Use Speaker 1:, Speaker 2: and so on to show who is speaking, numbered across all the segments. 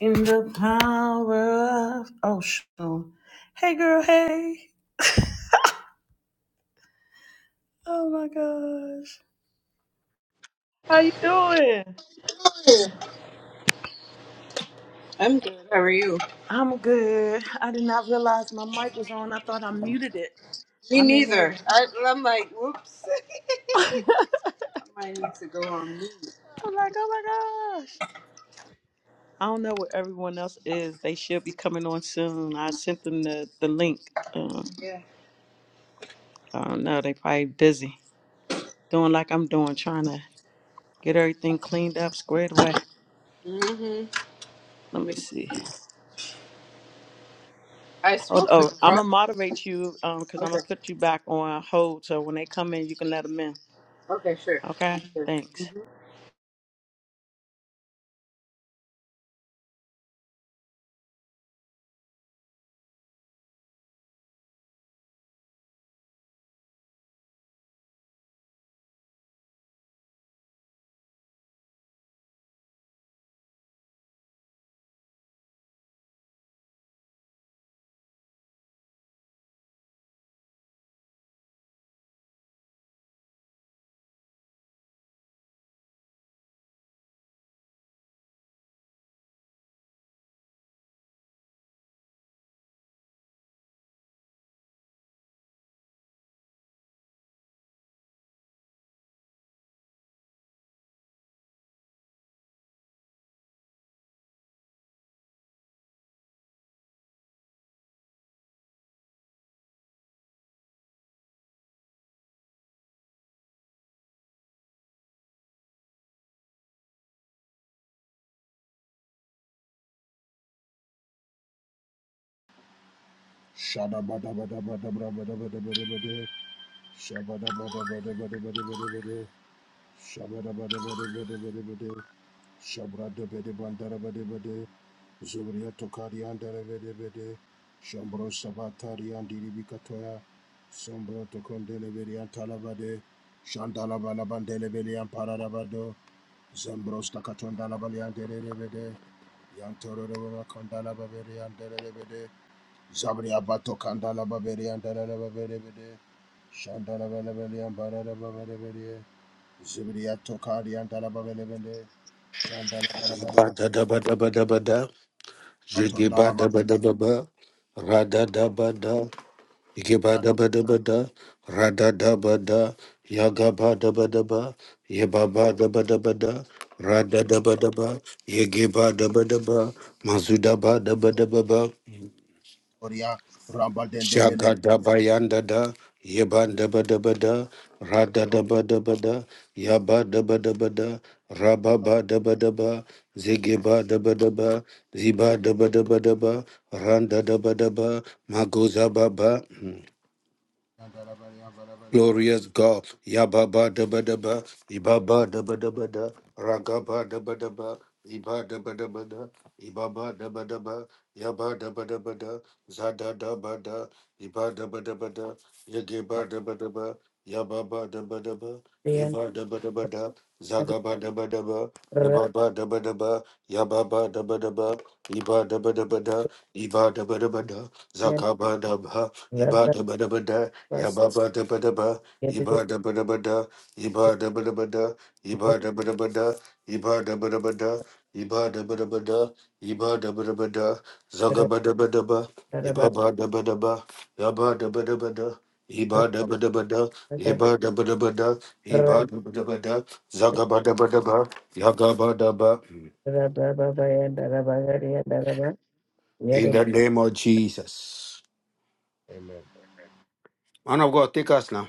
Speaker 1: In the power of oh shoot. Hey girl, hey. Oh my gosh. How you doing?
Speaker 2: I'm good. How are you?
Speaker 1: I'm good. I did not realize my mic was on. I thought I muted it.
Speaker 2: Me
Speaker 1: I'm in there.
Speaker 2: neither. I, I'm like, whoops.
Speaker 1: I'm
Speaker 2: I might need to go on mute.
Speaker 1: like, oh my gosh. I don't know where everyone else is. They should be coming on soon. I sent them the, the link. Um,
Speaker 2: Yeah.
Speaker 1: I don't know. They probably busy doing like I'm doing, trying to get everything cleaned up, squared away.
Speaker 2: Mm-hmm.
Speaker 1: Let me see.
Speaker 2: I
Speaker 1: Hold
Speaker 2: spoke to
Speaker 1: oh, I'm
Speaker 2: Carl.
Speaker 1: gonna moderate you um because I'm
Speaker 2: Okay.
Speaker 1: gonna put you back on hold so when they come in you can let them in.
Speaker 2: Okay. Sure.
Speaker 1: Okay,
Speaker 2: Sounds
Speaker 1: thanks.
Speaker 2: good.
Speaker 3: Shada bada bada bada bada bada bada bada bada. Shabada bada bada bada bada bada bada. shabada bada bada bada bada bada. Shabrada bada bandara bada bada. Zubriya tokari andara bada bada. Shambro sabatari andiri bikatoya. sombro tokondele beri antala bada. Shandala bala bandele beri amparada bado, Shabadabadabadabadabadabadabada. Shabadabadabadabadabadabada. Shabadabadabadabadabadabada. Shabradabadabandabadabada. Zubriyatokariyandarabadabada. Shambrosabatariyandiribikatoya. Sombrotokondelebediyantalabade. Shandalabalabandelebediyanpararabado. Zambrostakatondalabaliyandelebede. Yantororobakondalababereyandelebede. Zabri abato kandala baberi andala baberi bede. Shandala baberi ambara baberi bede. Zibri atokari andala baberi bede. Shandala baberi
Speaker 4: Ba-da-da-ba-da-ba-da-ba-da.
Speaker 3: atondala
Speaker 4: Jiggy-ba-da-ba-da-ba-ba. Ra-da-da-ba-da. Iggy-ba-da-ba-da-ba-da. ba ra da ba da bada, yaga ba da ba ba Yeba-ba-da-ba-da-ba-da. Ra-da-da-ba-da-ba. yiggy ba da bada ba yigi bada bada ba mazuda Mazuda-ba-da-ba-da-ba-ba.
Speaker 3: batoria. Ramba dende bele.
Speaker 4: Shagadabayandada, Yebandabadabada, Radadabadabada, Yabadabadabada, Rababadabadaba, Zigibadabadaba, Zibadabadabadaba, Randadabadaba, Magozababa. hmm. Glorious God, Yababa Daba Daba, Ibaba Daba Daba Da, Ragaba Daba Daba, Iba Daba Daba Da, Ibaba Daba Daba, Yaba Daba Daba Da, Zada Daba Da, Iba Daba Daba Da, Yageba Daba Daba, Yababa Daba Daba,
Speaker 5: Rabba
Speaker 4: Yaba Daba Daba Da, Zagaba Daba Daba, Yababa Daba Daba, Yababa Daba Daba, Iba Daba Daba Da, Iba Daba Daba Da, Zakaba Daba, Iba Daba Daba Da, Yabba-ba-da-ba-da-ba, Iba-da-ba-da-ba-da, Iba-da-ba-da-ba-da, Iba-da-ba-da-ba-da, Iba-da-ba-da-ba-da, Iba-da-ba-da-ba-da, Iba-da-ba-da-ba-da, Zaga-ba-da-ba-da-ba, Iba-ba-da-ba-da-ba, Yabba-da-ba-da-ba-da, Iba-da-ba-da-ba-da, Iba-da-ba-da-ba-da, Iba-da-ba-da-ba-da, Zaga-ba-da-ba-da-ba, Yaga-ba-da-ba. In the name of Jesus.
Speaker 3: Amen.
Speaker 4: Man of God, take us now.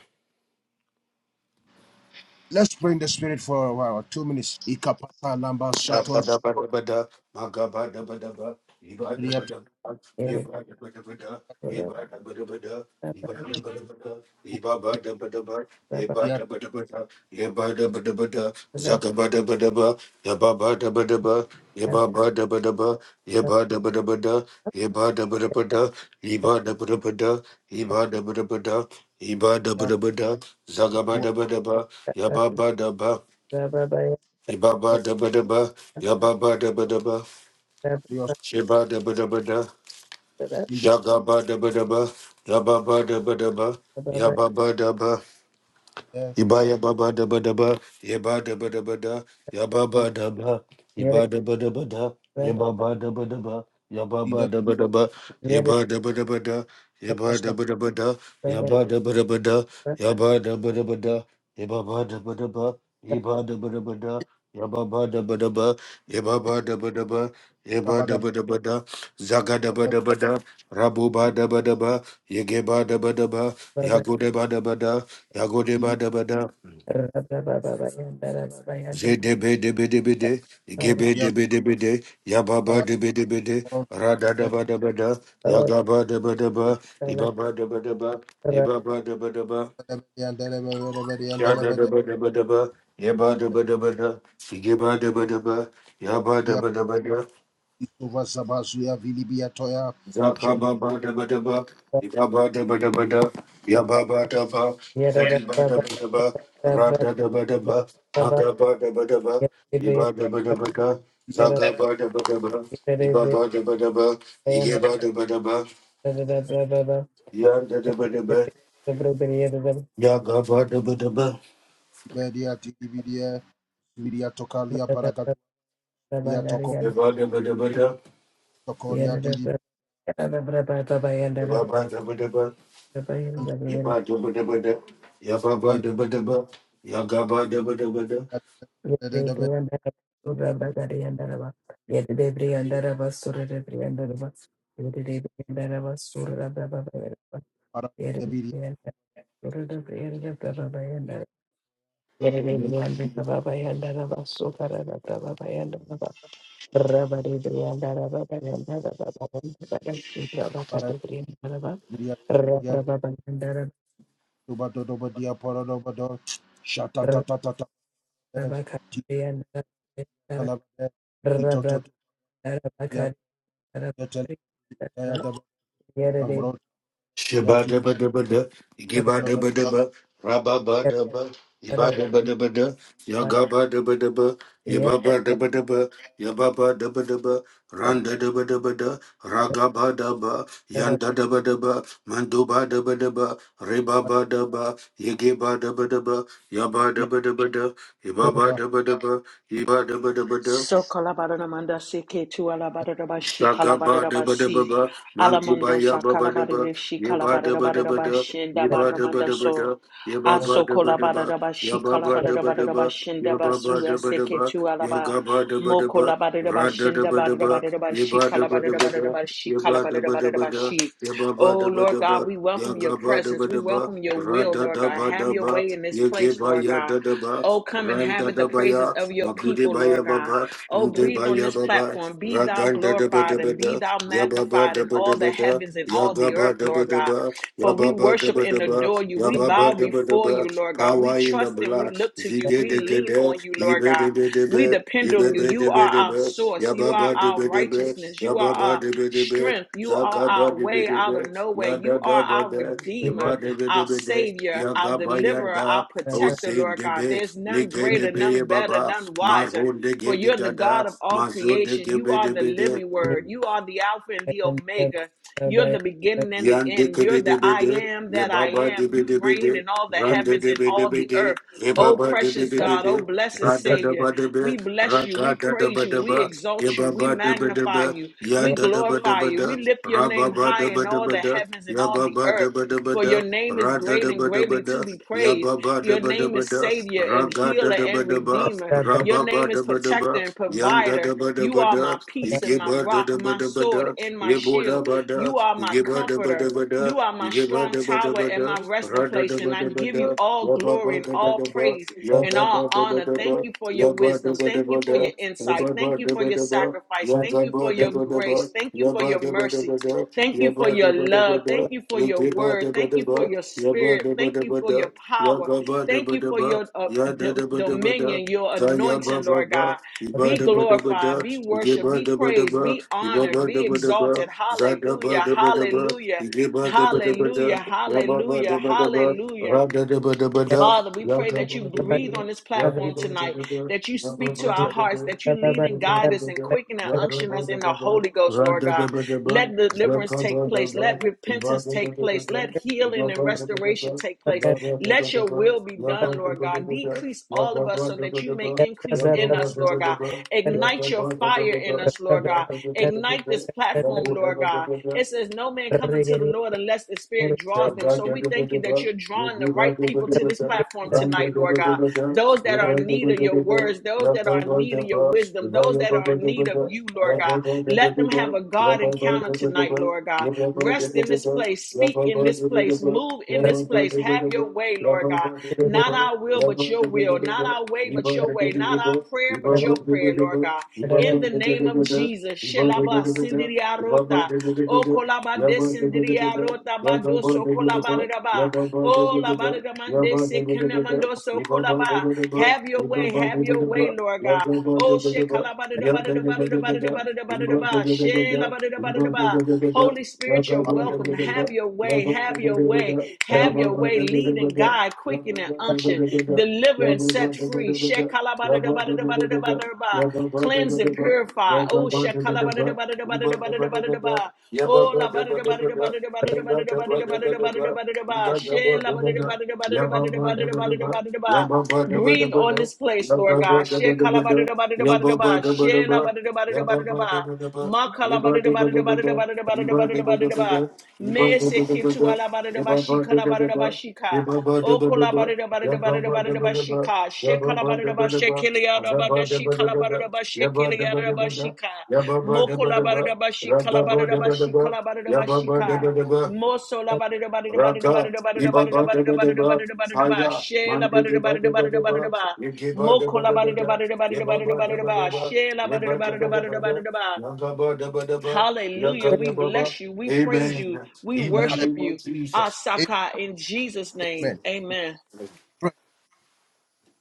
Speaker 3: Let's pray in the spirit for a while. Two minutes. Ikapata lamba shaton.
Speaker 4: Shabadabadabada, Magabadabadaba,
Speaker 3: Riato.
Speaker 4: Ibadabadaba, Ibadabadabada, Ibadabadabada,
Speaker 3: Riato.
Speaker 4: Ibadabadabada, Ibabadabadaba,
Speaker 3: Riato.
Speaker 4: Ibadabadabada, Ibadabadabada, Zakabadabadaba, Yababadabadaba, Yababadabadaba, Yabadabadabada, Ibadabadabada, Ibadabadabada, Ibadabadabada, Ibadabadabada, Zagabadabadaba, Yababadaba, Ibaba daba daba, yababa daba daba, shiba daba daba da, shagaba daba daba, yababa daba daba, yababa daba, Iba ya da ba da ba, iba da ba da ba da, yaba ba ba da ba, iba da ba da ba da, ya ba da ba da ba, yaba ba
Speaker 3: Riato.
Speaker 4: da ba da ba, iba da ba da ba da, iba da
Speaker 3: Riato,
Speaker 4: ba da ba da, yaba da ba da ba da, yaba da ba da ba da, iba ba da ba da ba, iba da ba da ba da, ya ba da ba da ba, iba ba da ba da ba, iba da
Speaker 3: Riato,
Speaker 4: ba da ba da, zaga da ba
Speaker 3: Riato,
Speaker 4: da ba da, rabu ba da ba da ba, yege ba da ba da ba, yago da ba da ba da.
Speaker 3: Shambro,
Speaker 4: Yagodeba Dabada, Zedebe Debedebede, Gebe Debedebede, Yababa Debedebede, Rada Dabadabada, Yagaba Dabadaba, Ibaba Dabadaba, Ibaba Dabadaba, Shada Dabadabadaba, Yeba daba daba da Sigeba Dabadaba, Yaba daba daba da. Zakababadabadaba, Ibabadabadabada, Yababadaba, Zakibadabadaba, Radadabadaba,
Speaker 5: Yere
Speaker 4: Magabadabadaba, Ibadabadabada, Zakabadabadaba, Ibabadabadaba, Iyabadabadaba, Yandadabadaba, Yagabadabadaba, Ibadabadabada, Ibabadabadaba, Ibadabadabada, Yababadabadaba, Yagabadabadabada,
Speaker 5: Rabba
Speaker 4: Shibadabadabada, Gibadabadaba, Rababadaba, Ibadabadabada, Yagabadabadaba, Yababadabadaba, Yababadabadaba, Randadabadabada, Ragabadaba, Yandadabadaba, Mandubadabadaba, Ribabadaba, Yigibadabadaba, Yabadabadabada,
Speaker 3: Hallelujah.
Speaker 4: Ibabadabadaba, Ibadabadabada,
Speaker 1: So kalabaramanda se ke tu alabaraba shi
Speaker 4: Shagaba deba deba
Speaker 1: si
Speaker 4: ba, mantiba
Speaker 1: alamondo
Speaker 4: ya
Speaker 1: sa
Speaker 4: baba deba,
Speaker 1: kalabaraba shi
Speaker 4: yeba deba deba
Speaker 1: kalabaraba
Speaker 4: da,
Speaker 1: shenda
Speaker 4: yeba deba
Speaker 1: baramanda
Speaker 4: deba
Speaker 1: so
Speaker 4: da, yeba ba
Speaker 1: aso
Speaker 4: deba deba,
Speaker 1: kalabaraba shi
Speaker 4: Yaba
Speaker 1: kalabaraba shenda basu se ke
Speaker 4: Yabba-ba-da-ba-da-ba,
Speaker 1: tu alaba mo
Speaker 4: yagga-ba-da-ba-da-ba,
Speaker 1: kalabaraba shenda
Speaker 4: ra-da-da-ba-da-ba,
Speaker 1: baramanda shi
Speaker 4: yibba-da-ba-da-ba-da,
Speaker 1: kalabaraba shi kalabaraba
Speaker 4: yibba-da-ba-da-ba-da,
Speaker 1: shi. Oh Lord
Speaker 4: yabba-ba-da-ba-da-ba,
Speaker 1: God, we welcome your presence. We
Speaker 4: yagga-ba-da-ba-da-ba,
Speaker 1: welcome your will, Lord God. Have your
Speaker 4: ra-da-da-ba-da-ba,
Speaker 1: way in this place, Lord God.
Speaker 4: yaggi-ba-ya-da-da-ba,
Speaker 1: Oh, come and inhabit the
Speaker 4: ram-da-da-ba-ya,
Speaker 1: praises of your people, Lord God.
Speaker 4: magude-ba-ya-ba-ba,
Speaker 1: Oh, breathe on this
Speaker 4: nde-ba-ya-ba-ba,
Speaker 1: platform. Be thou glorified and
Speaker 4: ra-gan-da-da-ba-da-ba-da,
Speaker 1: be thou magnified in all the
Speaker 4: yabba-ba-da-ba-da-ba-da,
Speaker 1: heavens and all the earth, Lord God.
Speaker 4: yagga-ba-da-ba-da-ba,
Speaker 1: For we worship and
Speaker 4: yabba-ba-da-ba-da-ba,
Speaker 1: adore you. We bow before
Speaker 4: yabba-ba-da-ba-da-ba.
Speaker 1: you, Lord God. We
Speaker 4: Power in the
Speaker 1: trust and we
Speaker 4: blood
Speaker 1: look to
Speaker 4: de
Speaker 1: you.
Speaker 4: de
Speaker 1: We
Speaker 4: de, de de de
Speaker 1: lean on you, Lord
Speaker 4: de, de
Speaker 1: God.
Speaker 4: de de de de
Speaker 1: We
Speaker 4: ibe
Speaker 1: depend on
Speaker 4: ibe
Speaker 1: you.
Speaker 4: be
Speaker 1: You
Speaker 4: be be,
Speaker 1: are
Speaker 4: de
Speaker 1: our
Speaker 4: be
Speaker 1: source. You
Speaker 4: yababa
Speaker 1: are
Speaker 4: de
Speaker 1: our
Speaker 4: be, de be
Speaker 1: righteousness. You are
Speaker 4: yababa
Speaker 1: our
Speaker 4: de be, de be
Speaker 1: strength. You are our
Speaker 4: zagaba de be,
Speaker 1: way
Speaker 4: de
Speaker 1: out
Speaker 4: be
Speaker 1: of nowhere. You are
Speaker 4: ba
Speaker 1: our
Speaker 4: da Zigedegede, Ibedebedebe, Ibebedebedebe, Yababadebedebe, Yababadebedebe, Zakabadebedebe, de
Speaker 1: redeemer our
Speaker 4: Ibadebedebede,
Speaker 1: Savior, our Deliverer, our
Speaker 4: Yagabayanda,
Speaker 1: Protector,
Speaker 4: Hussein
Speaker 1: Lord
Speaker 4: de
Speaker 1: God.
Speaker 4: be
Speaker 1: There's none greater, none
Speaker 4: Ligedebe
Speaker 1: better,
Speaker 4: Baba,
Speaker 1: none wiser.
Speaker 4: Marhon de
Speaker 1: For
Speaker 4: ge
Speaker 1: you're the
Speaker 4: Gedigada,
Speaker 1: God of all
Speaker 4: Mazo de
Speaker 1: creation.
Speaker 4: ge
Speaker 1: You
Speaker 4: be be
Speaker 1: are
Speaker 4: de
Speaker 1: the
Speaker 4: be
Speaker 1: living word.
Speaker 4: de.
Speaker 1: You are the Alpha and the Omega. You're the beginning and the
Speaker 4: Yan de
Speaker 1: end. You're
Speaker 4: kebe
Speaker 1: the
Speaker 4: de
Speaker 1: I
Speaker 4: bede,
Speaker 1: am
Speaker 4: ye
Speaker 1: that I
Speaker 4: baba de
Speaker 1: am. You
Speaker 4: bede
Speaker 1: reign
Speaker 4: bede,
Speaker 1: in all the
Speaker 4: ran de
Speaker 1: heavens
Speaker 4: de
Speaker 1: and all
Speaker 4: bede
Speaker 1: the earth.
Speaker 4: bede, ye
Speaker 1: Oh,
Speaker 4: baba de
Speaker 1: precious
Speaker 4: bede
Speaker 1: God, oh,
Speaker 4: bede,
Speaker 1: blessed
Speaker 4: rada da
Speaker 1: Savior,
Speaker 4: ba de be,
Speaker 1: we bless you,
Speaker 4: raka
Speaker 1: we
Speaker 4: da da
Speaker 1: praise
Speaker 4: ba
Speaker 1: you,
Speaker 4: da
Speaker 1: we
Speaker 4: ba, ye
Speaker 1: exalt you, we
Speaker 4: baba de bede
Speaker 1: magnify
Speaker 4: be,
Speaker 1: you,
Speaker 4: ya
Speaker 1: we
Speaker 4: da da ba da
Speaker 1: glorify
Speaker 4: ba
Speaker 1: you,
Speaker 4: da,
Speaker 1: we lift your
Speaker 4: ra ba
Speaker 1: name
Speaker 4: ba
Speaker 1: high
Speaker 4: da
Speaker 1: in
Speaker 4: ba da
Speaker 1: all
Speaker 4: ba
Speaker 1: the
Speaker 4: da,
Speaker 1: heavens and
Speaker 4: ya
Speaker 1: all the
Speaker 4: baba da
Speaker 1: earth.
Speaker 4: ba da ba
Speaker 1: For your
Speaker 4: da,
Speaker 1: name is
Speaker 4: ra da
Speaker 1: great
Speaker 4: da
Speaker 1: and
Speaker 4: ba da ba
Speaker 1: greatly to
Speaker 4: da,
Speaker 1: be
Speaker 4: ya
Speaker 1: praised.
Speaker 4: baba da
Speaker 1: Your
Speaker 4: ba da
Speaker 1: name
Speaker 4: ba
Speaker 1: is
Speaker 4: da,
Speaker 1: Savior
Speaker 4: ra
Speaker 1: and
Speaker 4: ga da
Speaker 1: Healer
Speaker 4: da ba
Speaker 1: and
Speaker 4: da ba,
Speaker 1: Redeemer.
Speaker 4: ra
Speaker 1: Your
Speaker 4: ba ba
Speaker 1: name is
Speaker 4: da ba da
Speaker 1: Protector
Speaker 4: ba,
Speaker 1: and
Speaker 4: yan da
Speaker 1: Provider.
Speaker 4: da ba da
Speaker 1: You
Speaker 4: ba
Speaker 1: are
Speaker 4: da,
Speaker 1: my
Speaker 4: ye
Speaker 1: peace and
Speaker 4: ge
Speaker 1: my
Speaker 4: ba da
Speaker 1: rock,
Speaker 4: da ba
Speaker 1: my
Speaker 4: da ba
Speaker 1: sword
Speaker 4: da,
Speaker 1: and my
Speaker 4: ye bo da
Speaker 1: shield.
Speaker 4: ba da,
Speaker 1: You are my comforter.
Speaker 4: Yibba-dabba-dabba-da,
Speaker 1: You are my strong tower and
Speaker 4: yibba-dabba-dabba-da,
Speaker 1: my resting place, and I give
Speaker 4: ra-da-dabba-dabba-da,
Speaker 1: you all glory and all
Speaker 4: yabba-ba-dabba-dabba,
Speaker 1: praise and all honor.
Speaker 4: yagga-ba-dabba-dabba,
Speaker 1: Thank you for your wisdom. Thank you for
Speaker 4: yabba-dabba-dabba-da,
Speaker 1: your insight. Thank you for your
Speaker 4: yabba-ba-dabba-dabba,
Speaker 1: sacrifice. Thank you for your
Speaker 4: yagga-ba-dabba-dabba,
Speaker 1: grace. Thank you for your mercy.
Speaker 4: yabba-dabba-dabba-da,
Speaker 1: Thank you for your love. Thank
Speaker 4: yabba-dabba-dabba-da,
Speaker 1: you for your word. Thank you for
Speaker 4: yigga-ba-dabba-dabba,
Speaker 1: your spirit. Thank you for
Speaker 4: yabba-dabba-dabba-da,
Speaker 1: your power. Thank you for
Speaker 4: yagga-ba-dabba-dabba,
Speaker 1: your uh, d-
Speaker 4: yadda-dabba-dabba-da,
Speaker 1: dominion, your anointing, Lord
Speaker 4: za-yabba-ba-ba,
Speaker 1: God. Be
Speaker 4: yibba-dabba-dabba-da,
Speaker 1: glorified, be worshiped, be praised,
Speaker 4: yigga-ba-dabba-dabba,
Speaker 1: be honored, be
Speaker 4: yibba-ba-dabba-dabba,
Speaker 1: exalted. Hallelujah,
Speaker 4: Zadabadabadaba,
Speaker 1: hallelujah, hallelujah,
Speaker 4: Igibadabadabada,
Speaker 1: hallelujah,
Speaker 4: Yababadabadaba,
Speaker 1: hallelujah.
Speaker 4: Radadabadabada,
Speaker 1: Father, we pray that you breathe
Speaker 4: Yagabadabada,
Speaker 1: on this platform tonight,
Speaker 4: Yababadabada,
Speaker 1: that you speak to our hearts,
Speaker 4: Yababadabada,
Speaker 1: that you lead and guide us and
Speaker 4: Yababadabada,
Speaker 1: quicken and unction us in the
Speaker 4: Yagabadabada,
Speaker 1: Holy Ghost, Lord God.
Speaker 4: Radadabadaba,
Speaker 1: Let deliverance take place. Let
Speaker 4: Zakabadaba,
Speaker 1: repentance take place.
Speaker 4: Ibadabadabada,
Speaker 1: Let healing and restoration
Speaker 4: Ibabadabadaba,
Speaker 1: take place. Let your
Speaker 4: Ibabadabadaba,
Speaker 1: will be done, Lord God. Decrease all of us so that you may
Speaker 4: Yabadabadabada, Yagabadabadaba,
Speaker 1: increase in us, Lord God.
Speaker 4: Yababadabadaba,
Speaker 1: Ignite your fire
Speaker 4: Yakabadabadaba,
Speaker 1: in us, Lord God. Ignite
Speaker 4: Yakabadabada,
Speaker 1: this platform,
Speaker 4: Lebo
Speaker 1: Lord
Speaker 4: deba
Speaker 1: God.
Speaker 4: deba de.
Speaker 1: It says, No man coming to the Lord unless the Spirit
Speaker 4: Yabba
Speaker 1: draws them. So we thank you that you're drawing the right people to this platform tonight, Lord God. Those that are in need of your words, those that are in need of your wisdom, those that are in need of you, Lord God. Let them have a God encounter tonight, Lord God. Rest in this place, speak in this place, move in this place. Have your way, Lord God. Not our will, but your will. Not our way, but your way. Not our prayer, but your prayer, Lord God. In the name of Jesus. Shelaba sindiri arota, O kolaba de sindiri arota,
Speaker 4: yeah,
Speaker 1: badoso kolaba raba, O labaridamande sekenamandoso kolaba. Have your way. Have your way, Lord God. Oh, shekalabadidabadidabadidabadidabadidabadidaba. Shelabadidabadidaba. Holy Spirit, you're welcome welcome. Have your way. Have your way. Have your way. Lead and guide, quicken and
Speaker 5: Rabadi
Speaker 1: unction, deliver and set free. Shekalabadadabadadabadadabadadaba. Cleanse and purify. Oh, shekalabadadabadadabadadabadadabadadaba. Oh,
Speaker 4: Yabba
Speaker 1: labadadabadadabadadabadadabadadabadadabadadabadadabadadabadadabadadaba. Shelabadadabadadabadadabadadabadadabadadabadadabadadaba. Breathe on this place, Lord God. Shekalabadadabadadabadadaba. Shelabadadabadadabadadaba. Mesekitu O kolabada bada bada bada bashika, shekalabada bashekiliada bada shikalabada bashekiliada bashika, mokolabada bashikalabada bashikalabada
Speaker 4: yabba
Speaker 1: bashika,
Speaker 4: deba deba
Speaker 1: moso labada bada bada bada
Speaker 4: Raka,
Speaker 1: bada bada bada
Speaker 4: ibaba
Speaker 1: bada
Speaker 4: deba
Speaker 1: bada
Speaker 4: deba
Speaker 1: bada bada ba,
Speaker 4: Fire,
Speaker 1: she
Speaker 4: mandi
Speaker 1: labada
Speaker 4: deba
Speaker 1: bada
Speaker 4: deba
Speaker 1: bada bada
Speaker 4: dabba
Speaker 1: ba,
Speaker 4: yigiba deba
Speaker 1: mokolabada
Speaker 4: deba da
Speaker 1: bada bada bada
Speaker 4: yabba
Speaker 1: bada
Speaker 4: deba
Speaker 1: ba,
Speaker 4: dabba
Speaker 1: she labada
Speaker 4: yabba
Speaker 1: bada
Speaker 4: deba
Speaker 1: bada
Speaker 4: dabba
Speaker 1: bada ba.
Speaker 4: deba yabba dabba
Speaker 1: Hallelujah. We
Speaker 4: Yaka-yabba.
Speaker 1: bless you. We praise
Speaker 4: Amen.
Speaker 1: you. We
Speaker 4: In the
Speaker 1: worship
Speaker 4: name of
Speaker 1: you.
Speaker 4: Jesus.
Speaker 1: Asaka in Jesus' name.
Speaker 3: Amen.
Speaker 1: Amen.
Speaker 3: Pray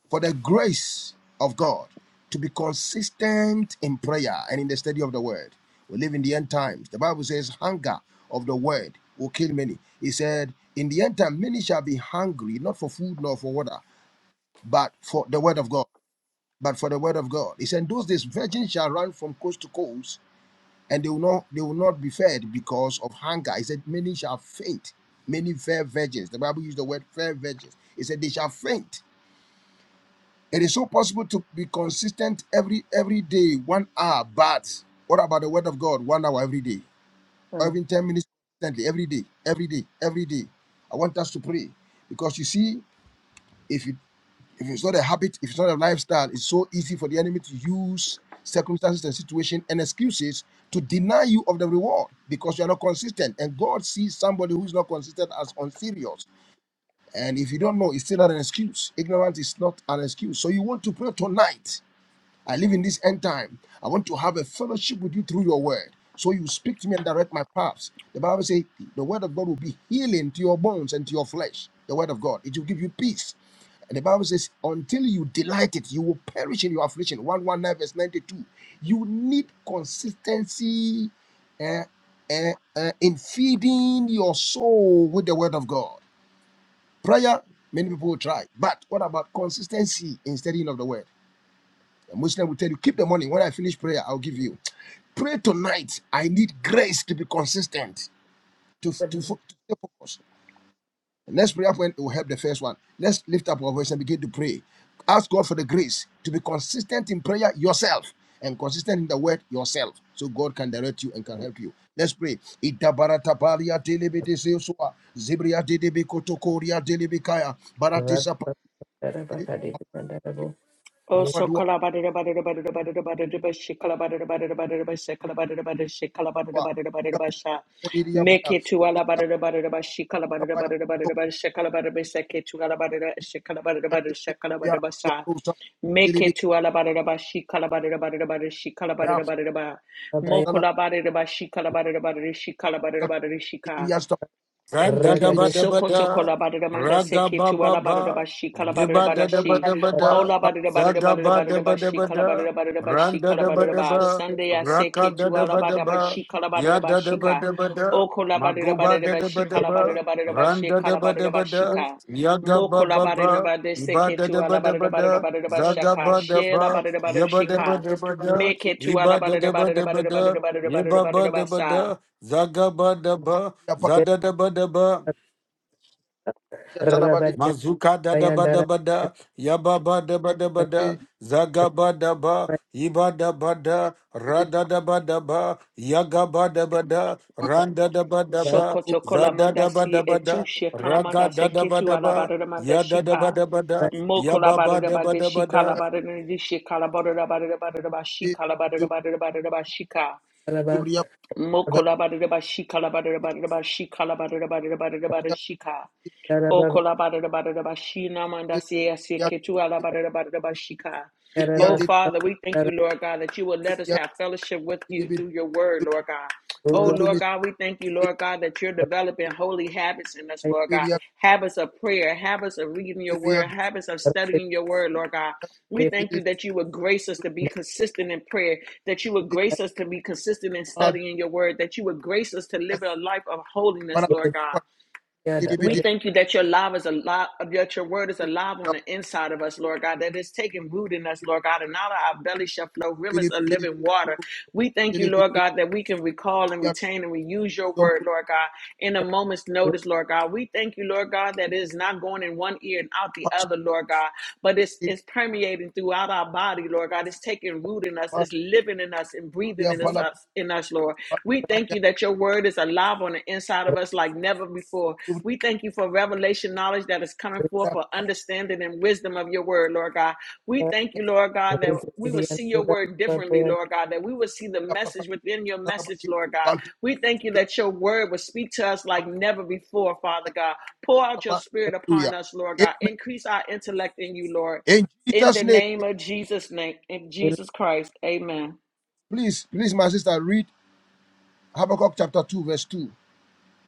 Speaker 3: for the grace of God to be consistent in prayer and in the study of the word. We live in the end times. The Bible says, hunger of the word will kill many. He said, In the end time, many shall be hungry, not for food nor for water, but for the word of God. But for the word of God. He said, "In Those days, virgins shall run from coast to coast and they will not they will not be fed because of hunger. He said, Many shall faint, many fair virgins. The Bible used the word fair virgins. He said they shall faint. It is so possible to be consistent every every day, one hour, but what about the word of God? One hour every day, or even 10 minutes consistently, every day, every day, every day. I want us to pray because you see, if you if it's not a habit, if it's not a lifestyle, it's so easy for the enemy to use circumstances and situation and excuses to deny you of the reward because you are not consistent. And God sees somebody who is not consistent as unserious. And if you don't know, it's still not an excuse. Ignorance is not an excuse. So you want to pray tonight I live in this end time. I want to have a fellowship with you through your word. So you speak to me and direct my paths. The Bible says the word of God will be healing to your bones and to your flesh. The word of God. It will give you peace. And the Bible says, until you delight it, you will perish in your affliction. 119 verse 92. You need consistency eh, eh, eh, in feeding your soul with the word of God. Prayer, many people will try. But what about consistency in studying of the word? The Muslim will tell you, keep the money. When I finish prayer, I'll give you. Pray tonight. I need grace to be consistent, to, to, fo- to stay focused. The next prayer point will help the first one. Let's lift up our voice and begin to pray. Ask God for the grace to be consistent in prayer yourself and consistent in the word yourself so God can direct you and can help you. Let's pray. Itabarata baria delebede seosua, zebria dedebe kotokoria delebekaya, baratisa pare,
Speaker 1: Oh, so
Speaker 3: abadua, itabadiria
Speaker 1: make it to alabada
Speaker 3: paya, Zumbria
Speaker 1: make it to alabada she calabada she calabada mokola bada she calabada she calabada she calabada, she calabada,
Speaker 4: Ganda da ba da ba
Speaker 1: Sokoto
Speaker 4: da,
Speaker 1: kolabada manda
Speaker 4: raga
Speaker 1: seke
Speaker 4: ba
Speaker 1: tu
Speaker 4: ba
Speaker 1: alabada
Speaker 4: ba,
Speaker 1: bashi kalabada
Speaker 4: giba da da ba
Speaker 1: bashi
Speaker 4: da ba da,
Speaker 1: ola bada bada
Speaker 4: zaga
Speaker 1: bada
Speaker 4: ba da
Speaker 1: bada
Speaker 4: ba da
Speaker 1: bashi
Speaker 4: ba da,
Speaker 1: kalabada bada bashi
Speaker 4: randa da ba
Speaker 1: kalabada
Speaker 4: da
Speaker 1: ba
Speaker 4: ba,
Speaker 1: Sunday I
Speaker 4: raka
Speaker 1: seke
Speaker 4: da
Speaker 1: tu
Speaker 4: da ba da
Speaker 1: alabada
Speaker 4: ba,
Speaker 1: bashi
Speaker 4: ya
Speaker 1: kalabada
Speaker 4: da da
Speaker 1: bashi
Speaker 4: ba
Speaker 1: ka
Speaker 4: da ba da,
Speaker 1: o kolabada
Speaker 4: maguba
Speaker 1: bada
Speaker 4: da da ba
Speaker 1: bashi
Speaker 4: da ba,
Speaker 1: kalabada bada bashi
Speaker 4: randa da ba
Speaker 1: kalabada
Speaker 4: da ba da,
Speaker 1: bashika. ka
Speaker 4: ya ga
Speaker 1: mo
Speaker 4: ba ba
Speaker 1: kolabada
Speaker 4: ba,
Speaker 1: bada
Speaker 4: iba
Speaker 1: seke
Speaker 4: da
Speaker 1: tu
Speaker 4: da ba da ba
Speaker 1: alabada bada
Speaker 4: da,
Speaker 1: bada bashi
Speaker 4: zaga
Speaker 1: ka
Speaker 4: ba
Speaker 1: she
Speaker 4: da ba,
Speaker 1: alabada bada
Speaker 4: ya ba da ba
Speaker 1: shika
Speaker 4: da ba da,
Speaker 1: make it to
Speaker 4: iba da
Speaker 1: alabada
Speaker 4: da ba
Speaker 1: bada bada
Speaker 4: da ba
Speaker 1: bada
Speaker 4: da, ye
Speaker 1: bada bada
Speaker 4: ba ba
Speaker 1: bada
Speaker 4: da ba
Speaker 1: basa
Speaker 4: da, zaga ba da ba. Zada da ba da ba, mazuka da da ba da ba da, yaba ba da ba da ba da, zaga ba da ba, iba da ba da, rada da ba da ba, yaga ba da ba da, randa da ba da ba,
Speaker 1: Sokotokola
Speaker 4: zada
Speaker 1: manda
Speaker 4: da ba
Speaker 1: si
Speaker 4: da ba
Speaker 1: etu
Speaker 4: da,
Speaker 1: she
Speaker 4: raga
Speaker 1: manda
Speaker 4: da
Speaker 1: se
Speaker 4: da ba
Speaker 1: ketu
Speaker 4: da ba,
Speaker 1: alabada manda
Speaker 4: yada da ba
Speaker 1: shika.
Speaker 4: da ba da,
Speaker 1: Moko
Speaker 4: yaba
Speaker 1: labada
Speaker 4: ba
Speaker 1: da
Speaker 4: da ba
Speaker 1: bada
Speaker 4: da ba
Speaker 1: shika
Speaker 4: da.
Speaker 1: labada da shika labada da bada da bada da ba shika labada da bada da bada da ba shika. Moko labada da ba shika labada da bada da ba shika labada da bada da bada da bada shika. O kolabada labada labada shina manda si esi ketu alabada da bada da shika. Oh Father, we thank you, Lord God, that you will let us have fellowship with you through your word, Lord God. Oh, Lord God, we thank you, Lord God, that you're developing holy habits in us, Lord God. Habits of prayer, habits of reading your word, habits of studying your word, Lord God. We thank you that you would grace us to be consistent in prayer, that you would grace us to be consistent in studying your word, that you would grace us to live a life of holiness, Lord God. We thank you that your love is alive, that your word is alive on the inside of us, Lord God, that it's taking root in us, Lord God, and out of our belly shall flow rivers of living water. We thank you, Lord God, that we can recall and retain and reuse your word, Lord God, in a moment's notice, Lord God. We thank you, Lord God, that it is not going in one ear and out the other, Lord God, but it's, it's permeating throughout our body, Lord God. It's taking root in us, it's living in us and breathing in
Speaker 3: Hallelujah.
Speaker 1: us, us in us, Lord. We thank you that your word is alive on the inside of us like never before. We thank you for revelation knowledge that is coming forth for understanding and wisdom of your word, Lord God. We thank you, Lord God, that we will see your word differently, Lord God, that we will see the message within your message, Lord God. We thank you that your word will speak to us like never before, Father God. Pour out your spirit upon us, Lord God.
Speaker 3: Amen.
Speaker 1: Increase our intellect in you, Lord.
Speaker 3: In
Speaker 1: In the
Speaker 3: Jesus' name,
Speaker 1: name of Jesus' name, in Jesus Christ, amen.
Speaker 3: please, please, my sister, read Habakkuk chapter 2, verse 2,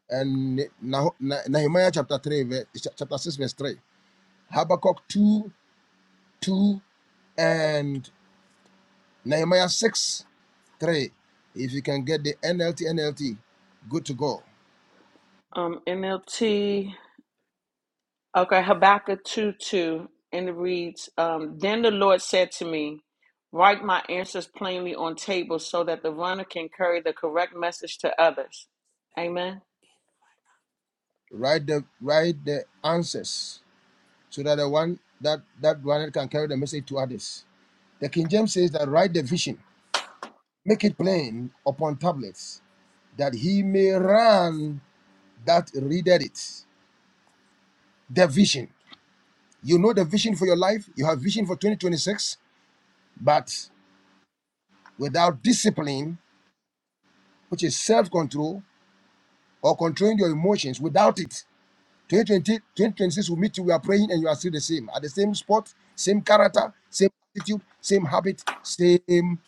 Speaker 3: and Nah- Nah- Nehemiah chapter 3, verse, chapter 6, verse 3. Habakkuk 2, 2, and Nehemiah 6, 3. If you can get the NLT, NLT, good to go.
Speaker 1: Um, NLT. Okay, Habakkuk 2 2. And it reads um, Then the Lord said to me, Write my answers plainly on tables so that the runner can carry the correct message to others. Amen.
Speaker 3: Write the write the answers so that the one that that one can carry the message to others. The King James says that write the vision, make it plain upon tablets, that he may run that readeth it. The vision. You know the vision for your life, you have vision for 2026, but without discipline, which is self control or controlling your emotions, without it, 2020 2026 will meet you. We are praying and you are still the same. At the same spot, same character, same attitude, same habit, same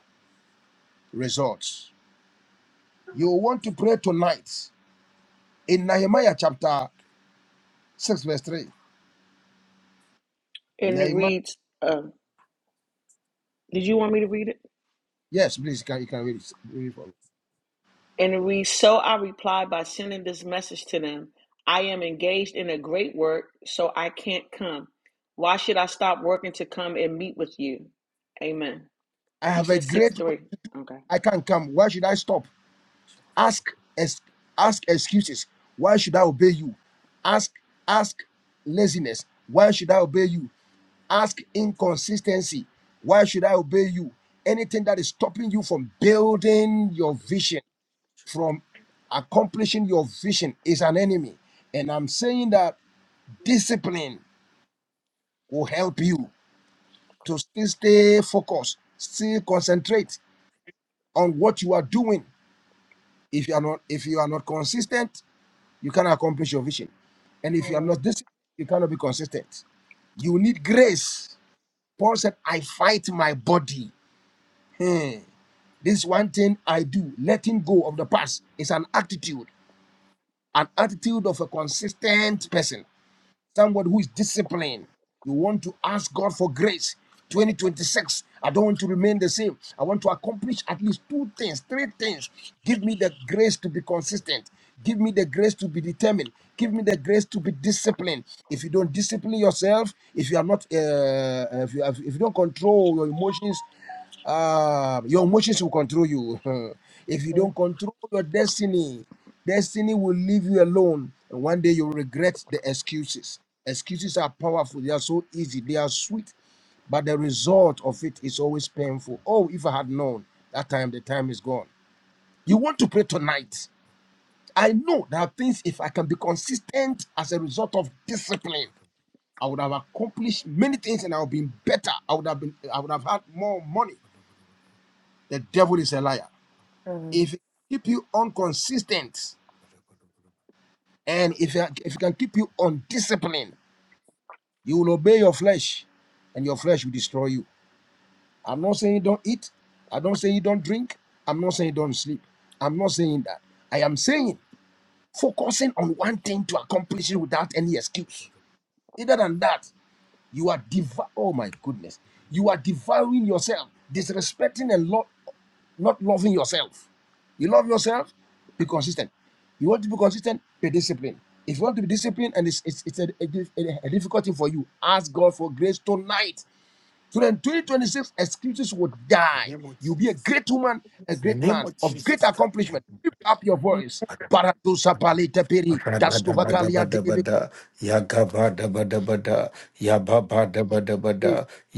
Speaker 3: results. You want to pray tonight in Nehemiah chapter 6 verse 3.
Speaker 1: And it
Speaker 3: Nehemiah,
Speaker 1: reads, uh, Did you want me to read it?
Speaker 3: yes, please, you can, you can read it. Read it for me.
Speaker 1: And it reads, So I replied by sending this message to them I am engaged in a great work, so I can't come. Why should I stop working to come and meet with you? Amen.
Speaker 3: I
Speaker 1: You
Speaker 3: have a
Speaker 1: said 6
Speaker 3: great work
Speaker 1: 3.
Speaker 3: to do.
Speaker 1: Okay.
Speaker 3: I can't come. Why should I stop? Ask, ex- ask excuses. Why should I obey you? Ask, ask laziness. Why should I obey you? Ask inconsistency. Why should I obey you? Anything that is stopping you from building your vision, from accomplishing your vision, is an enemy. And I'm saying that discipline will help you. to still stay focused, still concentrate on what you are doing. If you are not, if you are not consistent, you cannot accomplish your vision. And if you are not disciplined, you cannot be consistent. You need grace. Paul said, I fight my body. Hmm. This one thing I do, letting go of the past, is an attitude, an attitude of a consistent person. Someone who is disciplined. You want to ask God for grace. 2026. I don't want to remain the same. I want to accomplish at least two things, three things. Give me the grace to be consistent. Give me the grace to be determined. Give me the grace to be disciplined. If you don't discipline yourself, if you are not, uh, uh, if, you have, if you don't control your emotions, uh, your emotions will control you. if you don't control your destiny, destiny will leave you alone. And one day you'll regret the excuses. Excuses are powerful, they are so easy, they are sweet, but the result of it is always painful. Oh, if I had known that time, the time is gone. You want to pray tonight. I know there are things, if I can be consistent as a result of discipline, I would have accomplished many things and I would have been better. I would have been I would have had more money. The devil is a liar. If it keep you inconsistent and if it, if it can keep you undisciplined, you will obey your flesh and your flesh will destroy you. I'm not saying you don't eat. I don't say you don't drink. I'm not saying you don't sleep. I'm not saying that. I am saying focusing on one thing to accomplish it without any excuse. Either than that, You are dev-- Oh my goodness. You are devouring yourself, disrespecting and lo- not loving yourself. You love yourself, be consistent. You want to be consistent, be disciplined. If you want to be disciplined and it's, it's, it's a, a, a difficult thing for you, ask God for grace tonight. So then 2026 excuses will
Speaker 4: In
Speaker 3: die.
Speaker 4: the name of
Speaker 3: You'll be a
Speaker 4: Jesus.
Speaker 3: great woman, a
Speaker 4: In the
Speaker 3: great
Speaker 4: name
Speaker 3: man
Speaker 4: of
Speaker 3: of great
Speaker 4: Jesus.
Speaker 3: accomplishment.
Speaker 4: God.
Speaker 3: Lift up your voice. Paradosa palita peri, tastovakalia delebe-
Speaker 4: Rabadabadabada, Yagabadabadabada, Yababadabadabada,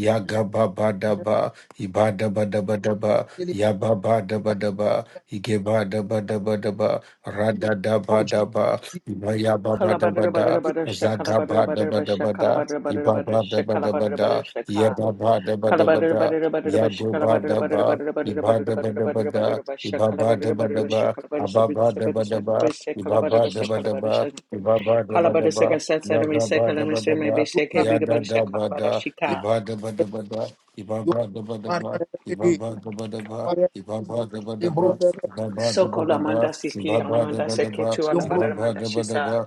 Speaker 4: Yagababadaba, Ibadabadabadaba,
Speaker 3: delebe-
Speaker 4: Yababadabadaba, Igebadabadabadaba,
Speaker 3: Oh,
Speaker 4: Radadabadaba,
Speaker 3: Jesus.
Speaker 1: Kalabada
Speaker 4: Ibayababadabada,
Speaker 1: butter butter shake Kalabada butter by shake
Speaker 4: Zagabadabadabada,
Speaker 1: Kalabada butter butter shake Kalabada
Speaker 4: Ibabadabadabada,
Speaker 1: butter shake Kalabada
Speaker 4: Yababadabadabada,
Speaker 1: butter butter by shake Kalabada butter
Speaker 4: Yagobadaba,
Speaker 1: butter butter butter butter butter
Speaker 4: Ibadabadabada,
Speaker 1: butter by shake Kalabada butter by
Speaker 4: Ibabadabadaba,
Speaker 1: shake
Speaker 4: Ababa daba daba,
Speaker 1: Kalabada shake Kalabada
Speaker 4: ibaba
Speaker 1: by shake
Speaker 4: daba
Speaker 1: Kalabada
Speaker 4: daba,
Speaker 1: shake
Speaker 4: ibaba daba
Speaker 1: Kalabada
Speaker 4: daba,
Speaker 1: second set enemy
Speaker 4: yagaba
Speaker 1: second enemy
Speaker 4: daba
Speaker 1: say maybe
Speaker 4: daba,
Speaker 1: shake be the
Speaker 4: yada
Speaker 1: butter shake
Speaker 4: daba
Speaker 1: Kalabada
Speaker 4: da,
Speaker 1: shika
Speaker 4: iba daba daba da,
Speaker 3: Yom
Speaker 4: ibaba daba daba,
Speaker 3: Maria de de
Speaker 4: ibaba daba daba, ibaba daba daba,
Speaker 3: Embros
Speaker 4: ibaba daba daba, ibaba daba daba,
Speaker 3: Yombros
Speaker 4: ibaba daba daba,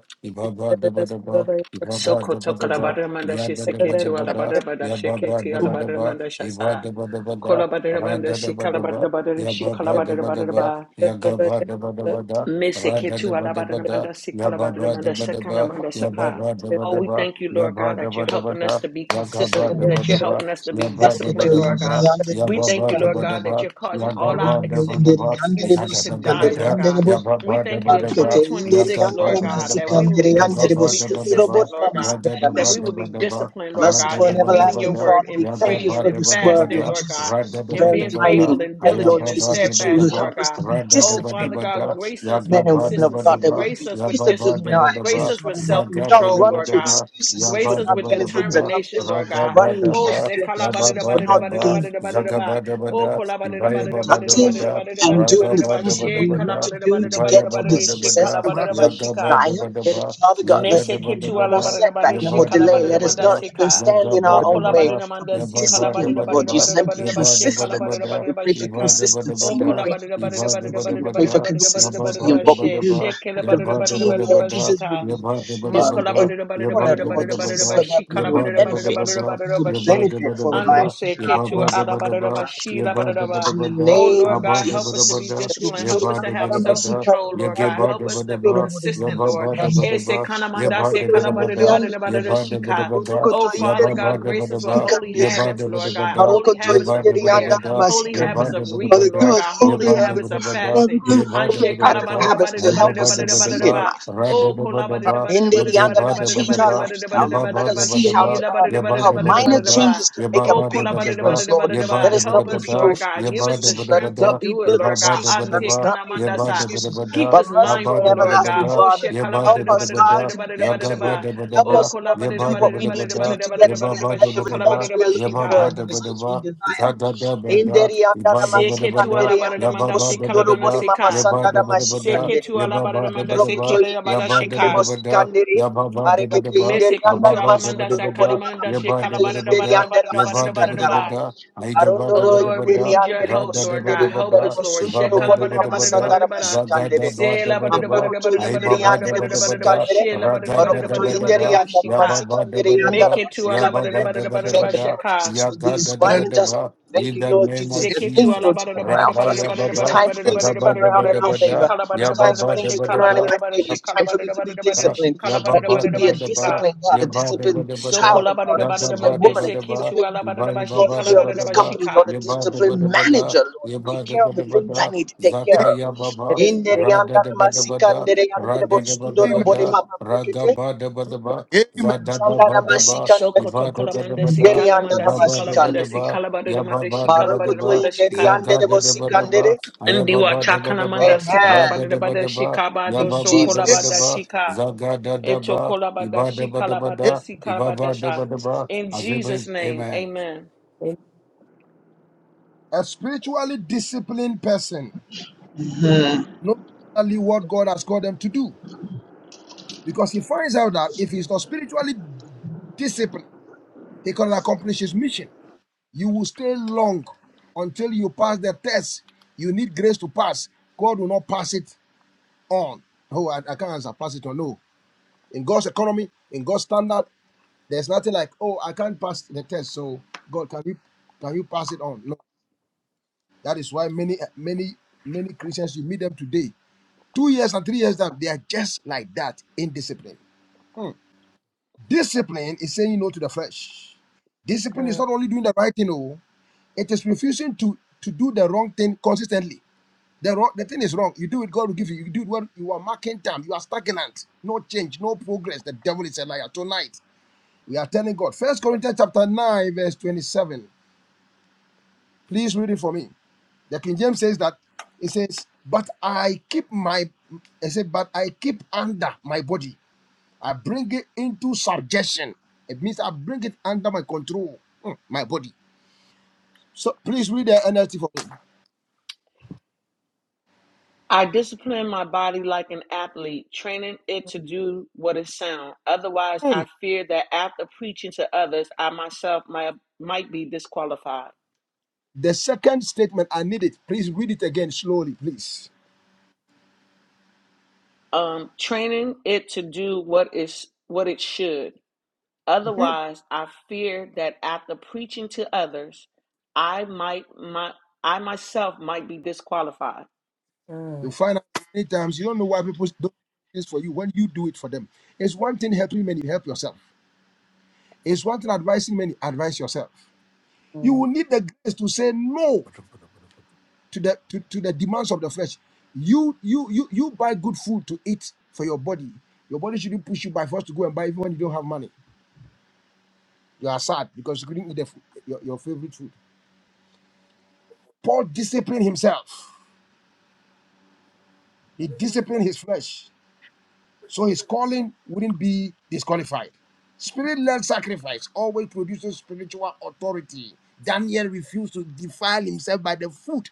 Speaker 3: de
Speaker 4: ibaba daba daba, ibaba
Speaker 1: Soko
Speaker 4: daba
Speaker 1: tokala
Speaker 4: daba,
Speaker 1: barra manda
Speaker 4: yada
Speaker 1: shese
Speaker 4: daba
Speaker 1: keti
Speaker 4: daba
Speaker 1: wala
Speaker 4: da,
Speaker 1: barra manda
Speaker 4: yababa
Speaker 1: sheketi wala
Speaker 4: daba
Speaker 3: Yombros
Speaker 1: barra
Speaker 4: daba,
Speaker 1: manda
Speaker 4: iba
Speaker 1: shasa.
Speaker 4: daba daba da,
Speaker 1: Kolabadadabanda
Speaker 4: rada
Speaker 1: si
Speaker 4: daba daba,
Speaker 1: kalabadadabada si
Speaker 4: yababa daba daba.
Speaker 1: kalabadadabadadaba.
Speaker 4: Yagaba daba daba da,
Speaker 1: Mese
Speaker 4: rada
Speaker 1: ketu
Speaker 4: daba daba da,
Speaker 1: alabadadabanda si
Speaker 4: yababa
Speaker 1: kalabadadabanda
Speaker 4: daba
Speaker 1: sa
Speaker 4: daba,
Speaker 1: kalabanda sa ka.
Speaker 4: yababa daba
Speaker 1: Oh, we
Speaker 4: daba,
Speaker 1: thank you, Lord God,
Speaker 4: yaba
Speaker 1: that
Speaker 4: daba
Speaker 1: you're
Speaker 4: daba
Speaker 1: helping us
Speaker 4: da,
Speaker 1: to be
Speaker 4: yagaba
Speaker 1: consistent,
Speaker 4: daba
Speaker 1: that you're
Speaker 4: daba,
Speaker 1: helping us to be
Speaker 4: yaba daba
Speaker 6: Arokoto
Speaker 1: disciplined, Lord
Speaker 4: daba
Speaker 6: ingeri
Speaker 1: God.
Speaker 4: da,
Speaker 6: yandere
Speaker 1: We
Speaker 6: bosi
Speaker 1: thank you,
Speaker 4: yababa
Speaker 1: Lord
Speaker 4: daba
Speaker 6: kandere.
Speaker 1: God, that
Speaker 4: daba,
Speaker 1: you're causing all our
Speaker 4: yagaba
Speaker 6: Rondoro
Speaker 1: ex-
Speaker 4: daba
Speaker 6: ingeri
Speaker 4: daba,
Speaker 6: yandere
Speaker 1: excuses
Speaker 4: zada
Speaker 6: bosi
Speaker 1: to
Speaker 4: daba
Speaker 1: die,
Speaker 6: kandere
Speaker 1: Lord
Speaker 4: da,
Speaker 6: yandere
Speaker 1: God.
Speaker 6: bo.
Speaker 1: We
Speaker 4: yababa
Speaker 1: thank you
Speaker 4: daba
Speaker 1: in
Speaker 6: Marokete
Speaker 4: daba,
Speaker 6: ingeri
Speaker 1: 2026,
Speaker 4: yagaba
Speaker 6: yandere
Speaker 1: Lord
Speaker 4: daba
Speaker 1: God,
Speaker 6: masi
Speaker 1: that we
Speaker 4: daba,
Speaker 1: will
Speaker 6: kandere
Speaker 1: be
Speaker 6: yandere bo.
Speaker 4: yababa
Speaker 1: consistently
Speaker 4: daba
Speaker 6: Sunduro
Speaker 1: consistent,
Speaker 4: daba,
Speaker 6: borama
Speaker 1: Lord God,
Speaker 4: yada
Speaker 6: masandara
Speaker 1: that
Speaker 4: daba
Speaker 6: mashi
Speaker 1: we will
Speaker 4: daba
Speaker 1: be
Speaker 6: kandere.
Speaker 4: daba,
Speaker 1: disciplined, Lord God,
Speaker 4: rada
Speaker 6: Merciful and
Speaker 1: in
Speaker 4: daba
Speaker 1: reading
Speaker 4: daba
Speaker 1: your
Speaker 6: everlasting
Speaker 4: da,
Speaker 1: word,
Speaker 6: Father,
Speaker 1: in
Speaker 6: we thank you
Speaker 1: praying
Speaker 4: yagaba
Speaker 6: for
Speaker 1: and
Speaker 6: this
Speaker 4: daba
Speaker 6: word,
Speaker 4: daba
Speaker 1: fasting,
Speaker 6: Lord
Speaker 4: da,
Speaker 1: Lord
Speaker 6: Jesus.
Speaker 1: God
Speaker 4: rada
Speaker 1: and
Speaker 4: daba
Speaker 6: Very
Speaker 1: being
Speaker 4: daba
Speaker 6: timely.
Speaker 4: da,
Speaker 1: faithful
Speaker 6: We
Speaker 1: and
Speaker 6: pray, Lord
Speaker 1: diligent and
Speaker 4: ayababa
Speaker 6: Jesus, that you
Speaker 4: daba
Speaker 1: steadfast,
Speaker 6: will
Speaker 4: daba.
Speaker 6: help
Speaker 1: Lord
Speaker 6: us
Speaker 1: God.
Speaker 6: to be
Speaker 1: Oh, Father
Speaker 6: disciplined,
Speaker 4: Ra-da-da-ba-da-ba-da,
Speaker 1: God,
Speaker 6: Lord.
Speaker 1: grace us with
Speaker 6: Men and women of
Speaker 1: consistency,
Speaker 6: God, that we
Speaker 4: ya-ga-ba-da-ba-da-ba,
Speaker 6: will
Speaker 1: grace
Speaker 6: be
Speaker 1: us with
Speaker 6: disciplined in
Speaker 1: discipline,
Speaker 6: our
Speaker 4: ya-ba-ba-da-ba-da-ba,
Speaker 1: grace
Speaker 6: actions,
Speaker 1: us
Speaker 6: Lord,
Speaker 1: with
Speaker 6: and
Speaker 1: self
Speaker 6: we will not
Speaker 1: control,
Speaker 6: run
Speaker 1: Lord
Speaker 6: to
Speaker 1: God.
Speaker 4: za-ga-da-da-ba-da-ba,
Speaker 6: excuses
Speaker 1: Grace
Speaker 6: for
Speaker 1: us
Speaker 6: not
Speaker 1: with
Speaker 6: getting things
Speaker 4: ya-ba-da-ba-da-ba-da,
Speaker 1: determination,
Speaker 6: accomplished,
Speaker 1: Lord God.
Speaker 6: run
Speaker 1: Oh,
Speaker 4: ra-da-ba-da-ba,
Speaker 1: se
Speaker 6: to
Speaker 1: kala ba da da
Speaker 6: excuses
Speaker 1: ba
Speaker 6: for
Speaker 1: da da
Speaker 6: not
Speaker 1: ba da
Speaker 4: ya-ba-ba-da-ba,
Speaker 1: da ba
Speaker 6: being
Speaker 1: da da ba da da ba. Oh,
Speaker 4: za-ga-ba-da-ba-da,
Speaker 1: kala ba da da ba da da ba da da ba
Speaker 6: productive
Speaker 1: da da
Speaker 4: ibaya-ba-ba-da-ba-da,
Speaker 1: ba da da ba da
Speaker 6: and
Speaker 1: da ba
Speaker 6: doing
Speaker 1: da
Speaker 6: the
Speaker 1: da ba.
Speaker 6: things that
Speaker 1: She
Speaker 6: we
Speaker 1: kala
Speaker 6: need
Speaker 1: ba
Speaker 6: to
Speaker 4: ra-ga-ba-da-ba-da-ba-da,
Speaker 1: da da ba
Speaker 6: do
Speaker 1: da da
Speaker 6: to
Speaker 1: ba da
Speaker 6: get
Speaker 1: da ba
Speaker 6: to
Speaker 1: da
Speaker 6: the
Speaker 1: da. She
Speaker 4: ibaya-ba-ba-da-ba-da,
Speaker 6: success
Speaker 1: kala
Speaker 6: we
Speaker 1: ba da da
Speaker 3: Abratia
Speaker 6: uh,
Speaker 1: ba shika.
Speaker 6: desire.
Speaker 4: ya-ga-ba-da-ba-da-ba,
Speaker 6: Father God, let there be
Speaker 1: Meseketu
Speaker 6: no more
Speaker 4: ya-ga-da-ba-da-ba-da,
Speaker 6: setback,
Speaker 1: alabadadabada
Speaker 6: no more delay. Let us
Speaker 1: shekalabadadamanda
Speaker 4: ya-ba-da-ba-da-ba-da,
Speaker 6: not even
Speaker 1: seka.
Speaker 6: stand in
Speaker 1: O
Speaker 6: our own way,
Speaker 4: za-ga-ba-da-ba-da,
Speaker 6: but
Speaker 1: kolabadadamanda
Speaker 6: be
Speaker 1: si
Speaker 6: disciplined, Lord
Speaker 4: ya-ba-ba-da-ba-da-ba,
Speaker 6: Jesus, and be
Speaker 1: kalabadadabadadabadadabadadaba
Speaker 6: consistent.
Speaker 4: ya-ba-da-ba-da-ba-da,
Speaker 6: We
Speaker 1: shekalabadadabadadaba
Speaker 6: pray for
Speaker 1: sheka. O
Speaker 6: consistency. We
Speaker 4: ibada-ba-da-ba-da,
Speaker 6: pray for
Speaker 4: Iba deba
Speaker 6: consistency. We
Speaker 4: deba
Speaker 6: pray for
Speaker 4: da, yaba
Speaker 6: consistency
Speaker 4: ba
Speaker 6: in
Speaker 1: kolabadadabadadabadadabadadabadadabadadabadadabadadaba
Speaker 6: what
Speaker 4: deba
Speaker 6: we
Speaker 1: she-
Speaker 6: do,
Speaker 1: she
Speaker 4: deba,
Speaker 6: that the
Speaker 4: yaba deba
Speaker 6: routine, Lord
Speaker 4: deba
Speaker 1: shekelabadadabadadabadadaba
Speaker 4: da,
Speaker 6: Jesus, will
Speaker 1: shika.
Speaker 6: be
Speaker 4: yaba deba
Speaker 3: Subis
Speaker 6: um,
Speaker 4: deba
Speaker 1: Mokola
Speaker 4: da,
Speaker 6: in
Speaker 1: badada badada
Speaker 6: order,
Speaker 4: yaba
Speaker 1: badada
Speaker 4: deba
Speaker 6: Lord
Speaker 1: badada
Speaker 4: deba
Speaker 6: Jesus,
Speaker 1: badada
Speaker 6: so
Speaker 4: da,
Speaker 6: that
Speaker 1: bashi
Speaker 6: we
Speaker 1: kala
Speaker 6: will
Speaker 4: yaba
Speaker 1: badada
Speaker 4: deba
Speaker 1: badada
Speaker 4: deba
Speaker 6: benefit.
Speaker 1: badada
Speaker 4: da,
Speaker 6: We
Speaker 1: badada
Speaker 6: will
Speaker 4: yaba
Speaker 1: bashi.
Speaker 6: benefit
Speaker 4: deba deba
Speaker 6: from our
Speaker 1: Ando
Speaker 4: da,
Speaker 1: se
Speaker 6: actions and our
Speaker 4: yaba
Speaker 1: ketu
Speaker 4: ba
Speaker 1: ala
Speaker 6: promises
Speaker 4: deba
Speaker 6: to our
Speaker 1: badada
Speaker 4: deba,
Speaker 6: lives.
Speaker 1: bashi la
Speaker 4: yaba
Speaker 1: badada
Speaker 4: deba
Speaker 1: ba.
Speaker 6: In
Speaker 4: deba
Speaker 6: the
Speaker 4: da,
Speaker 1: Oh
Speaker 6: name
Speaker 1: Lord
Speaker 6: of
Speaker 4: aba
Speaker 1: God, help
Speaker 4: deba
Speaker 1: us to
Speaker 6: Jesus.
Speaker 4: deba
Speaker 1: be
Speaker 4: da,
Speaker 1: disciplined. Help us
Speaker 4: yaba
Speaker 1: to
Speaker 6: Father,
Speaker 4: deba
Speaker 1: have
Speaker 4: deba da,
Speaker 1: self-control, Lord
Speaker 4: yage
Speaker 1: God.
Speaker 4: ba
Speaker 1: Help us
Speaker 4: deba
Speaker 1: to be
Speaker 4: deba,
Speaker 1: consistent,
Speaker 4: yaba
Speaker 1: Lord.
Speaker 4: ba
Speaker 3: Subrata
Speaker 4: deba
Speaker 1: Ese
Speaker 4: deba,
Speaker 1: kana manda
Speaker 4: yaba
Speaker 1: se
Speaker 4: deba
Speaker 1: kala
Speaker 4: deba
Speaker 1: badada
Speaker 4: da,
Speaker 1: badada badada
Speaker 4: yaba deba
Speaker 1: shika.
Speaker 4: deba da,
Speaker 1: Oh Father
Speaker 4: yaba ba
Speaker 1: God,
Speaker 4: deba
Speaker 1: grace us with
Speaker 4: deba,
Speaker 1: holy
Speaker 4: yaba
Speaker 1: habits,
Speaker 4: deba
Speaker 1: Lord
Speaker 4: deba
Speaker 1: God.
Speaker 4: da,
Speaker 1: Holy habits
Speaker 4: yaba
Speaker 1: of
Speaker 4: deba
Speaker 1: prayer.
Speaker 4: deba da,
Speaker 1: Holy
Speaker 4: yaba
Speaker 1: habits of
Speaker 4: deba deba
Speaker 1: reading,
Speaker 4: da,
Speaker 6: give
Speaker 1: Lord
Speaker 6: us
Speaker 1: God.
Speaker 4: ba
Speaker 1: Holy
Speaker 6: holy
Speaker 4: ba ba, ba
Speaker 1: habits
Speaker 6: habits.
Speaker 1: of fasting
Speaker 6: Father,
Speaker 1: fasting.
Speaker 6: give us
Speaker 4: dabba
Speaker 1: And she
Speaker 6: practical
Speaker 4: dabba,
Speaker 6: habits to help us succeed in life.
Speaker 1: kalabadidabadidabadidabadidabadidaba.
Speaker 4: ra da
Speaker 1: Oh,
Speaker 4: dabba dabba,
Speaker 6: In the end, but change our lifestyle,
Speaker 4: yabba
Speaker 6: Lord. Let
Speaker 4: ba dabba dabba, yabba ba,
Speaker 6: us
Speaker 1: kolabadidabadidabadidabadidabadidabadidabadidabadidabadidaba.
Speaker 4: dabba
Speaker 6: see how
Speaker 1: She
Speaker 4: dabba,
Speaker 6: uh,
Speaker 4: yabba
Speaker 6: how
Speaker 4: dabba
Speaker 6: minor
Speaker 4: dabba da
Speaker 1: labadidabadidabadidabadidaba.
Speaker 6: changes can make
Speaker 4: yabba
Speaker 6: a
Speaker 1: Oh,
Speaker 4: ba
Speaker 6: big
Speaker 4: dabba dabba,
Speaker 6: difference, Lord.
Speaker 4: yabba
Speaker 6: Let
Speaker 1: kolabadidabadidabadidaba.
Speaker 6: us
Speaker 4: dabba
Speaker 6: not
Speaker 1: help
Speaker 6: be
Speaker 4: dabba
Speaker 1: us,
Speaker 4: da
Speaker 6: people
Speaker 1: Lord
Speaker 6: full of
Speaker 1: God. Give
Speaker 4: yabba
Speaker 1: us the
Speaker 4: dabba
Speaker 6: excuses. Let
Speaker 4: dabba
Speaker 6: us
Speaker 1: strength to
Speaker 6: not
Speaker 4: da
Speaker 6: be
Speaker 1: do it,
Speaker 6: full of
Speaker 4: yabba
Speaker 1: Lord
Speaker 4: ba
Speaker 1: God.
Speaker 4: dabba
Speaker 6: excuses. Let
Speaker 1: Ante
Speaker 6: us
Speaker 4: dabba,
Speaker 6: not be full of
Speaker 4: yabba
Speaker 1: kanamandasa.
Speaker 4: dabba
Speaker 6: excuses.
Speaker 4: dabba
Speaker 1: Keep
Speaker 4: da
Speaker 6: But
Speaker 1: us
Speaker 6: merciful
Speaker 4: abba
Speaker 6: and
Speaker 1: mindful,
Speaker 4: dabba
Speaker 1: Lord
Speaker 4: dabba
Speaker 1: God.
Speaker 6: everlasting
Speaker 4: da
Speaker 1: Oh,
Speaker 6: Father,
Speaker 1: shit.
Speaker 4: yabba
Speaker 6: help
Speaker 4: dabba
Speaker 6: us,
Speaker 4: dabba
Speaker 6: God,
Speaker 4: da
Speaker 6: to get to
Speaker 4: yaga ba
Speaker 6: you.
Speaker 1: kalabadidabadidabadidabadidabadidabadidaba.
Speaker 4: dabba
Speaker 6: Help
Speaker 1: Oh,
Speaker 4: dabba,
Speaker 6: us, Lord, to
Speaker 4: yabba
Speaker 6: do what
Speaker 4: dabba
Speaker 6: we
Speaker 4: dabba
Speaker 6: need to
Speaker 4: da
Speaker 6: do to get to
Speaker 4: yabba
Speaker 6: the,
Speaker 4: ba
Speaker 1: kolabadidabadidabadidabadidabadidabadidabadidaba.
Speaker 6: get the
Speaker 1: She
Speaker 4: dabba
Speaker 6: results
Speaker 4: dabba,
Speaker 6: we're looking
Speaker 4: yabba
Speaker 6: for
Speaker 1: kalabadidabashika.
Speaker 4: ba
Speaker 6: and the
Speaker 4: dabba
Speaker 6: results we
Speaker 4: dabba,
Speaker 6: desire.
Speaker 4: za da da
Speaker 6: In the
Speaker 4: ra Yabadabadabada, Yabadabadabada, Ibabadabadaba, ba Yabadabadaba, Yababadabadaba, Yabadabadabada, ba, Yabadabadabada, Yabadabadabada, Yababadabadaba, Yabadabadabada, da, Yabadabadabada, Yagabadabadaba, Yabadabadabada, Yababadabadaba,
Speaker 6: end,
Speaker 4: Yababadabadaba,
Speaker 6: but see,
Speaker 1: Seke tu
Speaker 4: Zadadabada,
Speaker 1: ala
Speaker 6: Kandere,
Speaker 1: bada
Speaker 6: and
Speaker 1: da
Speaker 6: the
Speaker 1: manda se kala
Speaker 6: Kosundoro,
Speaker 1: mana
Speaker 6: Bori,
Speaker 4: Yabba-ba-da-ba-da-ba,
Speaker 6: Mama, Sandara, Mashi,
Speaker 4: yabba-da-ba-da-ba-da,
Speaker 1: Seketu alabada da manda
Speaker 4: yabba-ba-da-ba-da-ba,
Speaker 6: Brokoto
Speaker 1: sekele
Speaker 6: inderi
Speaker 1: abada
Speaker 6: andere
Speaker 1: shika.
Speaker 6: bosi
Speaker 4: yabba-da-ba-da-ba-da,
Speaker 6: kandere. Arekete
Speaker 4: yabba-ba-da-ba-da-ba,
Speaker 6: inderi
Speaker 1: Mesekutu
Speaker 6: andere
Speaker 1: alamanda
Speaker 6: masundoro
Speaker 4: abba-ba-da-ba-da-ba-da,
Speaker 6: bori mama
Speaker 1: sakalamanda
Speaker 6: brekete
Speaker 1: shekalabada da
Speaker 6: inderi
Speaker 1: bada da
Speaker 4: yabba-da-ba-da-ba-da,
Speaker 1: bada
Speaker 6: andere
Speaker 1: da
Speaker 4: da
Speaker 1: bada
Speaker 4: ba
Speaker 1: da
Speaker 4: da
Speaker 1: bada da
Speaker 6: masikandara.
Speaker 1: ba. Oh
Speaker 6: Arondoro
Speaker 4: da ba da
Speaker 1: Lord,
Speaker 4: ba
Speaker 1: we
Speaker 6: inderi
Speaker 1: need your
Speaker 6: yandere
Speaker 4: ra
Speaker 1: help,
Speaker 4: da yaba daba daba da ba da
Speaker 1: Lord
Speaker 6: bosundere
Speaker 1: God.
Speaker 4: ba
Speaker 1: Help
Speaker 6: yandere
Speaker 1: us,
Speaker 4: da
Speaker 1: Lord.
Speaker 6: bosundoro
Speaker 4: rada
Speaker 6: bori
Speaker 1: Shekalabada
Speaker 4: daba daba
Speaker 1: da
Speaker 4: da
Speaker 6: mama
Speaker 4: ba
Speaker 1: bada da
Speaker 4: da ba
Speaker 1: bada da
Speaker 6: sandara
Speaker 1: bada.
Speaker 4: zaga
Speaker 6: mashikandere.
Speaker 4: da ba
Speaker 1: Se
Speaker 4: da ba
Speaker 1: labada
Speaker 4: da
Speaker 1: da bada
Speaker 4: ba
Speaker 1: da
Speaker 6: Mabrokoto
Speaker 1: bada da bada
Speaker 4: da
Speaker 1: da
Speaker 6: inderi
Speaker 1: bada da
Speaker 6: yandere
Speaker 4: ba
Speaker 1: bada da
Speaker 4: da ba
Speaker 1: bada da ba.
Speaker 4: da
Speaker 6: bosikandere.
Speaker 1: She labada da bada da
Speaker 6: Barokoto
Speaker 1: bada da bada
Speaker 6: inderi
Speaker 1: da
Speaker 4: ra-ga-da-da-ba-da-ba,
Speaker 1: ba
Speaker 6: yandere
Speaker 1: shika.
Speaker 6: masikandere yandere
Speaker 4: yabba-ba-da-ba-da-ba,
Speaker 1: Meketu alabada
Speaker 6: masikandere.
Speaker 1: da bada da bada da
Speaker 6: Thank
Speaker 1: ba
Speaker 6: you,
Speaker 4: yabba-ba-da-ba-da-ba-da,
Speaker 6: Lord
Speaker 1: shika.
Speaker 6: Jesus, for these divine
Speaker 3: Hallelujah.
Speaker 6: adjustments.
Speaker 4: yaga-da-da-ba-da-ba.
Speaker 6: Thank
Speaker 4: In
Speaker 6: you,
Speaker 4: the
Speaker 6: Lord
Speaker 4: name
Speaker 6: Jesus,
Speaker 4: of
Speaker 6: that
Speaker 1: Seketu
Speaker 6: things
Speaker 4: Jesus.
Speaker 1: ala
Speaker 6: will
Speaker 1: bara
Speaker 6: turn
Speaker 1: da bara
Speaker 6: around
Speaker 1: da
Speaker 4: Rabba
Speaker 6: for
Speaker 1: bara
Speaker 6: us.
Speaker 1: da bara da
Speaker 6: It's
Speaker 4: Yababa,
Speaker 1: bara da
Speaker 6: time for
Speaker 1: bara da
Speaker 6: things
Speaker 1: bara
Speaker 6: to
Speaker 1: da
Speaker 4: Agaba
Speaker 6: turn
Speaker 1: bara da
Speaker 4: Daba
Speaker 6: around
Speaker 1: bara
Speaker 6: in
Speaker 1: da
Speaker 6: our
Speaker 1: bara
Speaker 4: Daba
Speaker 6: favor.
Speaker 4: Da,
Speaker 1: shika la bara
Speaker 6: It's
Speaker 1: da
Speaker 6: time
Speaker 1: bara da
Speaker 6: for
Speaker 4: Yababa
Speaker 1: bara
Speaker 6: things to
Speaker 4: Daba
Speaker 1: shika
Speaker 6: turn
Speaker 1: la
Speaker 6: around in
Speaker 4: Daba,
Speaker 1: bara da
Speaker 6: my
Speaker 1: bara
Speaker 6: favor. It's
Speaker 1: shika la
Speaker 6: time for
Speaker 1: bara
Speaker 6: me
Speaker 1: da
Speaker 6: to be
Speaker 1: bara da bara da
Speaker 4: ba,
Speaker 6: disciplined.
Speaker 1: shika
Speaker 4: ya
Speaker 1: la
Speaker 4: ba
Speaker 1: bara
Speaker 6: Help
Speaker 1: da
Speaker 6: me
Speaker 4: ba
Speaker 6: to
Speaker 1: bara da
Speaker 4: da
Speaker 6: be
Speaker 1: bara
Speaker 6: a
Speaker 4: ba da ba,
Speaker 1: shika.
Speaker 6: disciplined God,
Speaker 4: ya
Speaker 6: a
Speaker 4: ba da ba
Speaker 6: disciplined
Speaker 4: da ba
Speaker 1: Soko
Speaker 4: da,
Speaker 6: child
Speaker 1: la
Speaker 6: of
Speaker 1: bara
Speaker 6: God,
Speaker 1: da
Speaker 6: a
Speaker 4: ya
Speaker 1: bara
Speaker 4: da ba
Speaker 6: disciplined
Speaker 4: da
Speaker 1: mande
Speaker 6: woman,
Speaker 4: ba
Speaker 6: a
Speaker 4: da ba,
Speaker 1: seketu
Speaker 6: disciplined
Speaker 1: ala
Speaker 4: ya
Speaker 1: bara
Speaker 4: ba
Speaker 1: da
Speaker 4: ya
Speaker 1: bara
Speaker 4: ba
Speaker 6: Employee
Speaker 4: ba
Speaker 1: shika la
Speaker 4: da
Speaker 6: of
Speaker 4: ba
Speaker 1: bara da
Speaker 4: da
Speaker 6: this
Speaker 1: bara
Speaker 4: ba,
Speaker 6: company,
Speaker 1: shika.
Speaker 6: Lord, a
Speaker 4: ya ba da ba
Speaker 6: disciplined
Speaker 4: da ba da,
Speaker 6: manager, Lord.
Speaker 4: ya
Speaker 6: Take
Speaker 4: ba da
Speaker 6: care
Speaker 4: ba
Speaker 6: of the
Speaker 4: da ba
Speaker 6: things I
Speaker 4: da,
Speaker 6: need to take care
Speaker 4: zaka
Speaker 6: of.
Speaker 4: ya ba ba,
Speaker 6: Inderi
Speaker 4: ra da da
Speaker 6: andara
Speaker 4: ba da ba
Speaker 6: masika
Speaker 4: da,
Speaker 6: andere
Speaker 4: ra
Speaker 6: andere
Speaker 4: da da ba da
Speaker 6: botsundoro
Speaker 4: ba
Speaker 3: Amen.
Speaker 6: bore
Speaker 4: da,
Speaker 6: mama
Speaker 4: ra ga
Speaker 6: brekete.
Speaker 4: ba da ba da ba,
Speaker 3: Amen.
Speaker 4: za da da
Speaker 6: Sandara
Speaker 4: ba da ba,
Speaker 6: masika
Speaker 4: ya
Speaker 1: Soko
Speaker 6: andere.
Speaker 1: to
Speaker 4: ba da
Speaker 1: kola
Speaker 4: ba da
Speaker 1: manda
Speaker 4: ba da,
Speaker 6: Inderi
Speaker 1: la
Speaker 4: ya
Speaker 1: manda
Speaker 6: andara
Speaker 4: ba
Speaker 1: sika
Speaker 4: ba
Speaker 1: la
Speaker 4: da ba
Speaker 6: masika
Speaker 1: manda
Speaker 4: da
Speaker 6: andere.
Speaker 4: ba,
Speaker 1: sika la bara da
Speaker 4: ya ba
Speaker 1: manda
Speaker 4: ba da
Speaker 1: shika la
Speaker 4: ba da
Speaker 1: bara da
Speaker 6: Barokoto
Speaker 4: ba,
Speaker 1: manda
Speaker 6: inderi
Speaker 4: za
Speaker 1: shika.
Speaker 4: ga
Speaker 6: andere
Speaker 4: da da ba
Speaker 6: bosika
Speaker 4: da
Speaker 6: andere.
Speaker 4: ba, aya ba
Speaker 1: Ndiwa
Speaker 4: ba da ba
Speaker 1: chakana
Speaker 4: da
Speaker 1: manda
Speaker 4: ba,
Speaker 1: sika la
Speaker 4: ra
Speaker 6: Amen.
Speaker 4: da
Speaker 1: bara da
Speaker 4: da ba
Speaker 1: bara
Speaker 4: da ba,
Speaker 1: shika ba
Speaker 4: ya
Speaker 6: Thank
Speaker 1: do
Speaker 6: you,
Speaker 4: ba ba
Speaker 1: soko
Speaker 4: da
Speaker 1: la
Speaker 6: Jesus.
Speaker 4: ba
Speaker 3: Amen.
Speaker 1: bara
Speaker 4: da
Speaker 1: da
Speaker 4: ba,
Speaker 1: shika.
Speaker 4: da da da
Speaker 1: Eto
Speaker 4: ba,
Speaker 1: kolabada
Speaker 4: iba da
Speaker 1: shi
Speaker 4: ba da ba
Speaker 1: kalabada
Speaker 4: da,
Speaker 1: si
Speaker 4: iba
Speaker 1: kalabada
Speaker 4: ba da
Speaker 1: sha.
Speaker 4: Ibabadabadaba,
Speaker 1: In Jesus'
Speaker 4: Azebe,
Speaker 1: name,
Speaker 4: Amen.
Speaker 1: amen.
Speaker 3: A spiritually disciplined person knows exactly what God has called them to do because he finds out that if he's not spiritually disciplined, he cannot accomplish his mission. You will stay long until you pass the test. You need grace to pass. God will not pass it on. Oh, I, I can't answer, pass it on. no. In God's economy, in God's standard, there's nothing like, oh, I can't pass the test. So God, can you can you pass it on? No. That is why many many many Christians you meet them today, two years and three years down, they are just like that in Hmm. Discipline is saying no to the flesh. Discipline is not only doing the right thing, oh, it is refusing to to do the wrong thing consistently. The, wrong, the thing is wrong. You do it, God will give you. You do it when you are marking time. You are stagnant. No change, no progress. The devil is a liar. Tonight, we are telling God. First Corinthians chapter 9, verse 27. Please read it for me. The King James says that it says, But I keep my it said, But I keep under my body. I bring it into subjection. It means I bring it under my control. Mm, my body. So please read the NLT for me.
Speaker 1: I discipline my body like an athlete, training it to do what is sound. Otherwise, I
Speaker 3: Mm.
Speaker 1: fear that after preaching to others, I myself might, might be disqualified.
Speaker 3: The second statement, I need it. Please read it again slowly, please.
Speaker 1: Um, training it to do what is what it should.
Speaker 3: Mhm.
Speaker 1: Otherwise, I fear that after preaching to others, I might my I myself might be disqualified.
Speaker 3: You'll find out many times you don't know why people don't do this for you when you do it for them. It's one thing helping many, help yourself. It's one thing advising many, advise yourself. You will need the grace to say no to the to, to the demands of the flesh. You you you you buy good food to eat for your body. Your body shouldn't push you by force to go and buy even when you don't have money. You are sad because you couldn't eat the food, your, your favorite food. Paul disciplined himself. He disciplined his flesh So his calling wouldn't be disqualified. Spirit led sacrifice always produces spiritual authority. Daniel refused to defile himself by the food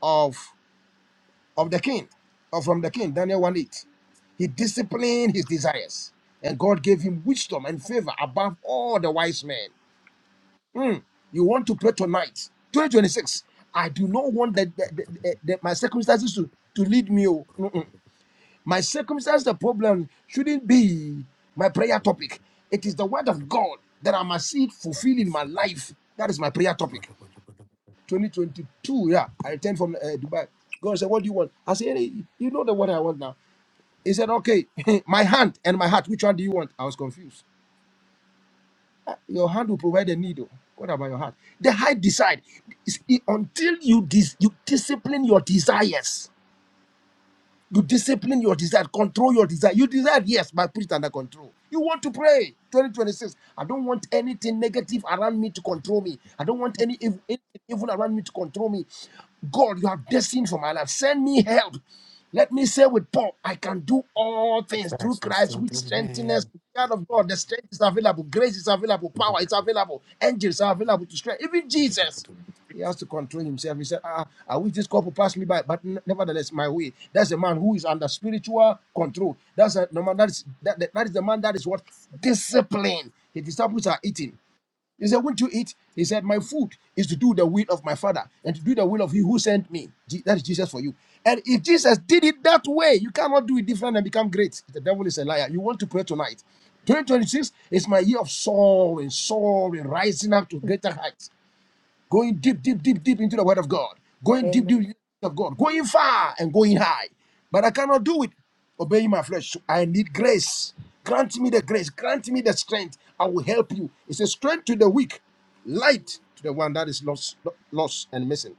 Speaker 3: of, of the king, or from the king, Daniel 1 8. He disciplined his desires, and God gave him wisdom and favor above all the wise men. Hmm, you want to pray tonight, 2026. I do not want that, that- that- that- that my circumstances to, to lead me. oh. Mm-mm. My circumstance, the problem shouldn't be my prayer topic. It is the word of God that I must see it fulfilled in my life. That is my prayer topic. 2022, yeah. I returned from uh, Dubai. God said, What do you want? I said, "Hey, You know the what I want now. He said, Okay, my hand and my heart, which one do you want? I was confused. Your hand will provide the needle. What about your heart? The heart decide. It's- it- until you, dis- you discipline your desires You discipline your desire, control your desire. You desire, yes, but put it under control. You want to pray. 2026. I don't want anything negative around me to control me. I don't want any ev- anything evil around me to control me. God, you have destined for my life. Send me help. Let me say with Paul, I can do all things through
Speaker 4: Thanks for
Speaker 3: Christ, which
Speaker 4: sending
Speaker 3: strengthens
Speaker 4: me.
Speaker 3: the child of God. The strength is available, grace is available, power is available, angels are available to strength. Even Jesus. He has to control himself. He said, ah, I wish this cup will pass me by, but n- nevertheless, my way. That's a man who is under spiritual control. That's a no man that is that, that, that is the man that is what discipline. The disciples are eating. He said, Won't you eat? He said, My food is to do the will of my father and to do the will of he who sent me. Je- That is Jesus for you. And if Jesus did it that way, you cannot do it different and become great. The devil is a liar. You want to pray tonight. 2026 is my year of soaring, soaring, rising up to greater heights going deep, deep, deep, deep into the Word of God, going deep, deep into the Word of God, going far and going high. But I cannot do it, obeying my flesh. So I need grace. Grant me the grace. Grant me the strength. I will help you. It's a strength to the weak, light to the one that is lost, lost and missing.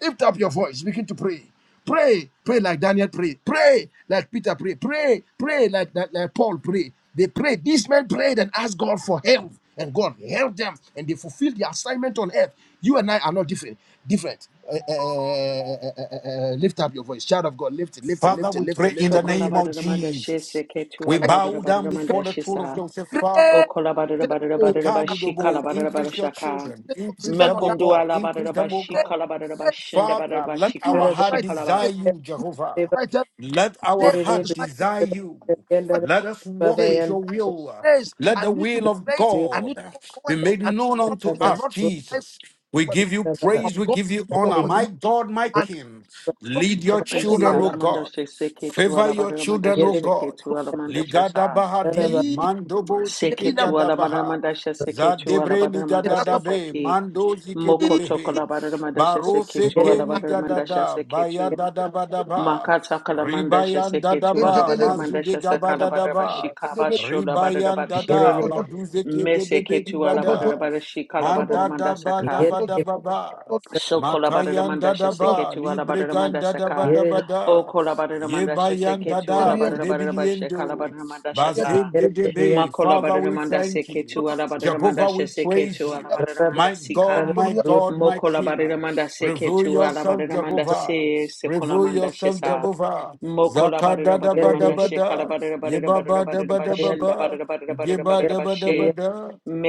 Speaker 3: Lift up your voice. Begin to pray. Pray. Pray like Daniel prayed. Pray like Peter prayed. Pray. Pray like, like, like Paul prayed. They prayed. These men prayed and asked God for help. And God helped them. And they fulfilled the assignment on earth. You and I are not different. Different. Uh, uh, uh, uh, uh, uh, uh, lift up your voice. Shout of God. Lift it. Lift it.
Speaker 4: Father,
Speaker 3: Lift it.
Speaker 4: we
Speaker 3: Lift it.
Speaker 4: pray in
Speaker 3: Lift
Speaker 4: the
Speaker 3: it. Lift
Speaker 4: name
Speaker 3: it. Lift
Speaker 4: of
Speaker 1: Sokolabadadamanda
Speaker 4: Jesus.
Speaker 1: shese ketu
Speaker 4: We
Speaker 3: it.
Speaker 4: bow down
Speaker 1: alabadadabadadamanda
Speaker 4: before the throne of
Speaker 1: shisa.
Speaker 4: Joseph, Father.
Speaker 3: Great. I will
Speaker 1: Okolabadadabadadabashi
Speaker 4: Ikadudobo, increase your
Speaker 1: kalabadadabadashaka.
Speaker 4: children,
Speaker 3: stay
Speaker 4: increase
Speaker 3: consistent
Speaker 4: them,
Speaker 3: on
Speaker 4: O
Speaker 3: that.
Speaker 1: Mekundu
Speaker 4: God, increase them, O
Speaker 1: alabadadabashi
Speaker 3: Pray
Speaker 4: God. Father,
Speaker 3: to
Speaker 4: let
Speaker 1: kalabadadabashendabadadabashi
Speaker 3: do
Speaker 4: our
Speaker 3: what
Speaker 1: ka
Speaker 3: is
Speaker 4: heart
Speaker 3: right
Speaker 4: desire
Speaker 1: shikalaba.
Speaker 4: you,
Speaker 3: To do what
Speaker 5: Amen.
Speaker 4: Jehovah.
Speaker 3: is right
Speaker 4: Let our
Speaker 3: Say
Speaker 5: Yet,
Speaker 3: what
Speaker 4: heart
Speaker 3: is right
Speaker 4: desire you.
Speaker 3: What is my
Speaker 4: Let us walk
Speaker 3: day?
Speaker 4: with your
Speaker 3: I
Speaker 4: will.
Speaker 3: need grace.
Speaker 4: Let
Speaker 3: I
Speaker 4: the
Speaker 3: need to
Speaker 4: will
Speaker 3: be
Speaker 4: of
Speaker 3: great. I need to
Speaker 4: God
Speaker 3: go
Speaker 4: be
Speaker 3: forward.
Speaker 4: made
Speaker 3: I need to
Speaker 4: known unto
Speaker 3: accomplish a
Speaker 4: us,
Speaker 3: lot for my life,
Speaker 4: Jesus. We
Speaker 3: for
Speaker 4: give you
Speaker 3: of
Speaker 4: praise, we
Speaker 3: God,
Speaker 4: give you
Speaker 3: for
Speaker 4: honor.
Speaker 3: for
Speaker 4: My
Speaker 3: humanity.
Speaker 4: God, my
Speaker 3: And
Speaker 4: King,
Speaker 3: not
Speaker 4: lead your
Speaker 3: to
Speaker 1: Anti
Speaker 4: children,
Speaker 3: Columba
Speaker 4: O
Speaker 3: to
Speaker 1: alamanda
Speaker 4: God.
Speaker 1: shese ketu
Speaker 4: Favor your
Speaker 1: alabadadamanda
Speaker 4: children, O
Speaker 1: shese
Speaker 4: God.
Speaker 1: ketu alamanda
Speaker 4: Ligada
Speaker 1: shasa.
Speaker 4: Bahadi,
Speaker 3: Eli,
Speaker 4: Mandobo Sike
Speaker 3: Elina,
Speaker 1: Seketu
Speaker 4: Gadabaha.
Speaker 1: alabadadamanda shese ketu
Speaker 4: Zadebre
Speaker 1: alabadadamanda
Speaker 3: Elasa,
Speaker 1: shese
Speaker 4: nigadadabe,
Speaker 1: ki.
Speaker 4: mando zike
Speaker 1: Moko
Speaker 4: debehe,
Speaker 1: tokolabadadamanda shese
Speaker 4: baro
Speaker 1: ketu
Speaker 4: seke
Speaker 1: alabadadamanda
Speaker 4: nigadada,
Speaker 1: shese
Speaker 4: baya
Speaker 1: ketu.
Speaker 4: dadabadaba,
Speaker 1: Makata kalamanda
Speaker 4: ribayan
Speaker 1: sheseke tu
Speaker 4: dadaba,
Speaker 1: alabada manda
Speaker 4: mazude
Speaker 1: shesaka alabada
Speaker 4: gabadadaba,
Speaker 1: bashika bashola bada
Speaker 4: ribayan dada,
Speaker 1: bashika.
Speaker 4: baduzeke
Speaker 1: Meseke
Speaker 4: dedebe
Speaker 1: tu
Speaker 3: Oh my
Speaker 1: alabada
Speaker 3: God.
Speaker 4: dibada,
Speaker 1: bashika alabada
Speaker 4: mandada
Speaker 1: manda saka.
Speaker 4: badabadababa,
Speaker 1: Sokola bada
Speaker 4: makayan
Speaker 1: manda sheseke
Speaker 4: dadaba,
Speaker 1: tu alabada
Speaker 4: libregan
Speaker 1: manda saka. O
Speaker 4: dadabadabada,
Speaker 1: kolabada manda
Speaker 4: yebayan
Speaker 1: sheseke tu
Speaker 4: dada,
Speaker 1: alabada barada bashika
Speaker 4: kodebiliendo,
Speaker 1: alabada mandasha sa.
Speaker 4: bazededebe,
Speaker 1: Makola
Speaker 4: Father, we
Speaker 1: Badaramanda
Speaker 4: thank you.
Speaker 1: Seketu Alabadaramanda
Speaker 4: Jehovah, we praise
Speaker 1: Sheseketu
Speaker 4: you.
Speaker 1: Alabadaramanda
Speaker 4: My God,
Speaker 1: Sika.
Speaker 4: my God, my
Speaker 1: Mokola
Speaker 4: King.
Speaker 1: Badaramanda
Speaker 4: Reveal
Speaker 1: Seketu
Speaker 4: yourself,
Speaker 1: Alabadaramanda
Speaker 4: Jehovah.
Speaker 1: Se
Speaker 4: Reveal
Speaker 1: Sekolamanda
Speaker 4: yourself,
Speaker 1: Shesa.
Speaker 4: Jehovah.
Speaker 1: Mokola
Speaker 4: Zakada
Speaker 1: Badara
Speaker 4: da ba da
Speaker 1: Badaramanda
Speaker 4: ba
Speaker 1: Shekala
Speaker 4: da. Yeba ba da ba da ba
Speaker 1: Badarabadabarabadabarabashinda
Speaker 4: ba. Yeba da ba da ba
Speaker 1: Badarabadabarabadabarabashe.
Speaker 4: da.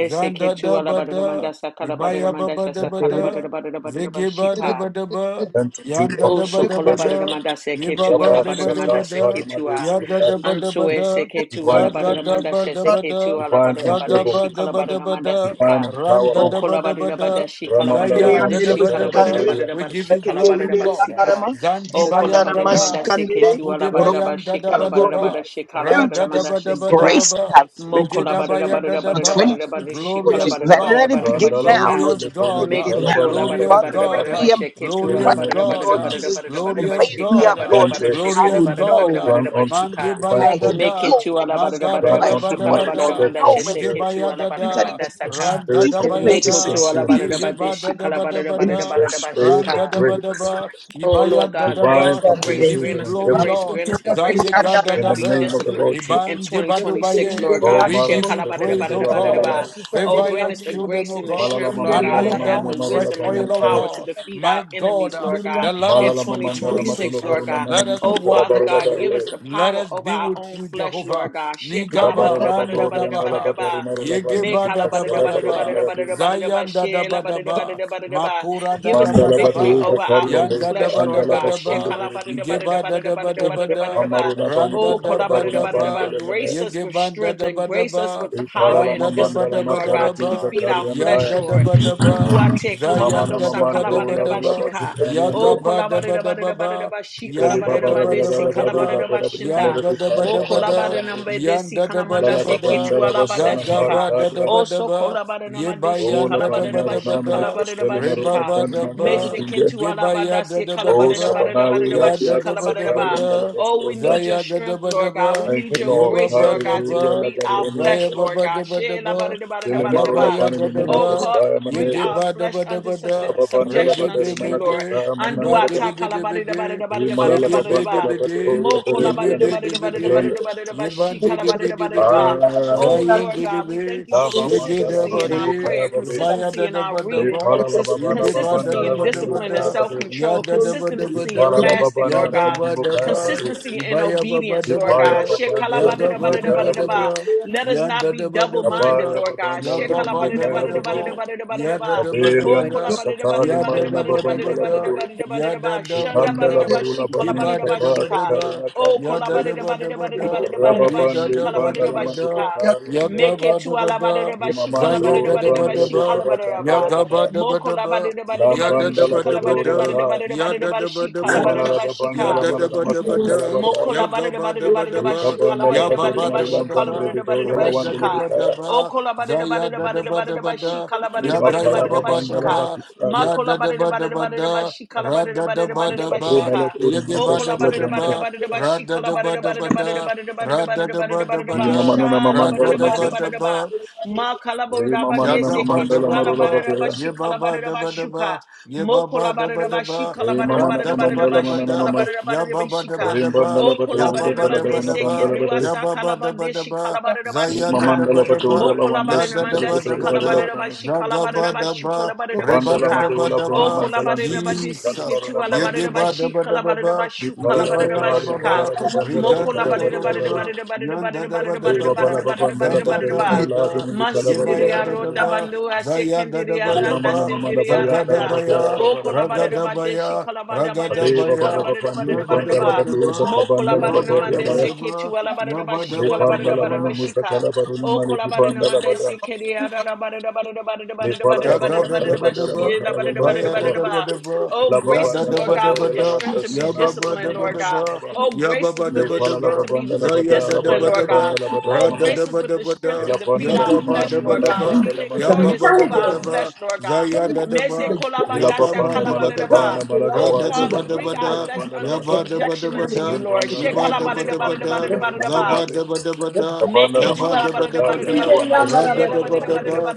Speaker 4: Zanda da ba da.
Speaker 1: Alabadaramanda Sakala
Speaker 4: Ibaya ba
Speaker 1: Badaramanda
Speaker 4: ba da ba
Speaker 1: Shasakala
Speaker 4: da. Zegeba ba da
Speaker 1: Badarabadabarabashika.
Speaker 4: ba da ba.
Speaker 7: and to do
Speaker 4: Yanda
Speaker 7: of
Speaker 4: da
Speaker 7: the
Speaker 4: ba
Speaker 1: Oso
Speaker 7: good
Speaker 4: da ba
Speaker 7: pleasure.
Speaker 4: da.
Speaker 1: colabaranda se que
Speaker 4: Yeba
Speaker 1: tu
Speaker 4: ba
Speaker 7: Rabba
Speaker 4: da ba da
Speaker 1: alabaranda
Speaker 4: ba
Speaker 7: Sata
Speaker 1: se
Speaker 4: da.
Speaker 1: que tu
Speaker 7: Parimadesh
Speaker 1: a.
Speaker 4: Yanda
Speaker 7: Kotar,
Speaker 4: da ba da ba
Speaker 1: Anso ese
Speaker 4: da.
Speaker 1: que tu
Speaker 7: divine
Speaker 4: Zada
Speaker 7: grace,
Speaker 4: da
Speaker 1: alabaranda
Speaker 4: ba
Speaker 1: se
Speaker 4: da ba
Speaker 1: que
Speaker 4: da.
Speaker 1: tu
Speaker 7: divine
Speaker 1: alabaranda
Speaker 7: enablement,
Speaker 1: shi
Speaker 4: Zagaba da ba da ba
Speaker 1: colabaranda
Speaker 4: da,
Speaker 7: divine
Speaker 1: sika.
Speaker 4: ran da
Speaker 1: O
Speaker 7: empowerment.
Speaker 4: da ba da ba da,
Speaker 1: colabaranda shi
Speaker 7: Ramandala
Speaker 6: Andere
Speaker 4: zaya da
Speaker 1: colabaranda
Speaker 6: andere
Speaker 4: da
Speaker 1: shi
Speaker 4: ba
Speaker 7: Masata
Speaker 4: da ba.
Speaker 6: busikandere.
Speaker 7: Rabaderia,
Speaker 4: We
Speaker 1: colabaranda
Speaker 4: give
Speaker 1: shi
Speaker 4: you
Speaker 6: Rekete
Speaker 4: glory,
Speaker 6: indere
Speaker 1: colabaranda
Speaker 4: Lord.
Speaker 1: sika.
Speaker 6: andarama.
Speaker 4: Zandi
Speaker 1: O
Speaker 4: bayan da
Speaker 6: Sandarama
Speaker 1: colabaranda
Speaker 4: da,
Speaker 1: se que
Speaker 6: sikandere.
Speaker 1: tu
Speaker 4: bagude
Speaker 6: Boroko.
Speaker 1: alabaranda
Speaker 4: bayan da
Speaker 1: shi
Speaker 4: da
Speaker 6: Father
Speaker 4: ba da
Speaker 6: God, we
Speaker 1: colabaranda
Speaker 4: ba,
Speaker 1: shi
Speaker 4: ran
Speaker 6: spiritual
Speaker 4: da da
Speaker 1: colabaranda
Speaker 4: ba da
Speaker 1: shi
Speaker 6: discipline,
Speaker 4: ba da ba
Speaker 1: sika.
Speaker 6: grace to
Speaker 4: ba,
Speaker 6: have
Speaker 1: Mo
Speaker 6: spiritual
Speaker 4: igeda
Speaker 1: colabaranda
Speaker 6: discipline
Speaker 4: bayan da
Speaker 1: baranda
Speaker 4: da
Speaker 6: for
Speaker 1: baranda
Speaker 4: ba.
Speaker 1: baranda baranda
Speaker 6: 2026,
Speaker 1: shi
Speaker 6: Lord
Speaker 4: Glorious
Speaker 6: Jesus.
Speaker 1: colabaranda
Speaker 6: And
Speaker 1: baranda
Speaker 6: let it
Speaker 4: God,
Speaker 1: baranda
Speaker 6: begin
Speaker 7: Randala
Speaker 6: now,
Speaker 1: shika.
Speaker 6: Lord
Speaker 4: glorious
Speaker 6: Jesus. Let
Speaker 7: Masoletoni
Speaker 6: it
Speaker 4: God,
Speaker 6: begin now.
Speaker 1: Mikotola
Speaker 7: Mitalabaruna
Speaker 1: barada
Speaker 4: glorious
Speaker 6: Father,
Speaker 1: barada
Speaker 6: prick
Speaker 7: Bariliala,
Speaker 1: barada
Speaker 6: me
Speaker 1: ba
Speaker 4: God,
Speaker 6: and
Speaker 1: sheke
Speaker 7: in the
Speaker 1: tuala
Speaker 4: glorious
Speaker 6: Christ,
Speaker 1: barada
Speaker 7: name of
Speaker 1: barada
Speaker 6: Lord
Speaker 4: God.
Speaker 1: barada
Speaker 7: Jesus,
Speaker 6: Jesus,
Speaker 1: barada barada
Speaker 6: and
Speaker 1: ba
Speaker 4: Glorious
Speaker 6: raise me
Speaker 1: shika la
Speaker 6: up,
Speaker 4: God,
Speaker 1: barada
Speaker 6: Lord
Speaker 7: divine
Speaker 1: barada
Speaker 6: Jesus, that
Speaker 7: grace,
Speaker 6: I
Speaker 1: sheke la
Speaker 4: glorious
Speaker 6: will
Speaker 1: barada
Speaker 6: know,
Speaker 4: God,
Speaker 1: barada barada
Speaker 7: grant
Speaker 1: ba
Speaker 6: Lord.
Speaker 7: unto me,
Speaker 4: Mandi
Speaker 1: shika.
Speaker 7: divine
Speaker 6: I
Speaker 7: grace,
Speaker 6: can
Speaker 1: Meke
Speaker 6: know
Speaker 4: Bayadada,
Speaker 6: when
Speaker 1: tuala
Speaker 6: to
Speaker 1: barada barada
Speaker 4: Magada
Speaker 7: grant
Speaker 4: da
Speaker 1: ba
Speaker 6: sacrifice my
Speaker 7: unto
Speaker 1: shika
Speaker 7: me
Speaker 1: la
Speaker 6: body,
Speaker 7: a
Speaker 1: barada
Speaker 6: Lord.
Speaker 4: Bada
Speaker 1: manda
Speaker 6: Know
Speaker 7: steadfast
Speaker 6: when to
Speaker 1: sheseke
Speaker 7: spirit,
Speaker 6: do the
Speaker 1: tuala barada
Speaker 6: things I need
Speaker 4: Igebayagada,
Speaker 1: manda
Speaker 6: to do
Speaker 7: the
Speaker 6: to be
Speaker 1: saka.
Speaker 7: spirit of
Speaker 6: disciplined to
Speaker 4: Randadabayada,
Speaker 7: consistency
Speaker 1: Mikotola
Speaker 7: and
Speaker 6: succeed
Speaker 1: barada
Speaker 6: in
Speaker 1: barada
Speaker 6: this
Speaker 7: discipline,
Speaker 6: life,
Speaker 1: shika la barada
Speaker 6: in
Speaker 1: barada
Speaker 6: this
Speaker 4: Yegebadadabadabada,
Speaker 7: the
Speaker 1: barada
Speaker 6: life,
Speaker 1: ba
Speaker 6: in this
Speaker 7: spirit of
Speaker 1: shika.
Speaker 7: grace,
Speaker 4: Randadabadaba,
Speaker 1: Oh Lord God, grant us
Speaker 7: divine
Speaker 4: Ibayadadaba.
Speaker 1: the
Speaker 4: We
Speaker 1: grace,
Speaker 4: give
Speaker 7: abilities
Speaker 4: you
Speaker 1: grant us
Speaker 7: and
Speaker 1: the
Speaker 4: glory,
Speaker 6: life.
Speaker 1: grace,
Speaker 7: enablement.
Speaker 4: Lord.
Speaker 1: grant us the grace and strength
Speaker 7: In
Speaker 1: to
Speaker 7: the
Speaker 1: be
Speaker 7: name
Speaker 4: Zayegadadaba,
Speaker 7: of the
Speaker 1: disciplined
Speaker 7: Lord Jesus.
Speaker 1: in 2026, Lord
Speaker 4: Ibandebadubaye.
Speaker 7: Oh,
Speaker 1: God.
Speaker 4: We give
Speaker 7: Maras,
Speaker 4: you
Speaker 7: the
Speaker 4: praise, O
Speaker 7: Kerala
Speaker 4: God.
Speaker 1: Shekalabadadabadadabadadaba.
Speaker 7: Brelaya,
Speaker 1: Oh,
Speaker 4: Favor
Speaker 1: grant
Speaker 4: your
Speaker 1: us the
Speaker 4: children,
Speaker 1: grace
Speaker 4: O
Speaker 1: and the
Speaker 4: God.
Speaker 7: Malala
Speaker 1: strength, Lord God,
Speaker 7: Mamandala
Speaker 1: to
Speaker 4: Anoint them
Speaker 1: have
Speaker 7: Manuna
Speaker 1: the
Speaker 4: with
Speaker 7: Marula
Speaker 4: fresh
Speaker 1: wisdom and the
Speaker 4: oil, O
Speaker 1: power
Speaker 7: Panete,
Speaker 1: to
Speaker 4: God.
Speaker 1: defeat
Speaker 4: My
Speaker 1: our
Speaker 4: God,
Speaker 1: enemies,
Speaker 4: uh,
Speaker 1: Lord
Speaker 6: In
Speaker 1: God,
Speaker 4: that let
Speaker 1: in
Speaker 4: us
Speaker 7: Malala
Speaker 4: seek
Speaker 6: this
Speaker 4: your
Speaker 7: Mamandala
Speaker 6: life.
Speaker 1: 2026,
Speaker 7: Matula
Speaker 4: face. uh,
Speaker 1: Lord
Speaker 7: Barula
Speaker 1: God.
Speaker 4: Let
Speaker 7: Manini
Speaker 4: us
Speaker 1: Oh
Speaker 7: Santala
Speaker 4: walk
Speaker 1: Father
Speaker 4: with
Speaker 7: Barula
Speaker 1: God,
Speaker 4: you.
Speaker 1: give
Speaker 7: Daria,
Speaker 1: us the
Speaker 4: Let
Speaker 1: power
Speaker 4: us
Speaker 1: over
Speaker 4: be
Speaker 1: our
Speaker 4: with
Speaker 1: own
Speaker 4: you,
Speaker 1: flesh,
Speaker 4: Jehovah.
Speaker 1: Lord God.
Speaker 7: La
Speaker 4: Ligaba
Speaker 7: Barala
Speaker 4: randa
Speaker 7: Babori and La
Speaker 4: dabaha.
Speaker 7: Batari
Speaker 1: Shekalabadadabadadabadadabadadaba.
Speaker 7: Marula Barina
Speaker 4: Yegeba
Speaker 1: Mekalabadadabadadabadadabadadaba.
Speaker 7: Picasala
Speaker 1: Give
Speaker 7: Barula
Speaker 4: dadabadaba.
Speaker 7: Narabi,
Speaker 4: Zayan dadabadaba. Makura
Speaker 1: us the
Speaker 7: Mandala
Speaker 1: victory
Speaker 7: Batu,
Speaker 4: dadabadaba.
Speaker 1: over our
Speaker 7: Zakari
Speaker 1: own
Speaker 4: Yan
Speaker 7: Alesta,
Speaker 1: flesh, Lord
Speaker 7: Andala
Speaker 1: God.
Speaker 7: Basconde
Speaker 4: dadabadabadaba.
Speaker 7: Verediza,
Speaker 4: Igeba dadabadabada.
Speaker 7: Amaruna Bani
Speaker 4: Randa
Speaker 1: Oh,
Speaker 7: Kalabaruna
Speaker 4: dabadaba.
Speaker 7: Bandelene,
Speaker 1: grace us with
Speaker 4: Yegeba
Speaker 1: strength and grace us with
Speaker 4: dadabadaba.
Speaker 7: Il
Speaker 1: power
Speaker 7: Palala
Speaker 4: Randa
Speaker 1: and
Speaker 7: Mamandala
Speaker 1: discipline, Lord God, to
Speaker 7: Makarati,
Speaker 4: dabadabadababa.
Speaker 1: defeat our
Speaker 7: Zakari and
Speaker 4: Yan
Speaker 1: flesh,
Speaker 7: Daya,
Speaker 1: Lord.
Speaker 4: dadabadaba. Zayan
Speaker 7: Mamana Mamando, La Rula
Speaker 4: dadabadabadaba.
Speaker 7: Basikani
Speaker 1: Oh,
Speaker 7: and
Speaker 4: Yagaba dabadababa.
Speaker 7: Eli
Speaker 4: Yan
Speaker 7: Baba Rabbi Adara Badi
Speaker 4: dadabadabadaba.
Speaker 7: Baba Rabbi
Speaker 1: Manda,
Speaker 7: Andara
Speaker 4: Yanda da ba
Speaker 7: Bikara
Speaker 4: da ba
Speaker 7: Baba Rabbi
Speaker 4: da,
Speaker 7: Yandu
Speaker 1: Mokolabarinamba de
Speaker 4: yanda da ba
Speaker 1: Sikalamanda
Speaker 4: da
Speaker 7: Lala
Speaker 4: ba da,
Speaker 1: Seketu
Speaker 7: Babandara Basana
Speaker 4: zaga
Speaker 7: Bari
Speaker 1: Alabadashika,
Speaker 4: ba da da
Speaker 7: Kadra
Speaker 4: ba da
Speaker 1: also
Speaker 4: ba, ye
Speaker 1: Kolabarinama de
Speaker 4: ba
Speaker 7: O La
Speaker 4: yanda da
Speaker 7: Banina
Speaker 4: ba
Speaker 1: Shikalabaraba
Speaker 4: da ba
Speaker 7: Ronamine
Speaker 4: da,
Speaker 7: Kosteli
Speaker 1: Shikalabaraba
Speaker 4: re ba
Speaker 7: Marona
Speaker 1: Shika,
Speaker 4: ba
Speaker 7: Brani
Speaker 4: da
Speaker 7: Mantalan
Speaker 4: ba,
Speaker 7: Tunge
Speaker 1: Mesekentu
Speaker 4: ge ba ya
Speaker 1: Alabada
Speaker 4: da da ba da
Speaker 7: O
Speaker 1: Sekalabaraba
Speaker 4: ba,
Speaker 7: Sabanawi
Speaker 4: ya
Speaker 7: Yati
Speaker 4: da da
Speaker 7: Yati
Speaker 4: ba da ba
Speaker 7: Sakari
Speaker 1: Shikalabaraba.
Speaker 7: Andala
Speaker 4: da,
Speaker 1: Oh, we
Speaker 4: za
Speaker 7: Bastonda
Speaker 1: need your
Speaker 4: ya da da
Speaker 1: strength,
Speaker 4: ba da
Speaker 1: Lord God. We
Speaker 4: ba,
Speaker 7: Thank
Speaker 1: need
Speaker 7: you
Speaker 1: your
Speaker 4: ye
Speaker 7: Lord
Speaker 4: ba
Speaker 1: grace,
Speaker 4: ba
Speaker 1: Lord
Speaker 4: da
Speaker 1: God, to
Speaker 7: Hallelujah La
Speaker 4: ba,
Speaker 1: defeat our
Speaker 4: ba
Speaker 7: Baroni
Speaker 4: ya
Speaker 1: flesh,
Speaker 4: ba
Speaker 1: Lord
Speaker 4: ba da
Speaker 1: God.
Speaker 4: ba da
Speaker 1: She
Speaker 4: ba,
Speaker 7: Jele
Speaker 4: ada ba
Speaker 7: Marola
Speaker 1: Labadabadabadaba.
Speaker 4: ya da
Speaker 7: Banini
Speaker 4: da
Speaker 1: Oh,
Speaker 7: Minata
Speaker 4: ba,
Speaker 1: God,
Speaker 7: Staya
Speaker 4: ye
Speaker 1: bring
Speaker 4: ge
Speaker 7: Manege
Speaker 1: our
Speaker 4: ba da
Speaker 1: flesh
Speaker 4: ba da
Speaker 1: under
Speaker 4: ba da,
Speaker 1: subjection
Speaker 4: re
Speaker 7: Rababandala
Speaker 1: rejection
Speaker 4: de
Speaker 7: Badari
Speaker 4: de
Speaker 1: unto
Speaker 4: be
Speaker 1: you,
Speaker 7: Manaka
Speaker 1: Lord.
Speaker 4: de,
Speaker 7: Staya
Speaker 1: Andu
Speaker 4: iba de
Speaker 7: Manangada
Speaker 4: de
Speaker 1: ata
Speaker 4: be de be
Speaker 1: kalabada da bada
Speaker 4: de,
Speaker 1: da bada da
Speaker 4: ze
Speaker 1: bada da
Speaker 7: Imalala
Speaker 4: ge
Speaker 1: bada da
Speaker 4: be de
Speaker 1: ba.
Speaker 7: Babandala
Speaker 4: be de.
Speaker 7: Badori
Speaker 1: Mo
Speaker 4: Ye Ye Ye
Speaker 7: Aberendi
Speaker 4: be
Speaker 1: kolabada da
Speaker 4: be
Speaker 1: bada
Speaker 4: de
Speaker 1: da
Speaker 4: be
Speaker 1: bada da bada
Speaker 4: de,
Speaker 7: Andaka
Speaker 1: da bada da
Speaker 4: ye
Speaker 1: ba. She
Speaker 4: ban de de
Speaker 1: kalabada
Speaker 4: be
Speaker 1: da
Speaker 4: de
Speaker 1: bada
Speaker 4: be
Speaker 1: da ba.
Speaker 4: de,
Speaker 6: He's
Speaker 7: Grande
Speaker 1: Oh,
Speaker 6: a
Speaker 4: zayen
Speaker 1: Lord
Speaker 4: de de
Speaker 1: God, we
Speaker 4: be.
Speaker 1: thank you for
Speaker 7: Lava mandala
Speaker 1: consistency in
Speaker 7: mani
Speaker 1: our
Speaker 7: mukaya
Speaker 1: prayer,
Speaker 7: babe.
Speaker 4: ban ge
Speaker 1: consistency in our
Speaker 7: Le
Speaker 1: reading,
Speaker 7: pala la baba la
Speaker 4: ge da da da da
Speaker 7: babanda
Speaker 1: consistency
Speaker 4: da da
Speaker 7: la
Speaker 1: in
Speaker 7: mani
Speaker 1: discipline and
Speaker 7: mukaya
Speaker 4: da
Speaker 1: self
Speaker 7: babe.
Speaker 1: control,
Speaker 4: da da da da da da. da da da
Speaker 7: Le
Speaker 4: da
Speaker 1: consistency in
Speaker 7: pala
Speaker 4: da
Speaker 7: la
Speaker 1: fasting,
Speaker 4: ya
Speaker 7: babanda
Speaker 1: Lord
Speaker 7: la
Speaker 4: da. da ba da ba da, ya ga
Speaker 1: God.
Speaker 7: mani
Speaker 4: ba. da
Speaker 7: mukaya
Speaker 4: ba
Speaker 7: babe.
Speaker 1: Consistency and
Speaker 4: ibaya ba ba.
Speaker 1: obedience,
Speaker 7: Le
Speaker 4: da ba
Speaker 1: Lord
Speaker 7: paya
Speaker 1: God.
Speaker 4: da,
Speaker 7: babanda
Speaker 4: ya
Speaker 7: la
Speaker 4: ga
Speaker 7: mani
Speaker 4: ba. da ba
Speaker 7: mukaya
Speaker 4: da
Speaker 7: babe.
Speaker 1: Shekalabadidabadidabadidaba.
Speaker 4: ba.
Speaker 1: Let us
Speaker 4: ya
Speaker 1: not
Speaker 4: da
Speaker 1: be
Speaker 4: da ba
Speaker 1: double
Speaker 4: da ba
Speaker 1: minded,
Speaker 4: da,
Speaker 7: Abaya
Speaker 1: Lord God.
Speaker 7: babanda
Speaker 4: ya
Speaker 7: la
Speaker 4: ga
Speaker 7: mani
Speaker 4: ba da ba
Speaker 7: mukaya
Speaker 4: da
Speaker 7: babe.
Speaker 4: ba ya da
Speaker 1: Shekalabadidabadidabadidabadidabadidaba.
Speaker 4: da ba. da ba
Speaker 1: Oh,
Speaker 7: Abelian
Speaker 4: da,
Speaker 7: satali
Speaker 4: ya da da
Speaker 7: marana
Speaker 4: ba da
Speaker 7: babanda la
Speaker 4: ba
Speaker 7: badu.
Speaker 4: Ibaya Ibaya Ya Ya Ya Ya Ya ba
Speaker 1: kolabadidabadidabadidabadidabadidabadidabadidabadidabadidaba.
Speaker 4: da ba. zegedabade, ibayadadabadaba, da yadadabadabada,
Speaker 7: Ikanda
Speaker 4: yagabadaba, ibayababadabada, yagabadabadaba,
Speaker 7: la
Speaker 4: yandadabadabada,
Speaker 3: My
Speaker 7: barula banin
Speaker 4: da da
Speaker 7: kapa
Speaker 4: ba da
Speaker 1: Shandabadidabashikalabadidabashika.
Speaker 4: ba.
Speaker 7: karina
Speaker 1: Oh,
Speaker 4: Ya da
Speaker 7: kante.
Speaker 4: da ba da ba da, ye da
Speaker 7: Rababande
Speaker 4: da ba
Speaker 7: panda
Speaker 4: da
Speaker 7: la
Speaker 4: ba
Speaker 7: manu
Speaker 1: kolabadidabadidabadidabadidabadidabadidabadidabashikalabadidabashika.
Speaker 4: da,
Speaker 3: Amen.
Speaker 7: kutari
Speaker 4: ya ga
Speaker 1: Make
Speaker 7: ande.
Speaker 1: it
Speaker 4: ba
Speaker 1: to
Speaker 4: da ba da, za ya
Speaker 7: Imamando
Speaker 4: da da ba
Speaker 7: rabanda la
Speaker 4: da ba,
Speaker 7: bekova kanda
Speaker 4: ya
Speaker 1: alabadidabashikalabadidabadidabashikalabadidaba.
Speaker 7: la
Speaker 4: ga ba
Speaker 7: bada.
Speaker 4: da ba
Speaker 1: Moko
Speaker 4: da
Speaker 1: la ba de
Speaker 4: ba,
Speaker 1: de ba de de ba
Speaker 4: ya
Speaker 1: de
Speaker 4: da
Speaker 1: de,
Speaker 4: da
Speaker 7: Lambandala
Speaker 4: ba
Speaker 1: shika
Speaker 4: da
Speaker 1: la ba
Speaker 4: ba
Speaker 1: de de
Speaker 7: Badoria
Speaker 1: ba de
Speaker 4: da,
Speaker 1: de ba
Speaker 7: La,
Speaker 1: de de ba
Speaker 4: ya
Speaker 1: de de
Speaker 4: da
Speaker 1: ba de,
Speaker 4: da ba da
Speaker 1: shika la
Speaker 4: ba
Speaker 1: ba de de
Speaker 7: Himala
Speaker 4: da,
Speaker 1: ba
Speaker 4: ya
Speaker 1: shika.
Speaker 7: Babandala
Speaker 4: da da
Speaker 7: Marana
Speaker 4: ba da ba
Speaker 7: Masandala
Speaker 4: da,
Speaker 7: Bata,
Speaker 4: ya
Speaker 1: Mokola
Speaker 4: ga
Speaker 1: bada da
Speaker 4: ba
Speaker 1: bada
Speaker 4: da
Speaker 1: da
Speaker 4: ba
Speaker 1: bada
Speaker 4: da
Speaker 1: da bada
Speaker 7: Lika
Speaker 1: she
Speaker 4: ba,
Speaker 1: kala
Speaker 7: Bandala
Speaker 1: bada
Speaker 4: ya
Speaker 1: da
Speaker 4: ba
Speaker 1: bada
Speaker 7: Badari
Speaker 1: da
Speaker 4: ba da
Speaker 1: bada
Speaker 4: ba
Speaker 1: she
Speaker 7: Marulam
Speaker 4: da
Speaker 1: kala
Speaker 7: Bandari
Speaker 1: bada
Speaker 4: ba,
Speaker 1: da bada da
Speaker 7: Vidoria La
Speaker 1: bada
Speaker 4: ra
Speaker 1: she
Speaker 4: da da
Speaker 7: Wandali
Speaker 4: ba da
Speaker 7: Vitaya,
Speaker 4: ba,
Speaker 1: Okola bada
Speaker 4: za
Speaker 1: da bada
Speaker 4: ya
Speaker 1: da
Speaker 4: da
Speaker 1: bada
Speaker 4: da
Speaker 1: da
Speaker 4: ba
Speaker 1: bada
Speaker 4: da
Speaker 1: da
Speaker 4: ba
Speaker 1: bada she
Speaker 4: da,
Speaker 1: kala bada da
Speaker 4: ya
Speaker 7: Liva
Speaker 5: Amen.
Speaker 1: bada
Speaker 4: ga
Speaker 1: da
Speaker 4: ya
Speaker 7: Paya
Speaker 1: bada da
Speaker 4: ba
Speaker 1: bada
Speaker 4: ba
Speaker 1: she
Speaker 4: da
Speaker 7: Babandala
Speaker 4: ba,
Speaker 7: Batisabri,
Speaker 4: ya
Speaker 1: Makola
Speaker 4: da da
Speaker 1: bada da
Speaker 4: ba da
Speaker 1: bada da
Speaker 4: ba
Speaker 1: bada da bada
Speaker 4: da,
Speaker 1: she kala
Speaker 4: ra
Speaker 1: bada da
Speaker 4: da da
Speaker 1: bada da
Speaker 4: ba
Speaker 1: bada da
Speaker 4: da
Speaker 1: bada
Speaker 7: Sabri
Speaker 1: she
Speaker 4: ba, ye
Speaker 7: Malakuri
Speaker 4: ge
Speaker 7: Manta
Speaker 4: ba da
Speaker 1: Okola
Speaker 4: ba
Speaker 1: bada
Speaker 4: da
Speaker 1: da bada
Speaker 4: ba.
Speaker 1: da
Speaker 7: Salabranda,
Speaker 1: bada da bada she kala bada da bada da bada da
Speaker 4: Radadabadabada,
Speaker 1: bada da bada da bada da bada da bada da bada
Speaker 4: Radadabadabada,
Speaker 7: Hima Manana
Speaker 1: shala bada
Speaker 7: Mamandala
Speaker 1: da bada da
Speaker 7: Masa,
Speaker 1: bada da bada.
Speaker 4: Radadabadaba,
Speaker 1: Makala bada
Speaker 7: Lima
Speaker 1: bada de
Speaker 7: Manana
Speaker 1: se
Speaker 4: Shagaba
Speaker 1: ke
Speaker 7: Mamandala
Speaker 4: daba
Speaker 1: ala
Speaker 7: Marula
Speaker 1: bada
Speaker 4: daba,
Speaker 1: da bada
Speaker 7: Babea,
Speaker 1: she kala bada
Speaker 4: yebaba
Speaker 1: da bada
Speaker 4: daba
Speaker 1: shuka.
Speaker 4: daba, yebaba
Speaker 1: Mokola bada
Speaker 4: daba
Speaker 1: da bada she
Speaker 4: daba,
Speaker 1: kala bada
Speaker 7: Lima
Speaker 1: da
Speaker 7: Manana
Speaker 1: bada da
Speaker 4: randa
Speaker 1: bada da
Speaker 4: daba
Speaker 7: Mamandala
Speaker 1: bada
Speaker 4: daba
Speaker 1: she
Speaker 7: Manana
Speaker 1: kala
Speaker 4: da,
Speaker 7: Mama,
Speaker 1: bada da bada da bada
Speaker 4: yababa
Speaker 1: she
Speaker 4: daba daba,
Speaker 7: Limbandala Badoria
Speaker 4: yababa daba
Speaker 7: Calabarana
Speaker 4: daba,
Speaker 7: Bandala Badari,
Speaker 4: yababa daba daba, zaya
Speaker 7: Hima
Speaker 4: da daba
Speaker 7: Mandala
Speaker 4: daba,
Speaker 7: Badoria La Wanda
Speaker 4: yada
Speaker 7: Sandali
Speaker 4: daba
Speaker 7: Vidoria
Speaker 4: daba da,
Speaker 7: Marula
Speaker 4: zagaba daba, riba
Speaker 7: Bandala
Speaker 4: da daba
Speaker 7: Madula Broni
Speaker 4: daba,
Speaker 7: Mandala and British
Speaker 4: Jesus.
Speaker 7: Calibara Baran
Speaker 4: Yegeba daba daba ba,
Speaker 7: the
Speaker 4: yegeba
Speaker 7: Paralama
Speaker 4: ya baba
Speaker 7: Baria
Speaker 4: ba,
Speaker 7: Babara Bandala the
Speaker 4: riganda daba
Speaker 7: Calabatabari
Speaker 4: daba, yanda daba daba
Speaker 7: Eva
Speaker 4: da,
Speaker 7: Balaba Bandala
Speaker 4: zaga
Speaker 7: Batari
Speaker 4: daba
Speaker 7: Malala
Speaker 4: da,
Speaker 7: in the Calabarula
Speaker 4: Gibaya
Speaker 7: Bandana
Speaker 4: Dadaba, Zaya Dadaba
Speaker 7: Alima Mana
Speaker 4: Daba,
Speaker 7: Mamala Bayan Karabataya
Speaker 4: Zagadabaya,
Speaker 1: O
Speaker 7: Babarakada
Speaker 1: kolabadidabade, she
Speaker 4: Ragadabaya,
Speaker 1: kolabadabadada,
Speaker 7: Ali
Speaker 1: she ba.
Speaker 4: Ragadabaya,
Speaker 7: Babara Bandi Bandala
Speaker 4: Yadadaba
Speaker 7: Batusa
Speaker 4: Daba,
Speaker 1: Mo
Speaker 7: Kabandala
Speaker 1: kolabare
Speaker 4: Yababa
Speaker 7: Bataria
Speaker 1: kolabadinamande,
Speaker 4: Daba
Speaker 7: Laya
Speaker 1: se ketu
Speaker 4: Daba,
Speaker 1: alabare alabadadaba, she
Speaker 7: the
Speaker 4: Yabadaba
Speaker 7: Pandala
Speaker 4: Daba
Speaker 1: kolabadabadadaba, she
Speaker 7: Manumusa
Speaker 1: ka.
Speaker 7: Calabarun
Speaker 1: O
Speaker 7: Maliki Bandala
Speaker 1: kolabadinamande,
Speaker 7: Bata
Speaker 1: se keri alabare mande mande
Speaker 7: the
Speaker 1: mande mande
Speaker 7: Palala
Speaker 4: Shaga
Speaker 1: mande mande
Speaker 4: da
Speaker 7: Bandala
Speaker 4: da
Speaker 1: mande ba
Speaker 4: ba da
Speaker 7: Batala
Speaker 4: ba,
Speaker 1: kedi
Speaker 7: Bakala
Speaker 4: Ibaya da
Speaker 1: adadabadadabadadabadadabadadabadadabadadabadadaba,
Speaker 7: Bandala
Speaker 1: she
Speaker 4: da ba
Speaker 1: ba.
Speaker 4: da ba,
Speaker 1: Oh,
Speaker 7: Lava
Speaker 4: Ya
Speaker 1: grace
Speaker 4: da
Speaker 1: us,
Speaker 4: da
Speaker 7: Bandala
Speaker 1: Lord
Speaker 4: ba da
Speaker 1: God,
Speaker 4: ba
Speaker 1: with
Speaker 7: Bataria
Speaker 1: the
Speaker 4: da,
Speaker 7: Lavanda
Speaker 1: strength to be
Speaker 4: Ya ba
Speaker 7: Sanam
Speaker 4: ba da
Speaker 1: disciplined,
Speaker 7: Brahmana
Speaker 4: ba
Speaker 1: Lord
Speaker 4: da
Speaker 1: God.
Speaker 4: ba,
Speaker 7: Mashalaba
Speaker 1: Oh,
Speaker 4: Ya
Speaker 1: grace
Speaker 4: ba
Speaker 1: us
Speaker 4: ba
Speaker 1: with
Speaker 4: da
Speaker 7: Le
Speaker 1: the
Speaker 4: ba da
Speaker 7: pala la
Speaker 1: strength
Speaker 4: ba,
Speaker 1: to be
Speaker 7: babanda la
Speaker 1: di-
Speaker 4: Zaya
Speaker 7: bada
Speaker 4: da
Speaker 7: la
Speaker 4: da
Speaker 1: disciplined,
Speaker 7: para
Speaker 4: ba
Speaker 1: Lord
Speaker 4: da
Speaker 1: God.
Speaker 7: kapanda
Speaker 4: ba,
Speaker 7: la bada
Speaker 4: Ra
Speaker 1: Oh,
Speaker 4: da
Speaker 7: mama.
Speaker 1: grace
Speaker 4: da
Speaker 1: us
Speaker 4: ba
Speaker 1: with
Speaker 4: da
Speaker 1: the
Speaker 4: ba
Speaker 1: strength
Speaker 4: da,
Speaker 1: to
Speaker 7: Ila panda
Speaker 4: Ya
Speaker 1: defeat
Speaker 7: la
Speaker 1: our
Speaker 4: ga ba
Speaker 7: mama
Speaker 1: flesh,
Speaker 7: ni
Speaker 4: da ba
Speaker 1: Lord
Speaker 4: da
Speaker 7: mala
Speaker 1: God, to
Speaker 4: ba,
Speaker 1: be
Speaker 7: panda la mana
Speaker 4: Ya
Speaker 7: la
Speaker 4: ba
Speaker 1: victorious
Speaker 4: ba da
Speaker 1: over
Speaker 7: makapanda
Speaker 4: ba
Speaker 6: manager
Speaker 7: la
Speaker 1: our
Speaker 4: da
Speaker 6: of this
Speaker 7: mana.
Speaker 1: flesh,
Speaker 4: ba,
Speaker 1: Lord God.
Speaker 6: people. Help
Speaker 4: Zaya
Speaker 6: me
Speaker 4: da
Speaker 6: to
Speaker 4: da
Speaker 6: become
Speaker 1: Mese
Speaker 4: ba,
Speaker 6: the best
Speaker 4: Ya
Speaker 7: Ila
Speaker 6: I
Speaker 4: ga
Speaker 1: kolabadasa
Speaker 6: can
Speaker 4: ba
Speaker 7: papanda
Speaker 4: da
Speaker 6: be.
Speaker 7: mala
Speaker 4: ba da
Speaker 6: Help
Speaker 1: kalabadadaba.
Speaker 4: ba,
Speaker 7: kapana
Speaker 6: me, dear
Speaker 7: mala
Speaker 6: Lord,
Speaker 4: Ra
Speaker 1: Oh,
Speaker 6: to
Speaker 4: da
Speaker 7: kawa
Speaker 4: da
Speaker 6: become the
Speaker 1: Father,
Speaker 4: ba
Speaker 7: sala
Speaker 4: da
Speaker 1: bring
Speaker 4: ba
Speaker 6: best
Speaker 7: baroni
Speaker 1: our
Speaker 6: I
Speaker 7: mala
Speaker 4: da,
Speaker 6: can
Speaker 1: flesh
Speaker 7: panda
Speaker 6: be.
Speaker 7: la
Speaker 4: Ya
Speaker 1: under
Speaker 6: The
Speaker 7: mada.
Speaker 4: ba da
Speaker 6: best
Speaker 4: ba da
Speaker 1: subjection
Speaker 4: ba
Speaker 1: unto
Speaker 6: manager.
Speaker 1: you,
Speaker 4: da,
Speaker 7: Lim
Speaker 1: Lord.
Speaker 6: The
Speaker 7: panda
Speaker 1: She
Speaker 7: la
Speaker 4: Iba
Speaker 6: best
Speaker 4: da
Speaker 7: mano
Speaker 4: ba
Speaker 7: sa
Speaker 6: manager.
Speaker 4: da ba
Speaker 7: panda la
Speaker 4: da,
Speaker 6: The
Speaker 7: vilaru na
Speaker 4: Za
Speaker 1: kalabadadabadadabadadabadadaba.
Speaker 4: ba
Speaker 7: bihave.
Speaker 4: da ba da ba da,
Speaker 1: Make
Speaker 6: best
Speaker 7: Kapanda
Speaker 4: Ya
Speaker 1: it
Speaker 7: la
Speaker 6: manager.
Speaker 1: to
Speaker 4: ba
Speaker 7: mano
Speaker 1: it.
Speaker 4: da
Speaker 7: sa
Speaker 4: ba da ba
Speaker 7: kari na
Speaker 4: da,
Speaker 7: wanda sa
Speaker 4: Ra da da
Speaker 6: The
Speaker 7: kapanda
Speaker 4: ba
Speaker 7: la
Speaker 4: da
Speaker 6: best
Speaker 7: bada.
Speaker 6: manager.
Speaker 4: ba,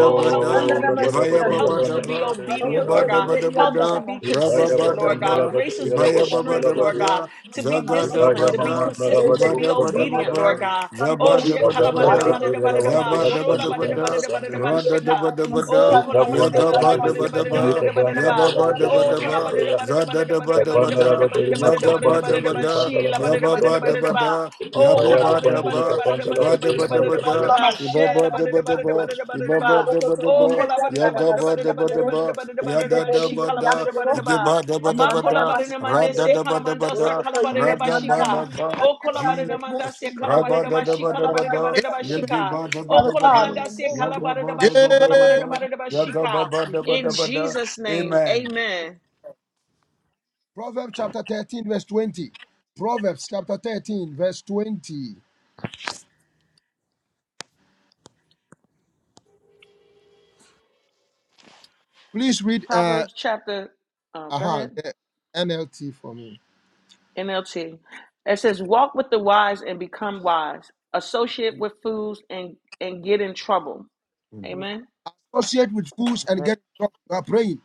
Speaker 1: Oh, help us to be
Speaker 6: Esandarama
Speaker 7: rabada
Speaker 4: Ibaya
Speaker 1: disciplined.
Speaker 7: babanda
Speaker 1: Help
Speaker 6: sikandiri.
Speaker 1: us to
Speaker 7: panda la
Speaker 1: be
Speaker 4: Babadaba,
Speaker 7: bada
Speaker 1: obedient,
Speaker 6: Arokoto
Speaker 7: bakara
Speaker 1: Lord God.
Speaker 7: baba.
Speaker 6: ileri
Speaker 1: Help us to
Speaker 4: rababa
Speaker 6: yandarama.
Speaker 1: be
Speaker 7: Ikaya
Speaker 1: consistent, Lord
Speaker 7: babanda la
Speaker 1: God.
Speaker 4: Rababadaba,
Speaker 7: bada
Speaker 1: Grace us with
Speaker 7: yala
Speaker 1: the
Speaker 4: Ibaya Baba
Speaker 7: wanda
Speaker 1: strength,
Speaker 7: la
Speaker 4: Daba
Speaker 1: Lord
Speaker 7: bada.
Speaker 1: God,
Speaker 4: Da,
Speaker 1: to be
Speaker 4: Zagada
Speaker 1: disciplined,
Speaker 7: Ikaya
Speaker 1: to be
Speaker 4: Bada,
Speaker 7: mamanda la
Speaker 1: consistent, to
Speaker 7: bada
Speaker 6: Berendere
Speaker 1: be
Speaker 4: ibada Bada
Speaker 7: kapanda la
Speaker 1: obedient,
Speaker 6: yandarama
Speaker 1: Lord
Speaker 4: Baba,
Speaker 7: mani.
Speaker 1: God. Oh,
Speaker 6: sikandere.
Speaker 4: zaba Daba
Speaker 1: shekala
Speaker 4: Daba
Speaker 7: Kabanda
Speaker 1: bada
Speaker 7: la
Speaker 1: da
Speaker 4: Da,
Speaker 1: bada da
Speaker 7: Batoria
Speaker 6: Arondondo
Speaker 7: la
Speaker 1: bada da ba,
Speaker 6: ileri
Speaker 4: zaba
Speaker 7: Wandia
Speaker 6: do.
Speaker 4: Daba
Speaker 1: shola
Speaker 7: Kandi
Speaker 4: Daba
Speaker 1: bada da
Speaker 7: Kanta
Speaker 1: bada
Speaker 4: Da,
Speaker 1: da bada da ba,
Speaker 7: Sandelevi,
Speaker 4: Rada
Speaker 1: sheka.
Speaker 4: Daba
Speaker 6: Yandarama
Speaker 4: Daba Da,
Speaker 1: Oh,
Speaker 7: Ika
Speaker 1: kola
Speaker 6: sikandere.
Speaker 1: bada da
Speaker 7: Bonda
Speaker 1: bada da
Speaker 4: Yagaba
Speaker 6: Esandarama
Speaker 1: bada
Speaker 7: Pandelevi,
Speaker 4: Daba
Speaker 1: da
Speaker 6: sundoro.
Speaker 1: bada da bada
Speaker 4: Daba,
Speaker 7: Kamanika
Speaker 1: da bada da
Speaker 6: Boyunama
Speaker 1: ba.
Speaker 7: Banganda la
Speaker 4: yababa
Speaker 7: Batoria
Speaker 1: Oh, kola
Speaker 7: Marunta
Speaker 4: Babadabada,
Speaker 6: sikandere.
Speaker 1: bada da
Speaker 7: Brea,
Speaker 1: bada da bada da bada da bada da
Speaker 7: Kabanda la
Speaker 1: bada da
Speaker 4: Zagadabada,
Speaker 1: bada
Speaker 7: Batoria
Speaker 4: Ibadabadababa,
Speaker 1: da bada
Speaker 6: Yandarama.
Speaker 1: da bada da bada da
Speaker 7: Makomba
Speaker 1: bada
Speaker 7: Kandi
Speaker 4: Zabadabadabada,
Speaker 7: Panda la
Speaker 4: Zabadabadabada, Radadabadabada,
Speaker 7: Manikanda,
Speaker 4: Yagabadabadaba, Yababadabadaba, Zadadabadabada, Yagabadabada,
Speaker 1: Oh,
Speaker 6: Father
Speaker 7: Impaya
Speaker 6: God, in
Speaker 7: Bandili
Speaker 6: the
Speaker 4: Yababadabada, Yabubadaba,
Speaker 7: Kabanda la Batoria
Speaker 4: Ibadabadabada,
Speaker 7: Malukasia,
Speaker 4: Ibabadabadaba, Ibaba
Speaker 1: kolabadidabadidabadidabadidabadidabadidabadidaba.
Speaker 4: daba
Speaker 1: Oh,
Speaker 4: daba, yadaba daba daba, daba, ya
Speaker 1: kolabadidabadidabadidabadidabadidabadidabadidaba.
Speaker 4: da
Speaker 1: She
Speaker 4: daba da,
Speaker 1: kolabadidabadidaba.
Speaker 4: igeba daba
Speaker 1: Ma
Speaker 4: daba da,
Speaker 1: kolabadidamande
Speaker 4: rada
Speaker 1: se
Speaker 4: daba daba
Speaker 1: kalamandosa
Speaker 4: da, raga ba
Speaker 1: kolabadidabashika.
Speaker 4: daba,
Speaker 1: Oh, kolabadidamanda se
Speaker 4: Jesus, raba da
Speaker 1: kolabadidabashi
Speaker 4: daba daba da,
Speaker 1: kolabadidabadidabashika.
Speaker 4: yageba daba
Speaker 1: Oh,
Speaker 4: daba da,
Speaker 1: kolamanda
Speaker 6: name of
Speaker 1: se
Speaker 6: Jesus.
Speaker 4: yaga ba daba
Speaker 1: kolabadidabashi
Speaker 4: daba da, yaga ba
Speaker 1: kolabadidabadidabashika.
Speaker 4: ba daba
Speaker 1: In
Speaker 4: daba da,
Speaker 1: Jesus' name,
Speaker 4: amen.
Speaker 1: amen.
Speaker 3: Proverbs chapter 13, verse 20. Proverbs chapter 13, verse 20. Please read uh
Speaker 1: Proverbs chapter, oh, go
Speaker 3: aha
Speaker 1: ahead.
Speaker 3: the NLT for me.
Speaker 1: NLT. It says, walk with the wise and become wise. Associate with fools and, and get in trouble. Amen.
Speaker 3: Associate with fools and get in trouble. You are praying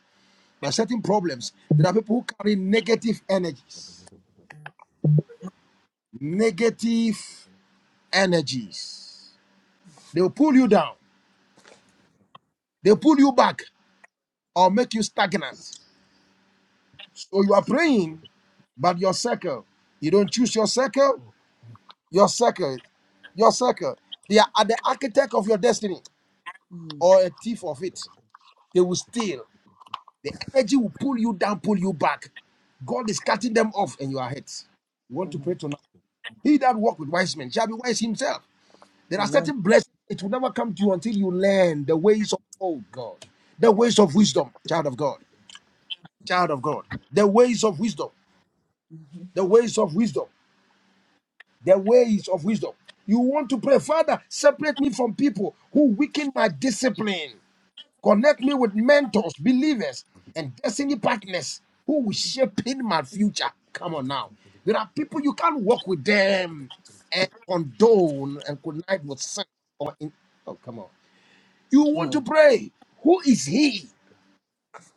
Speaker 3: by certain problems. There are people who carry negative energies. Negative energies. They'll pull you down, they'll pull you back, or make you stagnant. So you are praying But your circle, you don't choose your circle, your circle, your circle. They are at the architect of your destiny or a thief of it. They will steal. The energy will pull you down, pull you back. God is cutting them off and you are hit. You want to pray tonight. He that walk with wise men shall be wise himself. There are
Speaker 6: Amen.
Speaker 3: certain blessings. It will never come to you until you learn the ways of, oh God, the ways of wisdom, child of God, child of God, the ways of wisdom, the ways of wisdom the ways of wisdom. You want to pray, Father, separate me from people who weaken my discipline. Connect me with mentors, believers, and destiny partners who will shape in my future. Come on now. There are people you can't walk with them and condone and connive with sin. Or in, oh, come on. You want
Speaker 6: Mm.
Speaker 3: to pray. Who is he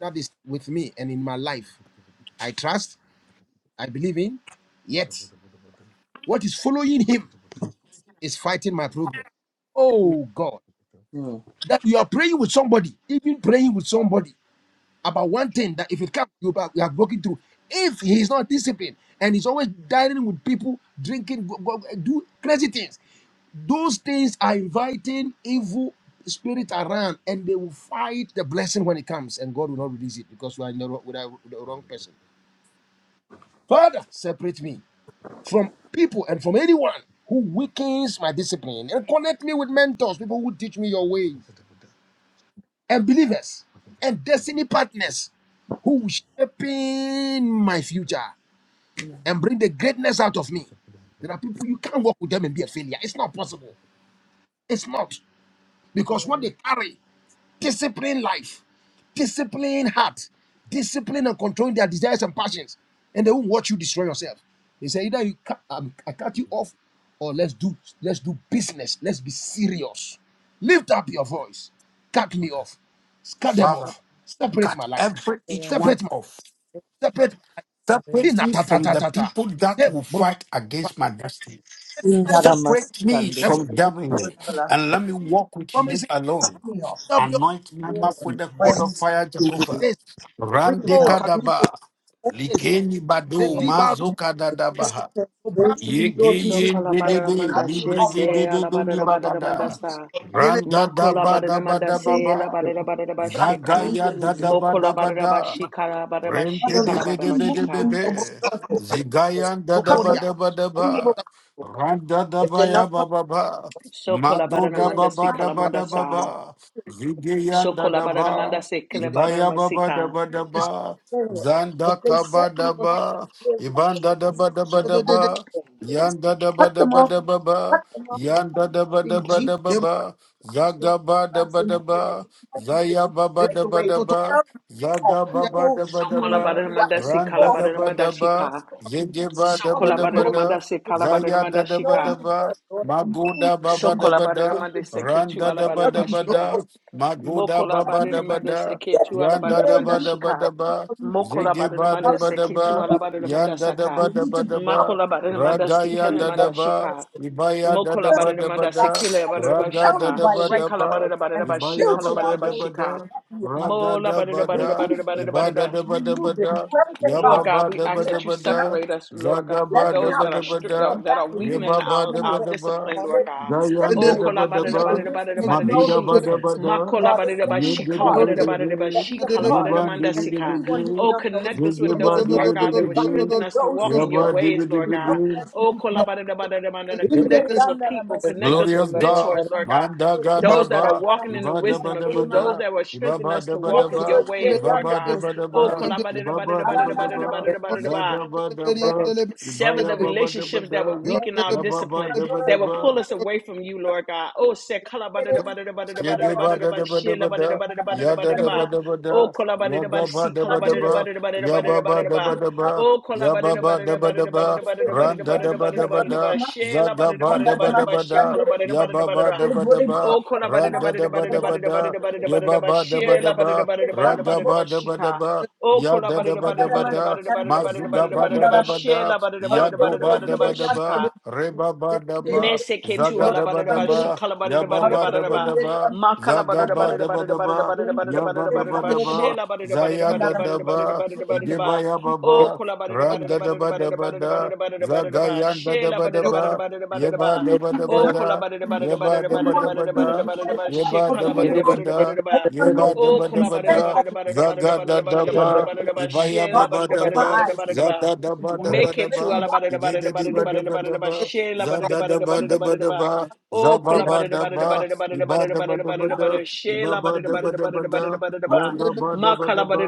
Speaker 3: that is with me and in my life? I trust, I believe in, yet what is following him? is fighting my progress. Oh God, that you are praying with somebody, even praying with somebody about one thing that if it comes, you are, you are broken through. If he is not disciplined and he's always dining with people, drinking, go, go, do crazy things, those things are inviting evil spirit around, and they will fight the blessing when it comes, and God will not release it because you are in the, wrong- with the with the wrong
Speaker 4: Amen.
Speaker 3: person. Father, separate me from people and from anyone who weakens my discipline and connect me with mentors, people who teach me your ways, and believers and destiny partners who will shape in my future and bring the greatness out of me. There are people you can't work with them and be a failure. It's not possible. It's not because what they carry Discipline life, discipline heart, discipline and controlling their desires and passions, and they won't watch you destroy yourself. They say either you cut, um, I cut you off, or let's do let's do business. Let's be serious. Lift up your voice. Cut me off. Cut them
Speaker 4: Father,
Speaker 3: off. Separate
Speaker 4: cut
Speaker 3: my life.
Speaker 4: every each one
Speaker 3: Separate my
Speaker 4: off.
Speaker 3: separate my life. He
Speaker 4: Separate
Speaker 3: na
Speaker 4: me
Speaker 3: ta ta
Speaker 4: from
Speaker 3: ta
Speaker 4: the
Speaker 3: ta ta.
Speaker 4: people that
Speaker 3: Hey,
Speaker 4: will
Speaker 3: bro.
Speaker 4: fight against my destiny.
Speaker 3: And from,
Speaker 4: Separate me
Speaker 3: and
Speaker 6: Indaramasukandere.
Speaker 3: from
Speaker 4: from
Speaker 6: Let's worship
Speaker 4: Germany
Speaker 6: the Lord.
Speaker 4: and let me walk with
Speaker 3: family,
Speaker 4: you
Speaker 3: say,
Speaker 4: alone.
Speaker 3: lift up your
Speaker 4: Anoint my mouth with the coat
Speaker 3: head.
Speaker 4: of
Speaker 6: Praise to
Speaker 4: fire,
Speaker 6: you.
Speaker 4: Jehovah.
Speaker 3: This
Speaker 6: Bring it
Speaker 3: oh,
Speaker 6: out.
Speaker 3: katuna
Speaker 4: Randekadaba.
Speaker 3: is
Speaker 4: Likeni
Speaker 3: the
Speaker 4: badu
Speaker 3: dibaru
Speaker 6: This is
Speaker 4: mazoka
Speaker 6: the
Speaker 3: sobra.
Speaker 6: spiritually,
Speaker 4: Yege
Speaker 6: Lord
Speaker 1: So
Speaker 6: Jesus,
Speaker 4: yen de de
Speaker 6: that will
Speaker 4: de
Speaker 1: kolabadamanda
Speaker 6: cut me
Speaker 4: libre
Speaker 6: off
Speaker 4: ge
Speaker 6: from
Speaker 1: shese
Speaker 4: de de do ni
Speaker 6: from
Speaker 1: alabadamanda
Speaker 4: bagada.
Speaker 6: comfort
Speaker 1: sa.
Speaker 6: zone of
Speaker 4: Randa
Speaker 6: the
Speaker 4: da
Speaker 6: people,
Speaker 4: ba
Speaker 6: from
Speaker 4: da ba
Speaker 1: Makolabadamanda
Speaker 4: da ba
Speaker 6: receiving
Speaker 1: se
Speaker 4: ba.
Speaker 6: the
Speaker 1: labadabadabashika.
Speaker 6: capacity
Speaker 4: Zagaya
Speaker 6: when
Speaker 4: da
Speaker 6: it
Speaker 4: da
Speaker 6: is
Speaker 4: ba da ba da.
Speaker 1: Mokolabadabashika labadabashika
Speaker 6: another evil
Speaker 1: labadabashika.
Speaker 6: in
Speaker 4: Rin-di-di-bi-di-bi-di-bi-bi.
Speaker 6: my circle. Just
Speaker 4: Zigayan da da
Speaker 6: cut
Speaker 4: ba
Speaker 6: them
Speaker 3: Tokoria.
Speaker 4: da
Speaker 6: off.
Speaker 4: ba da
Speaker 6: send them
Speaker 4: ba.
Speaker 6: away.
Speaker 4: Ran da da
Speaker 6: If
Speaker 4: ba
Speaker 6: they're
Speaker 4: ya
Speaker 6: not from
Speaker 4: ba ba ba.
Speaker 1: So
Speaker 4: Mago
Speaker 6: you,
Speaker 4: da
Speaker 6: they
Speaker 1: kolabadamanda
Speaker 4: ba
Speaker 1: si
Speaker 4: ba da
Speaker 6: attract.
Speaker 4: ba
Speaker 3: Amen.
Speaker 1: kalamanda
Speaker 4: da
Speaker 6: They
Speaker 4: ba ba.
Speaker 1: sa.
Speaker 6: want to
Speaker 1: So
Speaker 4: Zigayan da da
Speaker 1: kolabadamanda
Speaker 4: ba.
Speaker 1: se
Speaker 3: In
Speaker 4: Ibaya ba ba da
Speaker 1: kalabadamasika.
Speaker 4: ba da
Speaker 3: Jesus'
Speaker 6: off
Speaker 4: ba.
Speaker 6: their failure. If
Speaker 4: Zanda
Speaker 6: they
Speaker 4: ka ba
Speaker 6: set me
Speaker 4: da
Speaker 6: off
Speaker 4: ba.
Speaker 6: from failure,
Speaker 4: Iban
Speaker 6: Lord
Speaker 4: da da
Speaker 6: Jesus,
Speaker 4: ba da ba da
Speaker 6: have
Speaker 4: ba.
Speaker 6: Lord Jesus.
Speaker 4: Yan da da ba
Speaker 6: cut
Speaker 4: da
Speaker 6: them
Speaker 4: ba
Speaker 6: off.
Speaker 4: da ba
Speaker 6: Cut
Speaker 4: ba.
Speaker 6: them off.
Speaker 4: Yan
Speaker 6: Cut
Speaker 4: da da
Speaker 6: them off
Speaker 4: ba da
Speaker 6: in
Speaker 4: ba da ba
Speaker 6: Jesus.
Speaker 4: ba. Zaga ba da ba da ba. Zaya ba ba
Speaker 6: Make
Speaker 4: da
Speaker 6: a
Speaker 4: ba
Speaker 6: way.
Speaker 4: da ba.
Speaker 6: out of
Speaker 4: Zaga baba
Speaker 6: People
Speaker 4: da ba
Speaker 1: So
Speaker 4: da
Speaker 6: who,
Speaker 4: ba,
Speaker 6: who I
Speaker 1: kolabadamanda
Speaker 6: can
Speaker 1: si
Speaker 4: randa
Speaker 6: draw
Speaker 4: da
Speaker 6: from.
Speaker 4: ba
Speaker 1: kalabadamanda
Speaker 4: da ba,
Speaker 1: shika.
Speaker 4: zige
Speaker 6: He's
Speaker 4: ba da ba
Speaker 1: Sokola
Speaker 6: strong
Speaker 4: da ba
Speaker 6: minded.
Speaker 4: da,
Speaker 1: Badaramada se
Speaker 4: zaya da
Speaker 1: Kalabadaramada
Speaker 4: da ba
Speaker 6: Lord,
Speaker 4: da
Speaker 1: Shika.
Speaker 6: I know your
Speaker 4: ba,
Speaker 6: word, Lord. I know you
Speaker 4: maguda
Speaker 6: to
Speaker 4: baba da
Speaker 1: Sokola
Speaker 4: ba
Speaker 6: be
Speaker 4: da,
Speaker 1: Badaramada se Ketu
Speaker 6: disciplined,
Speaker 4: randa da ba
Speaker 6: Lord Jesus. I know how to
Speaker 4: da
Speaker 1: Alabadaramada
Speaker 6: be
Speaker 4: ba
Speaker 1: Shika.
Speaker 4: da,
Speaker 6: focused.
Speaker 4: maguda
Speaker 1: Mokola
Speaker 6: I
Speaker 4: baba
Speaker 6: need you
Speaker 4: da
Speaker 6: to
Speaker 4: ba
Speaker 1: Badaramada se
Speaker 4: da,
Speaker 6: get
Speaker 1: Ketu
Speaker 6: to
Speaker 4: yanda da
Speaker 6: where
Speaker 1: Alabadaramada
Speaker 4: ba
Speaker 6: you
Speaker 4: da ba
Speaker 1: Shika.
Speaker 4: da
Speaker 6: expected
Speaker 4: ba,
Speaker 6: for me to be.
Speaker 1: Mokola
Speaker 4: zige ba da
Speaker 1: Badaramada
Speaker 6: Father,
Speaker 4: ba
Speaker 6: to
Speaker 1: se
Speaker 4: da
Speaker 6: be a
Speaker 1: Ketu
Speaker 4: ba,
Speaker 6: woman
Speaker 1: Alabadaramada
Speaker 4: yanda da
Speaker 6: we
Speaker 1: Saka.
Speaker 4: ba da
Speaker 6: need to
Speaker 4: ba da
Speaker 6: become
Speaker 4: ba,
Speaker 1: Makola
Speaker 6: a
Speaker 1: Badaramada se
Speaker 4: ragaya
Speaker 6: woman
Speaker 4: da
Speaker 6: that
Speaker 4: da
Speaker 1: Kelamada
Speaker 4: ba,
Speaker 1: Shika.
Speaker 6: is
Speaker 4: ibaya da da
Speaker 1: Mokola
Speaker 6: Thus,
Speaker 4: ba da ba
Speaker 1: Badaramada se
Speaker 4: da,
Speaker 1: Kila
Speaker 6: God is
Speaker 1: Badaramada
Speaker 4: raga da
Speaker 6: surrounded
Speaker 1: Shika.
Speaker 4: da
Speaker 6: by the
Speaker 4: ba
Speaker 6: right
Speaker 4: da
Speaker 1: Shekala
Speaker 4: ba,
Speaker 6: people and
Speaker 1: Badaramada
Speaker 4: ibaya
Speaker 1: Shika
Speaker 4: ba
Speaker 6: filter
Speaker 4: ba
Speaker 6: out
Speaker 1: Badaramada
Speaker 4: da
Speaker 6: those
Speaker 4: ba da
Speaker 1: Shika.
Speaker 6: who do not be a
Speaker 4: ra
Speaker 6: part of it.
Speaker 4: da
Speaker 1: Mola
Speaker 4: da ba
Speaker 1: Badaramada
Speaker 4: da
Speaker 6: Remove them.
Speaker 4: iba
Speaker 1: Badaramada
Speaker 6: remove them,
Speaker 4: bada
Speaker 6: whoever they
Speaker 1: Lord
Speaker 6: are,
Speaker 1: God,
Speaker 4: yababa
Speaker 1: we
Speaker 4: da
Speaker 1: ask
Speaker 4: bada
Speaker 6: let
Speaker 1: that you
Speaker 6: me not
Speaker 4: bada,
Speaker 6: be
Speaker 1: separate us,
Speaker 6: sick.
Speaker 1: Lord
Speaker 4: zaga
Speaker 1: God, from
Speaker 6: Let
Speaker 4: ba
Speaker 6: me
Speaker 4: da
Speaker 1: those that
Speaker 6: not
Speaker 4: bada
Speaker 1: are
Speaker 6: pull
Speaker 1: str- uh,
Speaker 4: da
Speaker 6: someone
Speaker 1: that are
Speaker 6: back
Speaker 4: yaba Zaga-ba-da-ba-da-ba-da, da
Speaker 6: when you have
Speaker 1: weakening
Speaker 4: yeba
Speaker 6: taken
Speaker 4: ba
Speaker 1: our,
Speaker 6: them
Speaker 4: zayan
Speaker 1: our
Speaker 6: away.
Speaker 1: discipline, Lord
Speaker 6: Father,
Speaker 1: God.
Speaker 6: you
Speaker 4: da
Speaker 1: Oh,
Speaker 6: separate
Speaker 4: da
Speaker 6: me,
Speaker 4: ba
Speaker 6: and give me the
Speaker 4: ba
Speaker 3: name,
Speaker 6: wisdom
Speaker 4: Magida-ba-da-ba-da,
Speaker 6: to know the
Speaker 1: kolabadadabadadabadadabadadashi.
Speaker 6: difference. Father, set me
Speaker 1: Makolabadadabashi,
Speaker 6: apart,
Speaker 4: Yod-da-da-ba-da-ba,
Speaker 6: Lord.
Speaker 4: da ba
Speaker 6: Set
Speaker 4: da bada, yede de de de de,
Speaker 6: me
Speaker 1: kolabadadabadadabashi,
Speaker 6: apart
Speaker 4: yeban de
Speaker 6: from
Speaker 4: de de de
Speaker 1: kolabadadamandasika.
Speaker 4: de,
Speaker 6: anyone who
Speaker 1: Oh,
Speaker 6: cannot help me
Speaker 1: connect us
Speaker 4: zege
Speaker 1: with
Speaker 6: and
Speaker 4: ba
Speaker 1: those, Lord
Speaker 6: connect me
Speaker 1: God, that will
Speaker 6: divinely
Speaker 4: Zige-ba-da-ba-da-ba-da,
Speaker 1: strengthen
Speaker 6: to
Speaker 1: us to
Speaker 6: those
Speaker 1: walk
Speaker 6: who
Speaker 1: in your
Speaker 6: should,
Speaker 1: ways, Lord
Speaker 6: to those
Speaker 1: God.
Speaker 4: Yaba-da-ba-da-ba-da,
Speaker 6: that should
Speaker 1: Oh,
Speaker 6: be
Speaker 1: kolabadadabadadabadada. connect us with people,
Speaker 6: Inderi
Speaker 1: connect us with
Speaker 4: Glorious God,
Speaker 1: mentors, Lord God
Speaker 4: Manda
Speaker 1: those that are
Speaker 4: Gadaba,
Speaker 1: walking in the
Speaker 4: Iba
Speaker 1: wisdom
Speaker 4: Daba
Speaker 1: of you,
Speaker 4: Daba
Speaker 1: those
Speaker 4: Da,
Speaker 1: that will strengthen
Speaker 4: Ibaba
Speaker 1: us to
Speaker 4: Daba
Speaker 1: walk in your
Speaker 4: Daba,
Speaker 1: ways, Lord God.
Speaker 4: Ibaba Daba
Speaker 1: Oh,
Speaker 4: Daba, Ibaba Daba Daba,
Speaker 1: kolabadidabadidabadidabadidabadidabadidaba.
Speaker 4: Zagaba Daba,
Speaker 1: sever the
Speaker 4: Ibaya Baba
Speaker 1: relationships
Speaker 4: Daba
Speaker 1: that will
Speaker 4: Da,
Speaker 1: weaken our
Speaker 4: Yababa
Speaker 1: discipline, that will
Speaker 4: Daba
Speaker 1: pull us away from you, Lord God. Oh, se
Speaker 4: Shige ba da da
Speaker 1: kolabadidabadidabadidabadidabadidabadidaba-
Speaker 4: ba da ba da, ya da da ba
Speaker 1: shilabadidabadidabadidabadidabadidaba.
Speaker 4: da ba
Speaker 1: oh,
Speaker 4: da, ya ga
Speaker 1: kolabadidabadi-
Speaker 4: ba
Speaker 1: si
Speaker 4: da ba da ba, ya ba ba da
Speaker 1: kolabadidabadidabadidabadidabadidaba.
Speaker 4: ba da ba,
Speaker 1: Oh,
Speaker 4: ya ba ba da ba da ba, ran
Speaker 1: Oh,
Speaker 4: da
Speaker 1: kola bada
Speaker 4: da
Speaker 1: da
Speaker 4: ba
Speaker 1: bada
Speaker 4: da
Speaker 1: da
Speaker 4: ba
Speaker 1: bada da bada
Speaker 4: da, za ga
Speaker 1: da
Speaker 4: ba
Speaker 1: bada da
Speaker 4: da ba
Speaker 1: bada da bada da
Speaker 4: da ba da, ya ba ba da ba da ba, ran da da ba da ba da, ya ba
Speaker 1: ba
Speaker 4: ba da ba
Speaker 1: she
Speaker 4: da
Speaker 1: la bada da
Speaker 4: ba,
Speaker 1: bada da bada
Speaker 4: ra
Speaker 1: da
Speaker 4: ga
Speaker 6: Thank
Speaker 1: bada da
Speaker 4: ba
Speaker 1: ba
Speaker 6: you.
Speaker 4: da ba da
Speaker 1: shika.
Speaker 4: ba,
Speaker 1: Oh,
Speaker 4: ya
Speaker 1: kola
Speaker 4: da
Speaker 1: bada
Speaker 4: da
Speaker 1: da
Speaker 4: ba
Speaker 1: bada
Speaker 4: da
Speaker 1: da
Speaker 4: ba
Speaker 1: bada da
Speaker 4: da,
Speaker 1: bada da bada da
Speaker 4: ma zu ga
Speaker 1: bada da
Speaker 4: ba
Speaker 1: bada da bada da bada
Speaker 4: da
Speaker 1: da ba
Speaker 4: da ba
Speaker 1: she la
Speaker 4: da,
Speaker 1: bada da bada
Speaker 4: ya
Speaker 1: da
Speaker 4: go
Speaker 1: bada da
Speaker 4: ba
Speaker 1: bada da
Speaker 4: da
Speaker 1: ba
Speaker 4: ba da ba,
Speaker 1: shika.
Speaker 4: re ba ba da ba, za
Speaker 1: Meseketu
Speaker 4: ga da ba da
Speaker 1: alabadadaba,
Speaker 4: ba. Yababa daba
Speaker 1: shikalabadadabadadabadadaba,
Speaker 4: daba, Zagaba daba daba, Yaga daba
Speaker 1: makalabadadabadadabadadabadadabadadabadadabadadaba,
Speaker 4: daba, Zaya da daba, Igeba
Speaker 6: Thank you.
Speaker 1: shelabadadabadadabadadabadadabadadabadadabadadaba, oh,
Speaker 4: yababa, Randa daba daba da,
Speaker 1: kolabadadabadadabadadabadadabadadabadadabadadaba,
Speaker 4: Zagayan da daba daba, Yeba
Speaker 1: shelabadadabadadabadadabadadabadadaba,
Speaker 4: daba
Speaker 6: He's
Speaker 4: daba
Speaker 1: oh,
Speaker 6: not
Speaker 4: da, Yeba daba
Speaker 6: Anyone
Speaker 4: daba
Speaker 6: who
Speaker 4: da,
Speaker 6: is
Speaker 1: kolabadadabadadabadadabadadabadadabadadaba,
Speaker 4: Yeba daba
Speaker 6: opportunity,
Speaker 4: daba da,
Speaker 1: shekalabadadabadadabadadabadadaba,
Speaker 6: anyone
Speaker 4: Yeba
Speaker 6: who is
Speaker 1: oh,
Speaker 4: daba daba
Speaker 6: respect
Speaker 4: da,
Speaker 6: others,
Speaker 4: Zaga da daba,
Speaker 1: kolabadadabadadabadadabadadabadadabadadabadadaba,
Speaker 4: Ibaya
Speaker 6: God
Speaker 4: baba
Speaker 6: open my
Speaker 4: daba,
Speaker 6: eyes and make
Speaker 1: shelabadadabadadabadadabadadaba.
Speaker 4: Zada
Speaker 6: me
Speaker 4: daba
Speaker 6: wise.
Speaker 4: daba
Speaker 1: Make it
Speaker 6: Make
Speaker 1: to
Speaker 6: me
Speaker 4: daba,
Speaker 6: wise.
Speaker 1: Alabama,
Speaker 4: Igeda
Speaker 6: Give
Speaker 4: diba
Speaker 6: me the
Speaker 4: daba
Speaker 6: grace.
Speaker 4: daba, Zada daba
Speaker 6: Give me the-
Speaker 4: daba
Speaker 1: Shela,
Speaker 4: daba,
Speaker 1: Oh, Shela,
Speaker 4: Zababadaba, ibadabadabada, ibabadabadabada,
Speaker 6: Help me to be
Speaker 4: yagabadabadaba,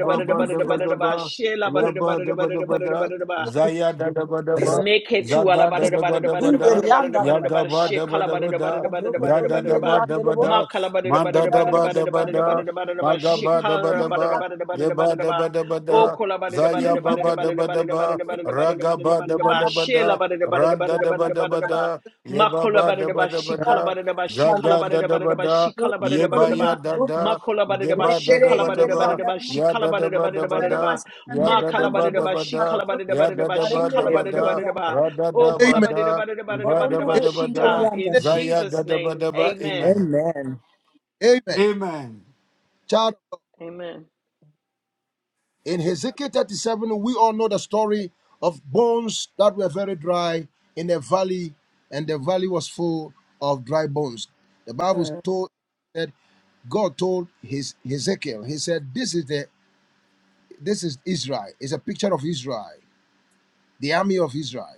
Speaker 6: Help me to be
Speaker 1: Makala,
Speaker 4: yabadabadabada,
Speaker 1: Shela,
Speaker 4: zayadadabadaba,
Speaker 6: This
Speaker 1: Make it to all about
Speaker 6: is
Speaker 1: it, about it, about
Speaker 6: in
Speaker 1: it, about
Speaker 6: the
Speaker 4: zagadadabadabada,
Speaker 1: it, about it,
Speaker 6: Rianda
Speaker 1: about it, about it, shit,
Speaker 6: Ramashikandi.
Speaker 1: call about it, about
Speaker 4: yagabadabadabada,
Speaker 1: it,
Speaker 6: A
Speaker 1: about it, about it,
Speaker 6: brokoto
Speaker 1: about
Speaker 6: in
Speaker 1: it,
Speaker 6: the
Speaker 1: about
Speaker 6: Rianda Rebo.
Speaker 1: Ma
Speaker 4: yadadabadabada,
Speaker 1: call about it, about it,
Speaker 6: Randa
Speaker 1: about it, about it, about it,
Speaker 4: mandadabadabada,
Speaker 1: about
Speaker 6: Ramashikandi.
Speaker 1: it, about it, about shit,
Speaker 6: Brokoto
Speaker 1: call
Speaker 6: in the
Speaker 1: about it,
Speaker 4: magabadabadaba,
Speaker 1: about it, about it, about it, about Oh,
Speaker 4: yebadabadabada,
Speaker 1: call about it, about it, about it,
Speaker 6: Rianda
Speaker 1: about it,
Speaker 6: Rebo.
Speaker 1: about it,
Speaker 4: zayababadabadaba,
Speaker 1: about it, about it, about it, about it, about it, about
Speaker 4: ragabadabadabada,
Speaker 1: Shell about it, about it, about it, about it, about it,
Speaker 4: randadabadabada,
Speaker 1: about Ma call
Speaker 4: Yebaba
Speaker 1: about it,
Speaker 4: daba
Speaker 1: about she
Speaker 4: daba
Speaker 1: call about
Speaker 4: da,
Speaker 1: it, about she call
Speaker 4: zaga
Speaker 1: about it,
Speaker 4: da
Speaker 1: about it,
Speaker 4: daba da, da da ba
Speaker 1: about she
Speaker 4: da,
Speaker 1: call about it,
Speaker 4: Ye
Speaker 1: about
Speaker 4: yeba
Speaker 1: it, about Ma call about it, about she
Speaker 4: da
Speaker 1: call
Speaker 4: da,
Speaker 1: about it, about it,
Speaker 4: daba,
Speaker 1: about she
Speaker 4: ya
Speaker 1: call
Speaker 4: da
Speaker 1: about
Speaker 4: da
Speaker 1: it,
Speaker 4: daba
Speaker 1: about it,
Speaker 4: da, ba
Speaker 1: about it,
Speaker 4: da,
Speaker 1: about
Speaker 4: ya
Speaker 1: Ma
Speaker 4: da da daba da,
Speaker 1: kalabadidaba,
Speaker 4: ba
Speaker 1: she
Speaker 4: da, ya da da
Speaker 1: kalabadidabadidaba, she
Speaker 4: daba da, ba da,
Speaker 1: kalabadidabadidaba.
Speaker 4: ra da
Speaker 1: Oh,
Speaker 6: Thank you.
Speaker 4: daba da, iba da,
Speaker 6: Amen.
Speaker 1: kolabadidabadidabadidabadidaba,
Speaker 4: daba
Speaker 1: shika.
Speaker 4: da,
Speaker 1: In
Speaker 4: zaya da za ya da
Speaker 1: Jesus'
Speaker 4: da
Speaker 1: name,
Speaker 4: daba.
Speaker 1: amen.
Speaker 4: Amen.
Speaker 3: Amen.
Speaker 4: Amen.
Speaker 3: Child of
Speaker 1: Amen.
Speaker 3: In Hezekiah 37, we all know the story of bones that were very dry in a valley, and the valley was full of dry bones. The Bible told that God told his Hezekiah, he said, This is the this is Israel. It's a picture of Israel, the army of Israel.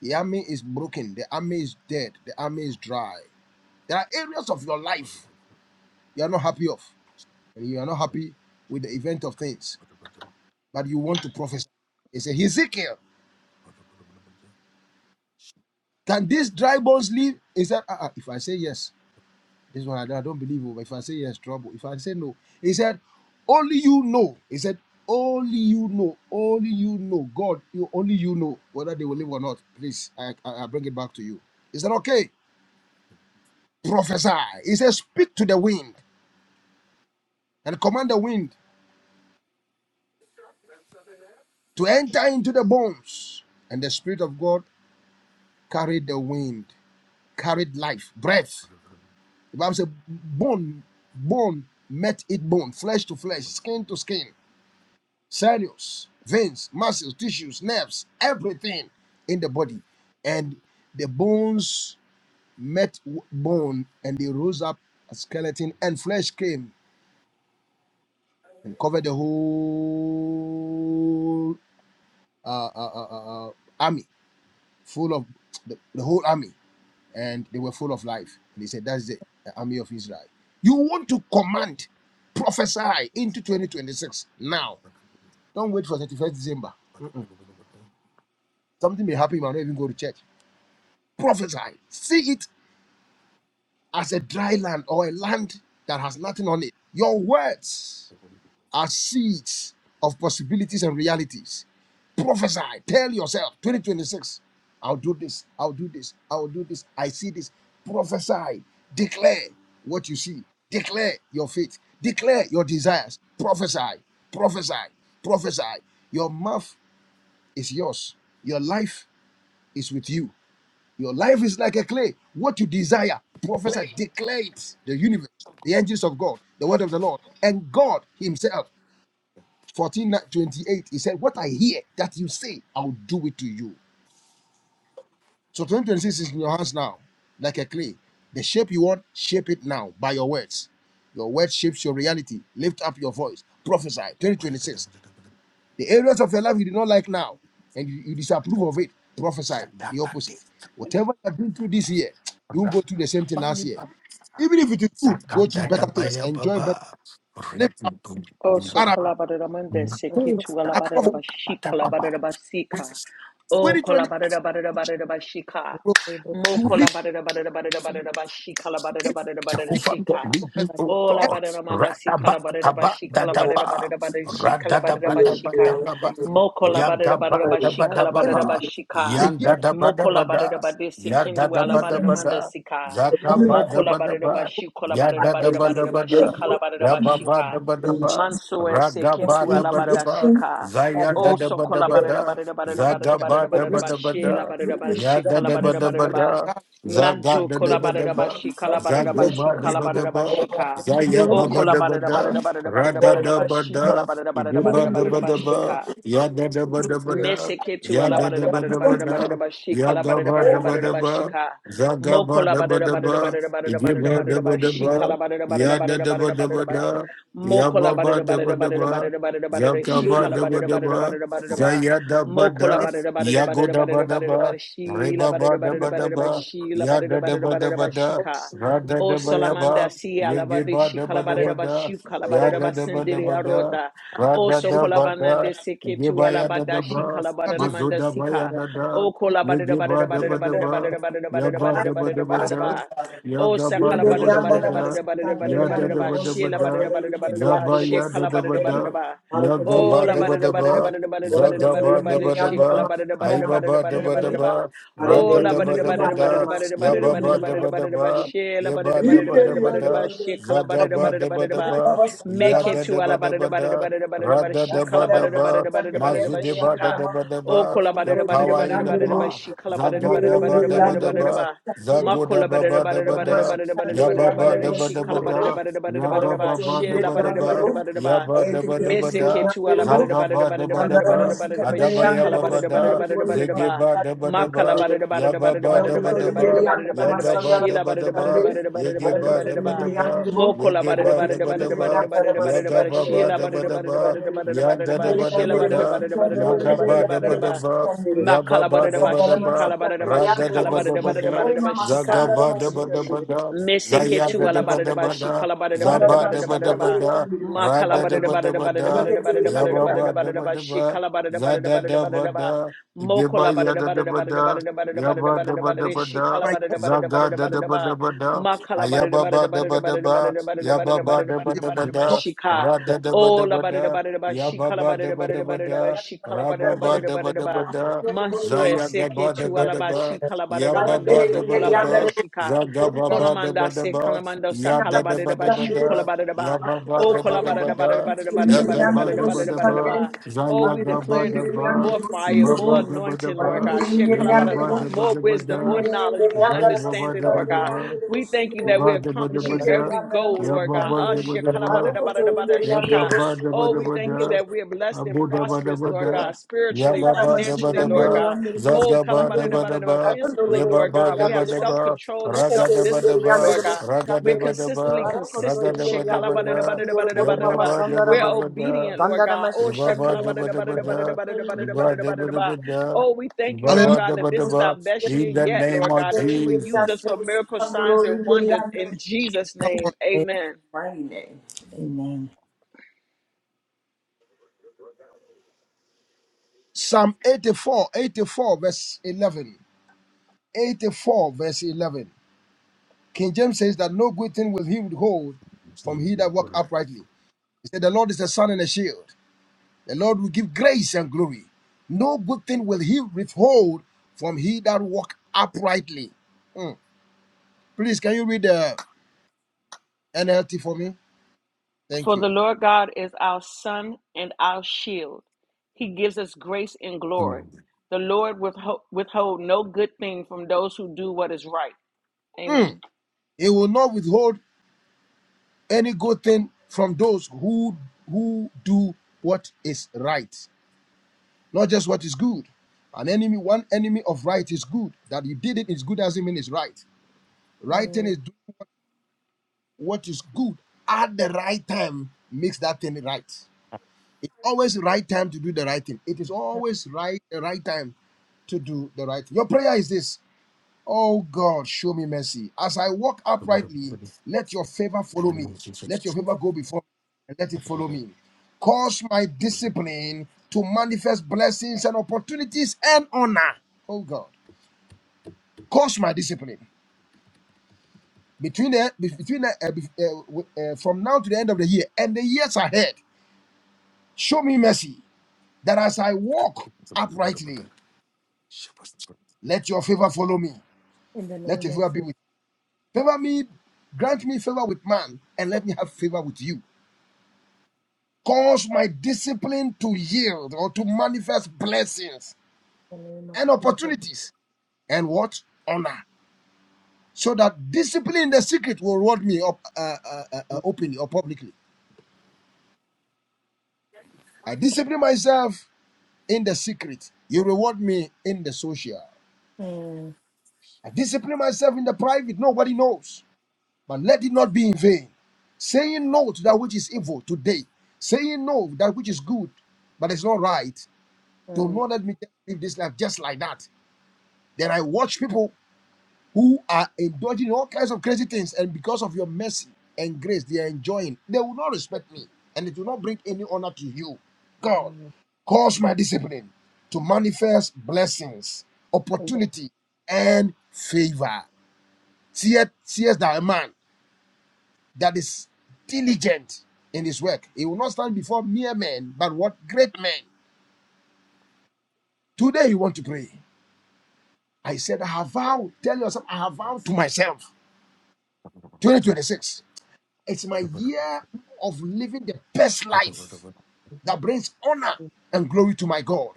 Speaker 3: The army is broken, the army is dead, the army is dry. There are areas of your life you are not happy of, and you are not happy with the event of things, but you want to prophesy. He said, Hezekiah. Can these dry bones live? He said, uh-uh. If I say yes, this is what I, do. I don't believe. Over. If I say yes, trouble. If I say no, he said, only you know. He said, only you know. Only you know. God, you only you know whether they will live or not. Please, I, I, I bring it back to you. He said, okay, prophesy. He said, speak to the wind and command the wind to enter into the bones. And the Spirit of God carried the wind, carried life, breath. The Bible says, bone, bone met it bone, flesh to flesh, skin to skin, sinews, veins, muscles, tissues, nerves, everything in the body. And the bones met bone and they rose up a skeleton, and flesh came and covered the whole uh, uh, uh, uh, uh, army, full of the, the whole army. and they were full of life. And he said, That's the army of Israel. You want to command, prophesy into 2026 now. Don't wait for 31st December. Something may happen, you might not even go to church. Prophesy. See it as a dry land or a land that has nothing on it. Your words. are seeds of possibilities and realities. Prophesy. Tell yourself, 2026, I'll do this, I'll do this, I'll do this. I see this. Prophesy. Declare what you see. Declare your faith. Declare your desires. Prophesy. Prophesy. Prophesy. Your mouth is yours. Your life is with you. Your life is like a clay. What you desire, prophesy, declare it. The universe, the angels of God, the word of the Lord, and God Himself. 14 28. he said, What I hear that you say, I'll do it to you. So 2026 is in your hands now, like a clay. The shape you want, shape it now by your words. Your word shapes your reality. Lift up your voice. Prophesy. 2026. The areas of your life you do not like now and you, you disapprove of it, prophesy the opposite.
Speaker 4: Shadabadi,
Speaker 3: Whatever you have been through this year, you won't go through the same thing last year. Even if it is good, go through
Speaker 4: Zakanda
Speaker 3: better things.
Speaker 4: baya
Speaker 3: Enjoy better.
Speaker 4: Baba.
Speaker 3: Live
Speaker 1: Oh, so
Speaker 3: Arab.
Speaker 1: kolabarabamande sekitu
Speaker 3: I prophesy
Speaker 1: alabarabashika alabarabashika.
Speaker 4: Thank
Speaker 1: Oh,
Speaker 3: 2026. You shall
Speaker 1: kolabarabarabarabashika.
Speaker 3: grow.
Speaker 1: Mo
Speaker 3: You will live
Speaker 1: kolabarabarabarabashika
Speaker 3: in
Speaker 4: Jehovah God,
Speaker 1: alabarabashika.
Speaker 3: peace.
Speaker 4: Hebrew, oh
Speaker 1: Oh,
Speaker 3: Every
Speaker 4: God,
Speaker 1: labarabamanda sika
Speaker 4: Radaba, Kaba,
Speaker 1: alabarabashika
Speaker 4: Dadaba,
Speaker 1: alabarabashika
Speaker 4: Radadaba,
Speaker 6: In
Speaker 4: Daba,
Speaker 1: alabarabashika.
Speaker 4: Dababa,
Speaker 1: Mo
Speaker 4: Yagaba, Daba,
Speaker 1: kolabarabarabarabashika
Speaker 3: 2020
Speaker 4: Dababa,
Speaker 3: is
Speaker 1: alabarabashika.
Speaker 3: a year.
Speaker 4: Yandadaba,
Speaker 1: Moko la
Speaker 4: Dabada,
Speaker 1: barada badesi kindi wa la
Speaker 4: Yadadaba,
Speaker 3: It's a year
Speaker 1: barada manda
Speaker 4: Dabada,
Speaker 1: sika.
Speaker 4: Zakaba,
Speaker 1: Moko la
Speaker 4: Daba,
Speaker 1: barada
Speaker 4: Daba,
Speaker 3: of
Speaker 1: bashi kola barada barada
Speaker 4: Yadadaba,
Speaker 1: barada
Speaker 4: Dabada,
Speaker 1: bashi kala barada
Speaker 4: Yababa,
Speaker 1: bashika.
Speaker 4: Daba, Daba,
Speaker 6: Jesus'
Speaker 1: Mansoe se
Speaker 4: Ragaba,
Speaker 1: ketu
Speaker 6: name,
Speaker 4: Daba,
Speaker 1: alabada
Speaker 6: this
Speaker 4: Daba,
Speaker 6: thing,
Speaker 1: shika.
Speaker 4: Zaya,
Speaker 6: Father
Speaker 1: O
Speaker 6: God,
Speaker 4: Dadaba,
Speaker 1: sokola
Speaker 6: that
Speaker 1: barada
Speaker 4: Dabada,
Speaker 1: barada barada barada
Speaker 3: Obadiah.
Speaker 4: Zagaba,
Speaker 1: barada
Speaker 6: that
Speaker 1: barada
Speaker 4: Daba,
Speaker 6: this
Speaker 1: ba la
Speaker 6: thing
Speaker 4: Dabada,
Speaker 6: will
Speaker 1: barada ba
Speaker 6: be
Speaker 1: shika la
Speaker 4: Yadadaba,
Speaker 1: barada
Speaker 6: done,
Speaker 1: barada ba.
Speaker 4: Dabada,
Speaker 3: God,
Speaker 6: that I
Speaker 4: Zaga,
Speaker 3: it
Speaker 1: Manto kola
Speaker 6: will
Speaker 1: barada
Speaker 4: Dadaba,
Speaker 1: la
Speaker 6: help
Speaker 1: barada
Speaker 6: you,
Speaker 1: ba
Speaker 4: Zagu
Speaker 6: that
Speaker 4: ba da
Speaker 6: this-
Speaker 1: la
Speaker 4: ba
Speaker 3: is
Speaker 4: da
Speaker 1: barada bashika,
Speaker 4: ba.
Speaker 6: that I
Speaker 4: Zaya
Speaker 6: will
Speaker 1: O
Speaker 4: ba
Speaker 3: Obadiah.
Speaker 4: ba
Speaker 6: do,
Speaker 1: kola
Speaker 4: da
Speaker 6: Lord,
Speaker 4: ba
Speaker 1: barada
Speaker 4: da.
Speaker 1: barada barada
Speaker 4: Ra
Speaker 1: barada
Speaker 4: da
Speaker 1: barada
Speaker 4: da
Speaker 1: ba
Speaker 4: ba
Speaker 1: shika la
Speaker 4: da.
Speaker 1: barada barada
Speaker 4: Ige ba
Speaker 1: barada
Speaker 4: da
Speaker 1: barada
Speaker 4: ba
Speaker 1: ba
Speaker 4: da ba.
Speaker 1: shika.
Speaker 4: Ya da da ba da ba da.
Speaker 1: Meseketu
Speaker 4: Ya
Speaker 1: ala
Speaker 4: da
Speaker 1: bada
Speaker 4: da
Speaker 1: da
Speaker 4: ba
Speaker 1: bada da
Speaker 4: da
Speaker 1: bada
Speaker 4: ba
Speaker 1: da
Speaker 6: Oh,
Speaker 1: bada da
Speaker 4: da.
Speaker 1: ba shika
Speaker 4: Ya
Speaker 1: la
Speaker 4: ga
Speaker 1: bada da
Speaker 4: ba
Speaker 1: bada da
Speaker 4: da ba
Speaker 1: bada da
Speaker 4: da
Speaker 1: ba
Speaker 4: ba.
Speaker 1: shika.
Speaker 4: Zaga
Speaker 1: Moko
Speaker 4: ba
Speaker 1: la
Speaker 4: da
Speaker 1: bada
Speaker 4: ba
Speaker 1: da
Speaker 4: da
Speaker 1: bada da
Speaker 4: ba.
Speaker 1: bada da bada da
Speaker 4: Ige ba da ba da ba.
Speaker 1: la bada da bada da
Speaker 4: Ya
Speaker 1: bada
Speaker 4: da da ba da ba
Speaker 1: ba.
Speaker 4: da. Ya
Speaker 1: Moko la
Speaker 4: ba
Speaker 1: bada
Speaker 4: ba
Speaker 1: da
Speaker 4: da
Speaker 1: bada da
Speaker 4: ba da
Speaker 1: bada da
Speaker 4: ba. Zaka ba
Speaker 1: shika la
Speaker 4: da
Speaker 1: bada
Speaker 4: ba
Speaker 1: da
Speaker 4: da
Speaker 1: bada da
Speaker 4: ba.
Speaker 1: ba.
Speaker 4: Zaya da ba
Speaker 1: Moko la
Speaker 4: da.
Speaker 3: It
Speaker 1: bada da bada da
Speaker 4: Ya
Speaker 1: bada
Speaker 4: go
Speaker 1: da
Speaker 4: da ba da ba. Re
Speaker 1: shi la
Speaker 4: ba
Speaker 1: bada
Speaker 4: ba
Speaker 1: da
Speaker 4: da
Speaker 1: bada da
Speaker 4: ba da ba.
Speaker 1: la
Speaker 4: Ya
Speaker 1: bada da
Speaker 4: da
Speaker 1: bada
Speaker 4: da
Speaker 1: da
Speaker 4: ba da ba da. Rada
Speaker 1: O
Speaker 4: da ba ya
Speaker 1: salamanda
Speaker 4: ba,
Speaker 1: si
Speaker 4: ye ge
Speaker 1: alabadi
Speaker 4: ba
Speaker 1: shi
Speaker 4: da ba da
Speaker 1: kalabada da
Speaker 4: ba
Speaker 1: ba
Speaker 4: da,
Speaker 1: shi
Speaker 4: ya da da ba da ba da, rada
Speaker 1: Oso
Speaker 3: is
Speaker 4: da ba
Speaker 1: kolabana
Speaker 4: da,
Speaker 1: de seke
Speaker 4: ye
Speaker 1: tu
Speaker 4: ba ya da da
Speaker 1: alabada shi
Speaker 4: ba,
Speaker 1: kalabada
Speaker 3: Obadiah.
Speaker 4: mazo
Speaker 1: namanda
Speaker 4: da ba ya
Speaker 1: sika.
Speaker 4: da da,
Speaker 1: O
Speaker 3: It
Speaker 4: ye
Speaker 1: kolabada da bada da
Speaker 4: ba da
Speaker 1: bada da
Speaker 4: ba da
Speaker 1: bada da
Speaker 4: ba,
Speaker 1: bada da bada
Speaker 4: ya
Speaker 1: da
Speaker 4: ba
Speaker 1: bada da
Speaker 4: da ba
Speaker 1: bada da bada da
Speaker 4: da ba
Speaker 1: bada da
Speaker 3: is
Speaker 4: da,
Speaker 1: ba.
Speaker 4: ya
Speaker 1: O
Speaker 4: ga
Speaker 1: sa
Speaker 4: ba da
Speaker 1: kalabada
Speaker 4: ba
Speaker 1: da
Speaker 4: da ba
Speaker 1: bada da bada
Speaker 4: da,
Speaker 1: da bada da bada da
Speaker 4: ya da
Speaker 1: bada da
Speaker 4: da
Speaker 1: ba.
Speaker 4: ba da
Speaker 1: She
Speaker 4: ba
Speaker 1: la bada da
Speaker 4: da,
Speaker 1: bada da bada da
Speaker 4: za
Speaker 1: ba.
Speaker 4: ba
Speaker 1: She
Speaker 4: ya da da
Speaker 1: kalabada
Speaker 4: ba
Speaker 1: da
Speaker 4: da,
Speaker 1: bada da ba.
Speaker 4: ya ga
Speaker 1: Oh,
Speaker 4: ba
Speaker 1: la
Speaker 4: da
Speaker 1: ba
Speaker 4: ba
Speaker 1: da da
Speaker 4: da
Speaker 1: ba da da ba
Speaker 4: ba,
Speaker 1: da da ba da da ba
Speaker 4: za
Speaker 1: da da
Speaker 4: ga
Speaker 1: ba da da
Speaker 4: ba
Speaker 1: ba
Speaker 4: da
Speaker 1: da
Speaker 4: ba da
Speaker 1: she kala
Speaker 4: ba,
Speaker 1: ba da da ba da
Speaker 4: ai
Speaker 1: da ba
Speaker 4: ba
Speaker 1: da da
Speaker 4: ba
Speaker 1: ba
Speaker 4: da
Speaker 1: da da
Speaker 4: ba
Speaker 1: ba
Speaker 4: da
Speaker 1: da da ba.
Speaker 4: ba,
Speaker 1: Oh,
Speaker 4: rada
Speaker 1: la
Speaker 4: da
Speaker 1: ba da
Speaker 4: ba
Speaker 1: da
Speaker 4: da
Speaker 1: ba da
Speaker 4: ba
Speaker 1: da ba da da
Speaker 4: da,
Speaker 1: ba da da ba
Speaker 4: ya
Speaker 1: da da
Speaker 4: ba
Speaker 1: ba da da
Speaker 4: ba
Speaker 1: ba
Speaker 4: da
Speaker 1: da da
Speaker 4: ba
Speaker 1: ba
Speaker 4: da
Speaker 1: da da
Speaker 4: ba.
Speaker 1: ba she la ba da da
Speaker 4: Yeba
Speaker 1: ba da da
Speaker 4: deba
Speaker 1: ba da da ba
Speaker 4: deba
Speaker 1: da da ba
Speaker 4: da,
Speaker 1: she kala ba da
Speaker 3: Obadiah.
Speaker 1: da ba
Speaker 4: zagaba
Speaker 1: da da ba
Speaker 4: deba
Speaker 1: da da ba.
Speaker 4: deba,
Speaker 1: Make it
Speaker 4: yada
Speaker 1: to
Speaker 4: deba
Speaker 6: Thank
Speaker 1: Alabada, the
Speaker 4: deba
Speaker 1: bada da
Speaker 4: da,
Speaker 1: bada da bada da bada da bada
Speaker 4: rada
Speaker 1: shika
Speaker 4: deba
Speaker 1: la bada da
Speaker 6: Yasandarama
Speaker 1: bada
Speaker 4: deba,
Speaker 1: da bada da
Speaker 6: sandiri
Speaker 1: bada da
Speaker 4: mazu
Speaker 1: bada
Speaker 6: yandiri
Speaker 4: deba da
Speaker 1: shika.
Speaker 6: yandarama.
Speaker 4: deba
Speaker 1: O
Speaker 4: deba.
Speaker 1: kola bada
Speaker 4: The
Speaker 6: Orokuşo
Speaker 1: da bada da
Speaker 6: indiri
Speaker 4: power
Speaker 1: bada
Speaker 4: in
Speaker 1: da
Speaker 4: the
Speaker 6: yandiri
Speaker 1: bada da
Speaker 6: bu.
Speaker 1: bada
Speaker 4: blood.
Speaker 1: shika la bada da
Speaker 4: Zaga
Speaker 6: Ayindiri
Speaker 1: bada da bada
Speaker 4: deba
Speaker 1: da
Speaker 6: indiri
Speaker 1: bada
Speaker 4: deba
Speaker 1: da
Speaker 6: yandiri
Speaker 1: bada
Speaker 6: bu.
Speaker 1: da
Speaker 4: deba,
Speaker 1: ba.
Speaker 6: Sandiri.
Speaker 4: zago
Speaker 1: Makola
Speaker 4: deba
Speaker 1: bada da
Speaker 4: ba
Speaker 1: bada da
Speaker 4: deba
Speaker 1: bada
Speaker 6: Sandarama
Speaker 4: da,
Speaker 1: da bada da
Speaker 6: sandiri
Speaker 1: bada
Speaker 4: yaba
Speaker 1: da bada
Speaker 4: ba
Speaker 1: da
Speaker 6: yandiri
Speaker 1: bada da
Speaker 6: bu.
Speaker 4: deba
Speaker 1: shika la
Speaker 4: deba
Speaker 6: Sunduru
Speaker 1: bada
Speaker 6: bu.
Speaker 1: da
Speaker 4: da,
Speaker 1: bada da bada da bada
Speaker 4: yaga
Speaker 1: da ba.
Speaker 4: ba
Speaker 6: Orokuşo
Speaker 4: ba
Speaker 1: She
Speaker 6: indiri
Speaker 4: deba
Speaker 1: bada da
Speaker 6: yandiri
Speaker 1: bada
Speaker 6: bu.
Speaker 1: da
Speaker 4: deba,
Speaker 1: bada da ba.
Speaker 4: yaba deba
Speaker 6: Ayetike
Speaker 4: deba
Speaker 1: Mese
Speaker 6: indiri
Speaker 4: da.
Speaker 1: ke
Speaker 6: yandiri bu.
Speaker 1: bada da
Speaker 4: Zaga
Speaker 1: bada da
Speaker 4: ba
Speaker 1: bada da
Speaker 4: deba
Speaker 1: bada da bada
Speaker 6: Sandarama
Speaker 1: da
Speaker 4: deba,
Speaker 1: bada da ba
Speaker 6: sandiri
Speaker 4: adaba
Speaker 1: shika
Speaker 6: yandiri
Speaker 4: yaba
Speaker 6: bu.
Speaker 1: bada
Speaker 4: ba
Speaker 1: da bada da
Speaker 4: da,
Speaker 6: Sunduru
Speaker 1: bada
Speaker 6: bu.
Speaker 1: da bada da ba.
Speaker 4: zege ba
Speaker 6: Sandarama
Speaker 4: deba deba,
Speaker 1: bada
Speaker 6: sandiri.
Speaker 1: da bada da
Speaker 4: yaba
Speaker 1: bada da
Speaker 4: ba
Speaker 1: bada da
Speaker 4: deba
Speaker 6: Arakoto
Speaker 1: bada da bada
Speaker 6: ileri
Speaker 1: da
Speaker 4: deba,
Speaker 1: bada da
Speaker 6: yandara
Speaker 1: bada da ba.
Speaker 4: yaga ba
Speaker 6: masandara
Speaker 1: She
Speaker 4: deba
Speaker 1: bada da bada da
Speaker 4: deba.
Speaker 6: masandere.
Speaker 1: bada da bada da bada da
Speaker 4: Yagaba
Speaker 6: Arakoto
Speaker 1: bada da
Speaker 4: daba
Speaker 1: ba.
Speaker 6: ileri
Speaker 4: daba,
Speaker 6: yandere bo.
Speaker 1: Mokola bada da
Speaker 4: Yagaba
Speaker 1: bada
Speaker 6: Arakoto
Speaker 1: da
Speaker 4: daba
Speaker 1: bada da
Speaker 6: ileri
Speaker 1: bada da
Speaker 4: daba,
Speaker 1: bada
Speaker 6: yandara
Speaker 1: da bada da bada
Speaker 6: masandere
Speaker 4: Yagaba
Speaker 1: Sheila
Speaker 6: yandere
Speaker 4: daba
Speaker 1: bada
Speaker 6: bo
Speaker 1: da bada da
Speaker 4: daba,
Speaker 1: bada da
Speaker 6: sikandere.
Speaker 1: bada da bada da
Speaker 4: Yanda
Speaker 1: bada
Speaker 6: Andere
Speaker 4: daba
Speaker 1: Sheila
Speaker 4: daba
Speaker 6: yandere
Speaker 1: bada
Speaker 6: bo
Speaker 1: da
Speaker 4: da,
Speaker 1: bada da bada da
Speaker 6: sikandere
Speaker 1: bada da bada
Speaker 6: ileri
Speaker 4: Yagaba
Speaker 1: da bada
Speaker 4: daba
Speaker 1: da
Speaker 6: yandere bo
Speaker 1: bada
Speaker 4: daba,
Speaker 6: sikandere.
Speaker 1: Makala
Speaker 4: Yababa
Speaker 1: bada da bada
Speaker 4: daba
Speaker 6: Asandara
Speaker 1: she
Speaker 4: daba,
Speaker 1: kala bada da
Speaker 6: masandere
Speaker 1: bada she
Speaker 4: Rada
Speaker 6: yandere
Speaker 1: kala
Speaker 6: bo
Speaker 4: daba
Speaker 1: bada da
Speaker 4: daba
Speaker 1: bada
Speaker 6: sikandere.
Speaker 1: da
Speaker 4: da,
Speaker 1: bada da
Speaker 6: Borima
Speaker 1: bada she ka.
Speaker 6: masandara
Speaker 4: Zagaba daba daba
Speaker 6: masandere.
Speaker 4: da,
Speaker 6: In the
Speaker 1: Meseketu
Speaker 6: name
Speaker 4: Zayada
Speaker 6: of Jesus.
Speaker 4: daba
Speaker 1: alabadadaba,
Speaker 4: daba da,
Speaker 6: Asandara
Speaker 4: Zaba daba daba
Speaker 6: masandere
Speaker 1: shikalabadadabadadabadadabadadaba,
Speaker 4: da,
Speaker 6: yandere bo
Speaker 4: Rada
Speaker 6: sikandere.
Speaker 4: daba daba da,
Speaker 6: Rekete ileri yandere
Speaker 4: Yababa daba daba, Zada daba
Speaker 1: makalabadadabadadabadadabadadabadadabadadabadadaba,
Speaker 4: da,
Speaker 1: shikalabadadabadadabadadabadadaba,
Speaker 4: Igeba yada daba da, Yaba daba
Speaker 1: mokolabadadabadadabadadabadadabadadabadadabadadabadadabadadabadadabadadabadadabadadabadadaba,
Speaker 4: daba da,
Speaker 3: It's my year.
Speaker 4: Zaga da da ba da
Speaker 1: shikalabadadabadadabadadabadadabadadaba,
Speaker 4: ba da,
Speaker 3: It
Speaker 4: Ayababa deba deba, yababa deba
Speaker 3: is a year
Speaker 4: deba
Speaker 1: makalabadadabadadabadadabadadabadadabadadabadadabadadabadadaba,
Speaker 3: of
Speaker 4: da,
Speaker 1: shika.
Speaker 4: rada deba
Speaker 1: Oh,
Speaker 4: deba da,
Speaker 1: labadadabadadaba,
Speaker 4: yababa deba deba
Speaker 1: shikalabadadabadadabadadaba,
Speaker 4: da,
Speaker 6: bo
Speaker 4: rababa
Speaker 6: sikandere.
Speaker 4: deba
Speaker 1: shikalabadadabadadabadadaba,
Speaker 4: deba da,
Speaker 6: Asandara bo
Speaker 1: Mansue
Speaker 4: zaya gaba
Speaker 1: seke tu
Speaker 4: deba
Speaker 1: alaba
Speaker 4: deba,
Speaker 1: shika labada
Speaker 6: Thank
Speaker 1: ramando
Speaker 4: yababa
Speaker 1: so
Speaker 4: deba
Speaker 1: kolabada
Speaker 4: deba,
Speaker 1: shika.
Speaker 3: God.
Speaker 4: zagababa
Speaker 1: Kolamanda
Speaker 4: deba
Speaker 1: se
Speaker 4: deba,
Speaker 1: kalamando sa
Speaker 4: yada
Speaker 1: kalabada
Speaker 4: deba
Speaker 1: da ba
Speaker 4: deba
Speaker 1: shu
Speaker 4: da,
Speaker 1: kolabada da
Speaker 4: yababa
Speaker 1: Oh
Speaker 4: deba
Speaker 1: kolabada
Speaker 4: deba
Speaker 1: deba,
Speaker 4: da,
Speaker 1: deba, deba, deba, deba, deba, deba,
Speaker 4: yagaba
Speaker 1: deba, da ba
Speaker 4: deba deba,
Speaker 1: Oh,
Speaker 4: zaya
Speaker 1: we
Speaker 4: gaba
Speaker 1: declare and decree
Speaker 4: deba,
Speaker 1: more fire, more
Speaker 4: ibaba deba
Speaker 1: anointing, Lord
Speaker 4: deba,
Speaker 1: God. Share kalabada deba,
Speaker 4: yababa deba
Speaker 1: More
Speaker 4: deba da,
Speaker 1: wisdom, more knowledge, more
Speaker 4: ibaba
Speaker 1: understanding,
Speaker 4: deba
Speaker 1: Lord God.
Speaker 4: deba.
Speaker 1: We thank you that
Speaker 4: Ba
Speaker 1: we're
Speaker 4: da ba da ba
Speaker 1: accomplishing
Speaker 4: da,
Speaker 1: every goal,
Speaker 4: ya
Speaker 1: Lord
Speaker 4: ba
Speaker 1: God.
Speaker 4: ba
Speaker 1: Ah,
Speaker 4: da ba
Speaker 1: shi-
Speaker 4: da ba, ya da ba da ba
Speaker 1: Oh,
Speaker 4: da
Speaker 1: we
Speaker 4: ba
Speaker 1: thank you
Speaker 4: da,
Speaker 1: that we are blessed and
Speaker 4: abu da ba da
Speaker 1: prosperous,
Speaker 4: ba
Speaker 1: Lord
Speaker 4: da,
Speaker 1: God,
Speaker 6: you.
Speaker 4: ya
Speaker 1: spiritually,
Speaker 4: ba
Speaker 6: Yandere
Speaker 4: ba da
Speaker 6: bosu
Speaker 4: ba
Speaker 1: financially,
Speaker 4: da
Speaker 1: Lord
Speaker 4: ba,
Speaker 1: God.
Speaker 6: yandere bo
Speaker 4: za
Speaker 1: Oh,
Speaker 4: ga ba da
Speaker 6: yandere.
Speaker 4: ba da
Speaker 1: kalabadadabadadaba,
Speaker 4: ba,
Speaker 1: physically,
Speaker 4: ya
Speaker 6: Arondololo
Speaker 4: ba
Speaker 1: Lord
Speaker 6: indere
Speaker 4: ba
Speaker 1: God.
Speaker 4: da
Speaker 1: We
Speaker 4: ba
Speaker 1: have
Speaker 6: yandere
Speaker 4: da
Speaker 6: bo.
Speaker 1: self
Speaker 4: ba,
Speaker 1: control and
Speaker 4: ra
Speaker 1: self
Speaker 4: ga
Speaker 6: Nekete
Speaker 4: da ba da
Speaker 6: indere
Speaker 1: discipline,
Speaker 4: ba,
Speaker 6: yandere
Speaker 1: Lord
Speaker 6: bo
Speaker 1: God.
Speaker 4: ra ga
Speaker 1: We're
Speaker 4: da
Speaker 6: yandere.
Speaker 4: ba da
Speaker 1: consistently
Speaker 4: ba, ra
Speaker 6: Arokoto
Speaker 4: ga
Speaker 1: consistent.
Speaker 4: da
Speaker 6: indere
Speaker 4: ba da ba
Speaker 6: yandere bo
Speaker 4: da,
Speaker 6: sindoro bori
Speaker 4: ya ba
Speaker 6: mama
Speaker 1: Shekalabadadabadadabadadabadadaba.
Speaker 4: ba da ba
Speaker 1: We're
Speaker 6: sandarama.
Speaker 4: da ba da,
Speaker 1: obedient, Lord God.
Speaker 6: Sandarama
Speaker 1: Oh,
Speaker 4: ya ba ba
Speaker 6: şikandere.
Speaker 4: da ba da ba da,
Speaker 6: Arokoto
Speaker 4: ya
Speaker 6: indere yandere
Speaker 4: ba da ba
Speaker 6: bo.
Speaker 4: da
Speaker 1: shekalabadadabadadabadadabadadabadadabadadaba.
Speaker 4: ba da,
Speaker 1: oh, we
Speaker 4: ya
Speaker 1: thank you,
Speaker 4: ba
Speaker 1: Lord
Speaker 3: Hallelujah.
Speaker 4: ba
Speaker 1: God,
Speaker 4: da
Speaker 1: that
Speaker 4: ba da
Speaker 1: this is our
Speaker 4: ba,
Speaker 1: best year
Speaker 4: in the
Speaker 1: yet,
Speaker 4: name
Speaker 1: Lord
Speaker 4: of
Speaker 1: God, that
Speaker 6: Every
Speaker 1: you will use us
Speaker 4: Jesus.
Speaker 1: for miracle signs and
Speaker 6: single
Speaker 1: wonders
Speaker 6: yandere.
Speaker 1: in Jesus' name. Amen.
Speaker 3: Psalm 84, 84, verse 11. 84, verse 11. King James says that no good thing will he withhold from
Speaker 4: Jesus
Speaker 3: he that walk
Speaker 4: Christ.
Speaker 3: uprightly. He said, The Lord is a sun and a shield. The Lord will give grace and glory. No good thing will he withhold from he that walk uprightly. Mm. Please, can you read NLT for me. Thank
Speaker 1: For the
Speaker 3: you.
Speaker 1: Lord God is our sun and our shield. He gives us grace and glory. The Lord withhold, withhold no good thing from those who do what is right.
Speaker 3: Mm.
Speaker 1: Amen.
Speaker 3: He will not withhold any good thing from those who who do what is right, not just what is good. An enemy, one enemy of right is good. That you did it is good doesn't mean it's right. Right thing is doing what is good at the right time makes that thing right. It's always right time to do the right thing. It is always right the right time to do the right thing. Your prayer is this Oh God, show me mercy. As I walk
Speaker 4: Yeah,
Speaker 3: uprightly, let your favor follow me. Let your favor go before me and let it follow me. Cause my discipline to manifest blessings and opportunities and honor. Oh God, cause my discipline between the between the, uh, be- uh, w- uh, from now to the end of the year and the years ahead. Show me mercy that as I walk uprightly, let your favor follow me.
Speaker 5: In the
Speaker 3: Let
Speaker 5: name
Speaker 3: your
Speaker 5: of
Speaker 3: favor be
Speaker 5: Jesus,
Speaker 3: with favor me. Grant me favor with man and let me have favor with you Cause my discipline to yield or to manifest blessings
Speaker 5: in the name
Speaker 3: and
Speaker 5: of Jesus.
Speaker 3: opportunities and what? Honor. So that discipline in the secret will reward me up, uh, uh, uh, uh, openly or publicly. I discipline myself in the secret. You reward me in the social.
Speaker 5: And,
Speaker 3: I discipline myself in the private. Nobody knows. But let it not be in vain. Saying no to that which is evil today. Saying no to that which is good, but it's not right.
Speaker 5: um,
Speaker 3: Do
Speaker 5: um,
Speaker 3: not let me just live this life just like that. Then I watch people who are indulging in all kinds of crazy things, and because of your mercy and grace, they are enjoying. They will not respect me, and it will not bring any honor to you. God,
Speaker 5: in
Speaker 3: cause my discipline to manifest blessings,
Speaker 5: the name
Speaker 3: opportunity, and favor. Seest seest thou a man that is diligent in his work? He will not stand before mere men, but what great men. Today you want to pray. I said, I have vowed, tell yourself, I have vowed to myself. 2026. It's my year of living the best life that brings honor and glory to my God,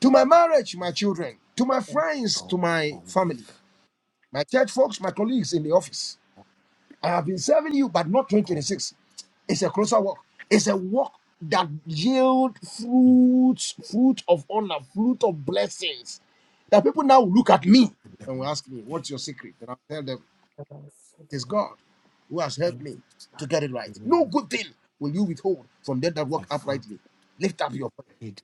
Speaker 3: to my marriage, my children, to my friends, to
Speaker 4: all
Speaker 3: my
Speaker 4: all this,
Speaker 3: family, my church folks, my colleagues in the office.
Speaker 4: all
Speaker 3: I have been serving you, but not
Speaker 4: all
Speaker 3: 2026. It's a closer walk. It's
Speaker 4: so
Speaker 3: a walk that yield
Speaker 4: in
Speaker 3: fruits, fruit of honor, fruit of blessings. That people now look at me
Speaker 4: the
Speaker 3: and will ask
Speaker 4: mighty
Speaker 3: me, "What's your
Speaker 4: name
Speaker 3: secret?" And I'll tell them.
Speaker 5: of us, in
Speaker 3: It is
Speaker 5: the
Speaker 3: God who has helped
Speaker 4: in
Speaker 3: me to get it right. No good thing will you withhold from them that
Speaker 4: I
Speaker 3: walk
Speaker 4: found
Speaker 3: uprightly. Lift up your voice.
Speaker 4: it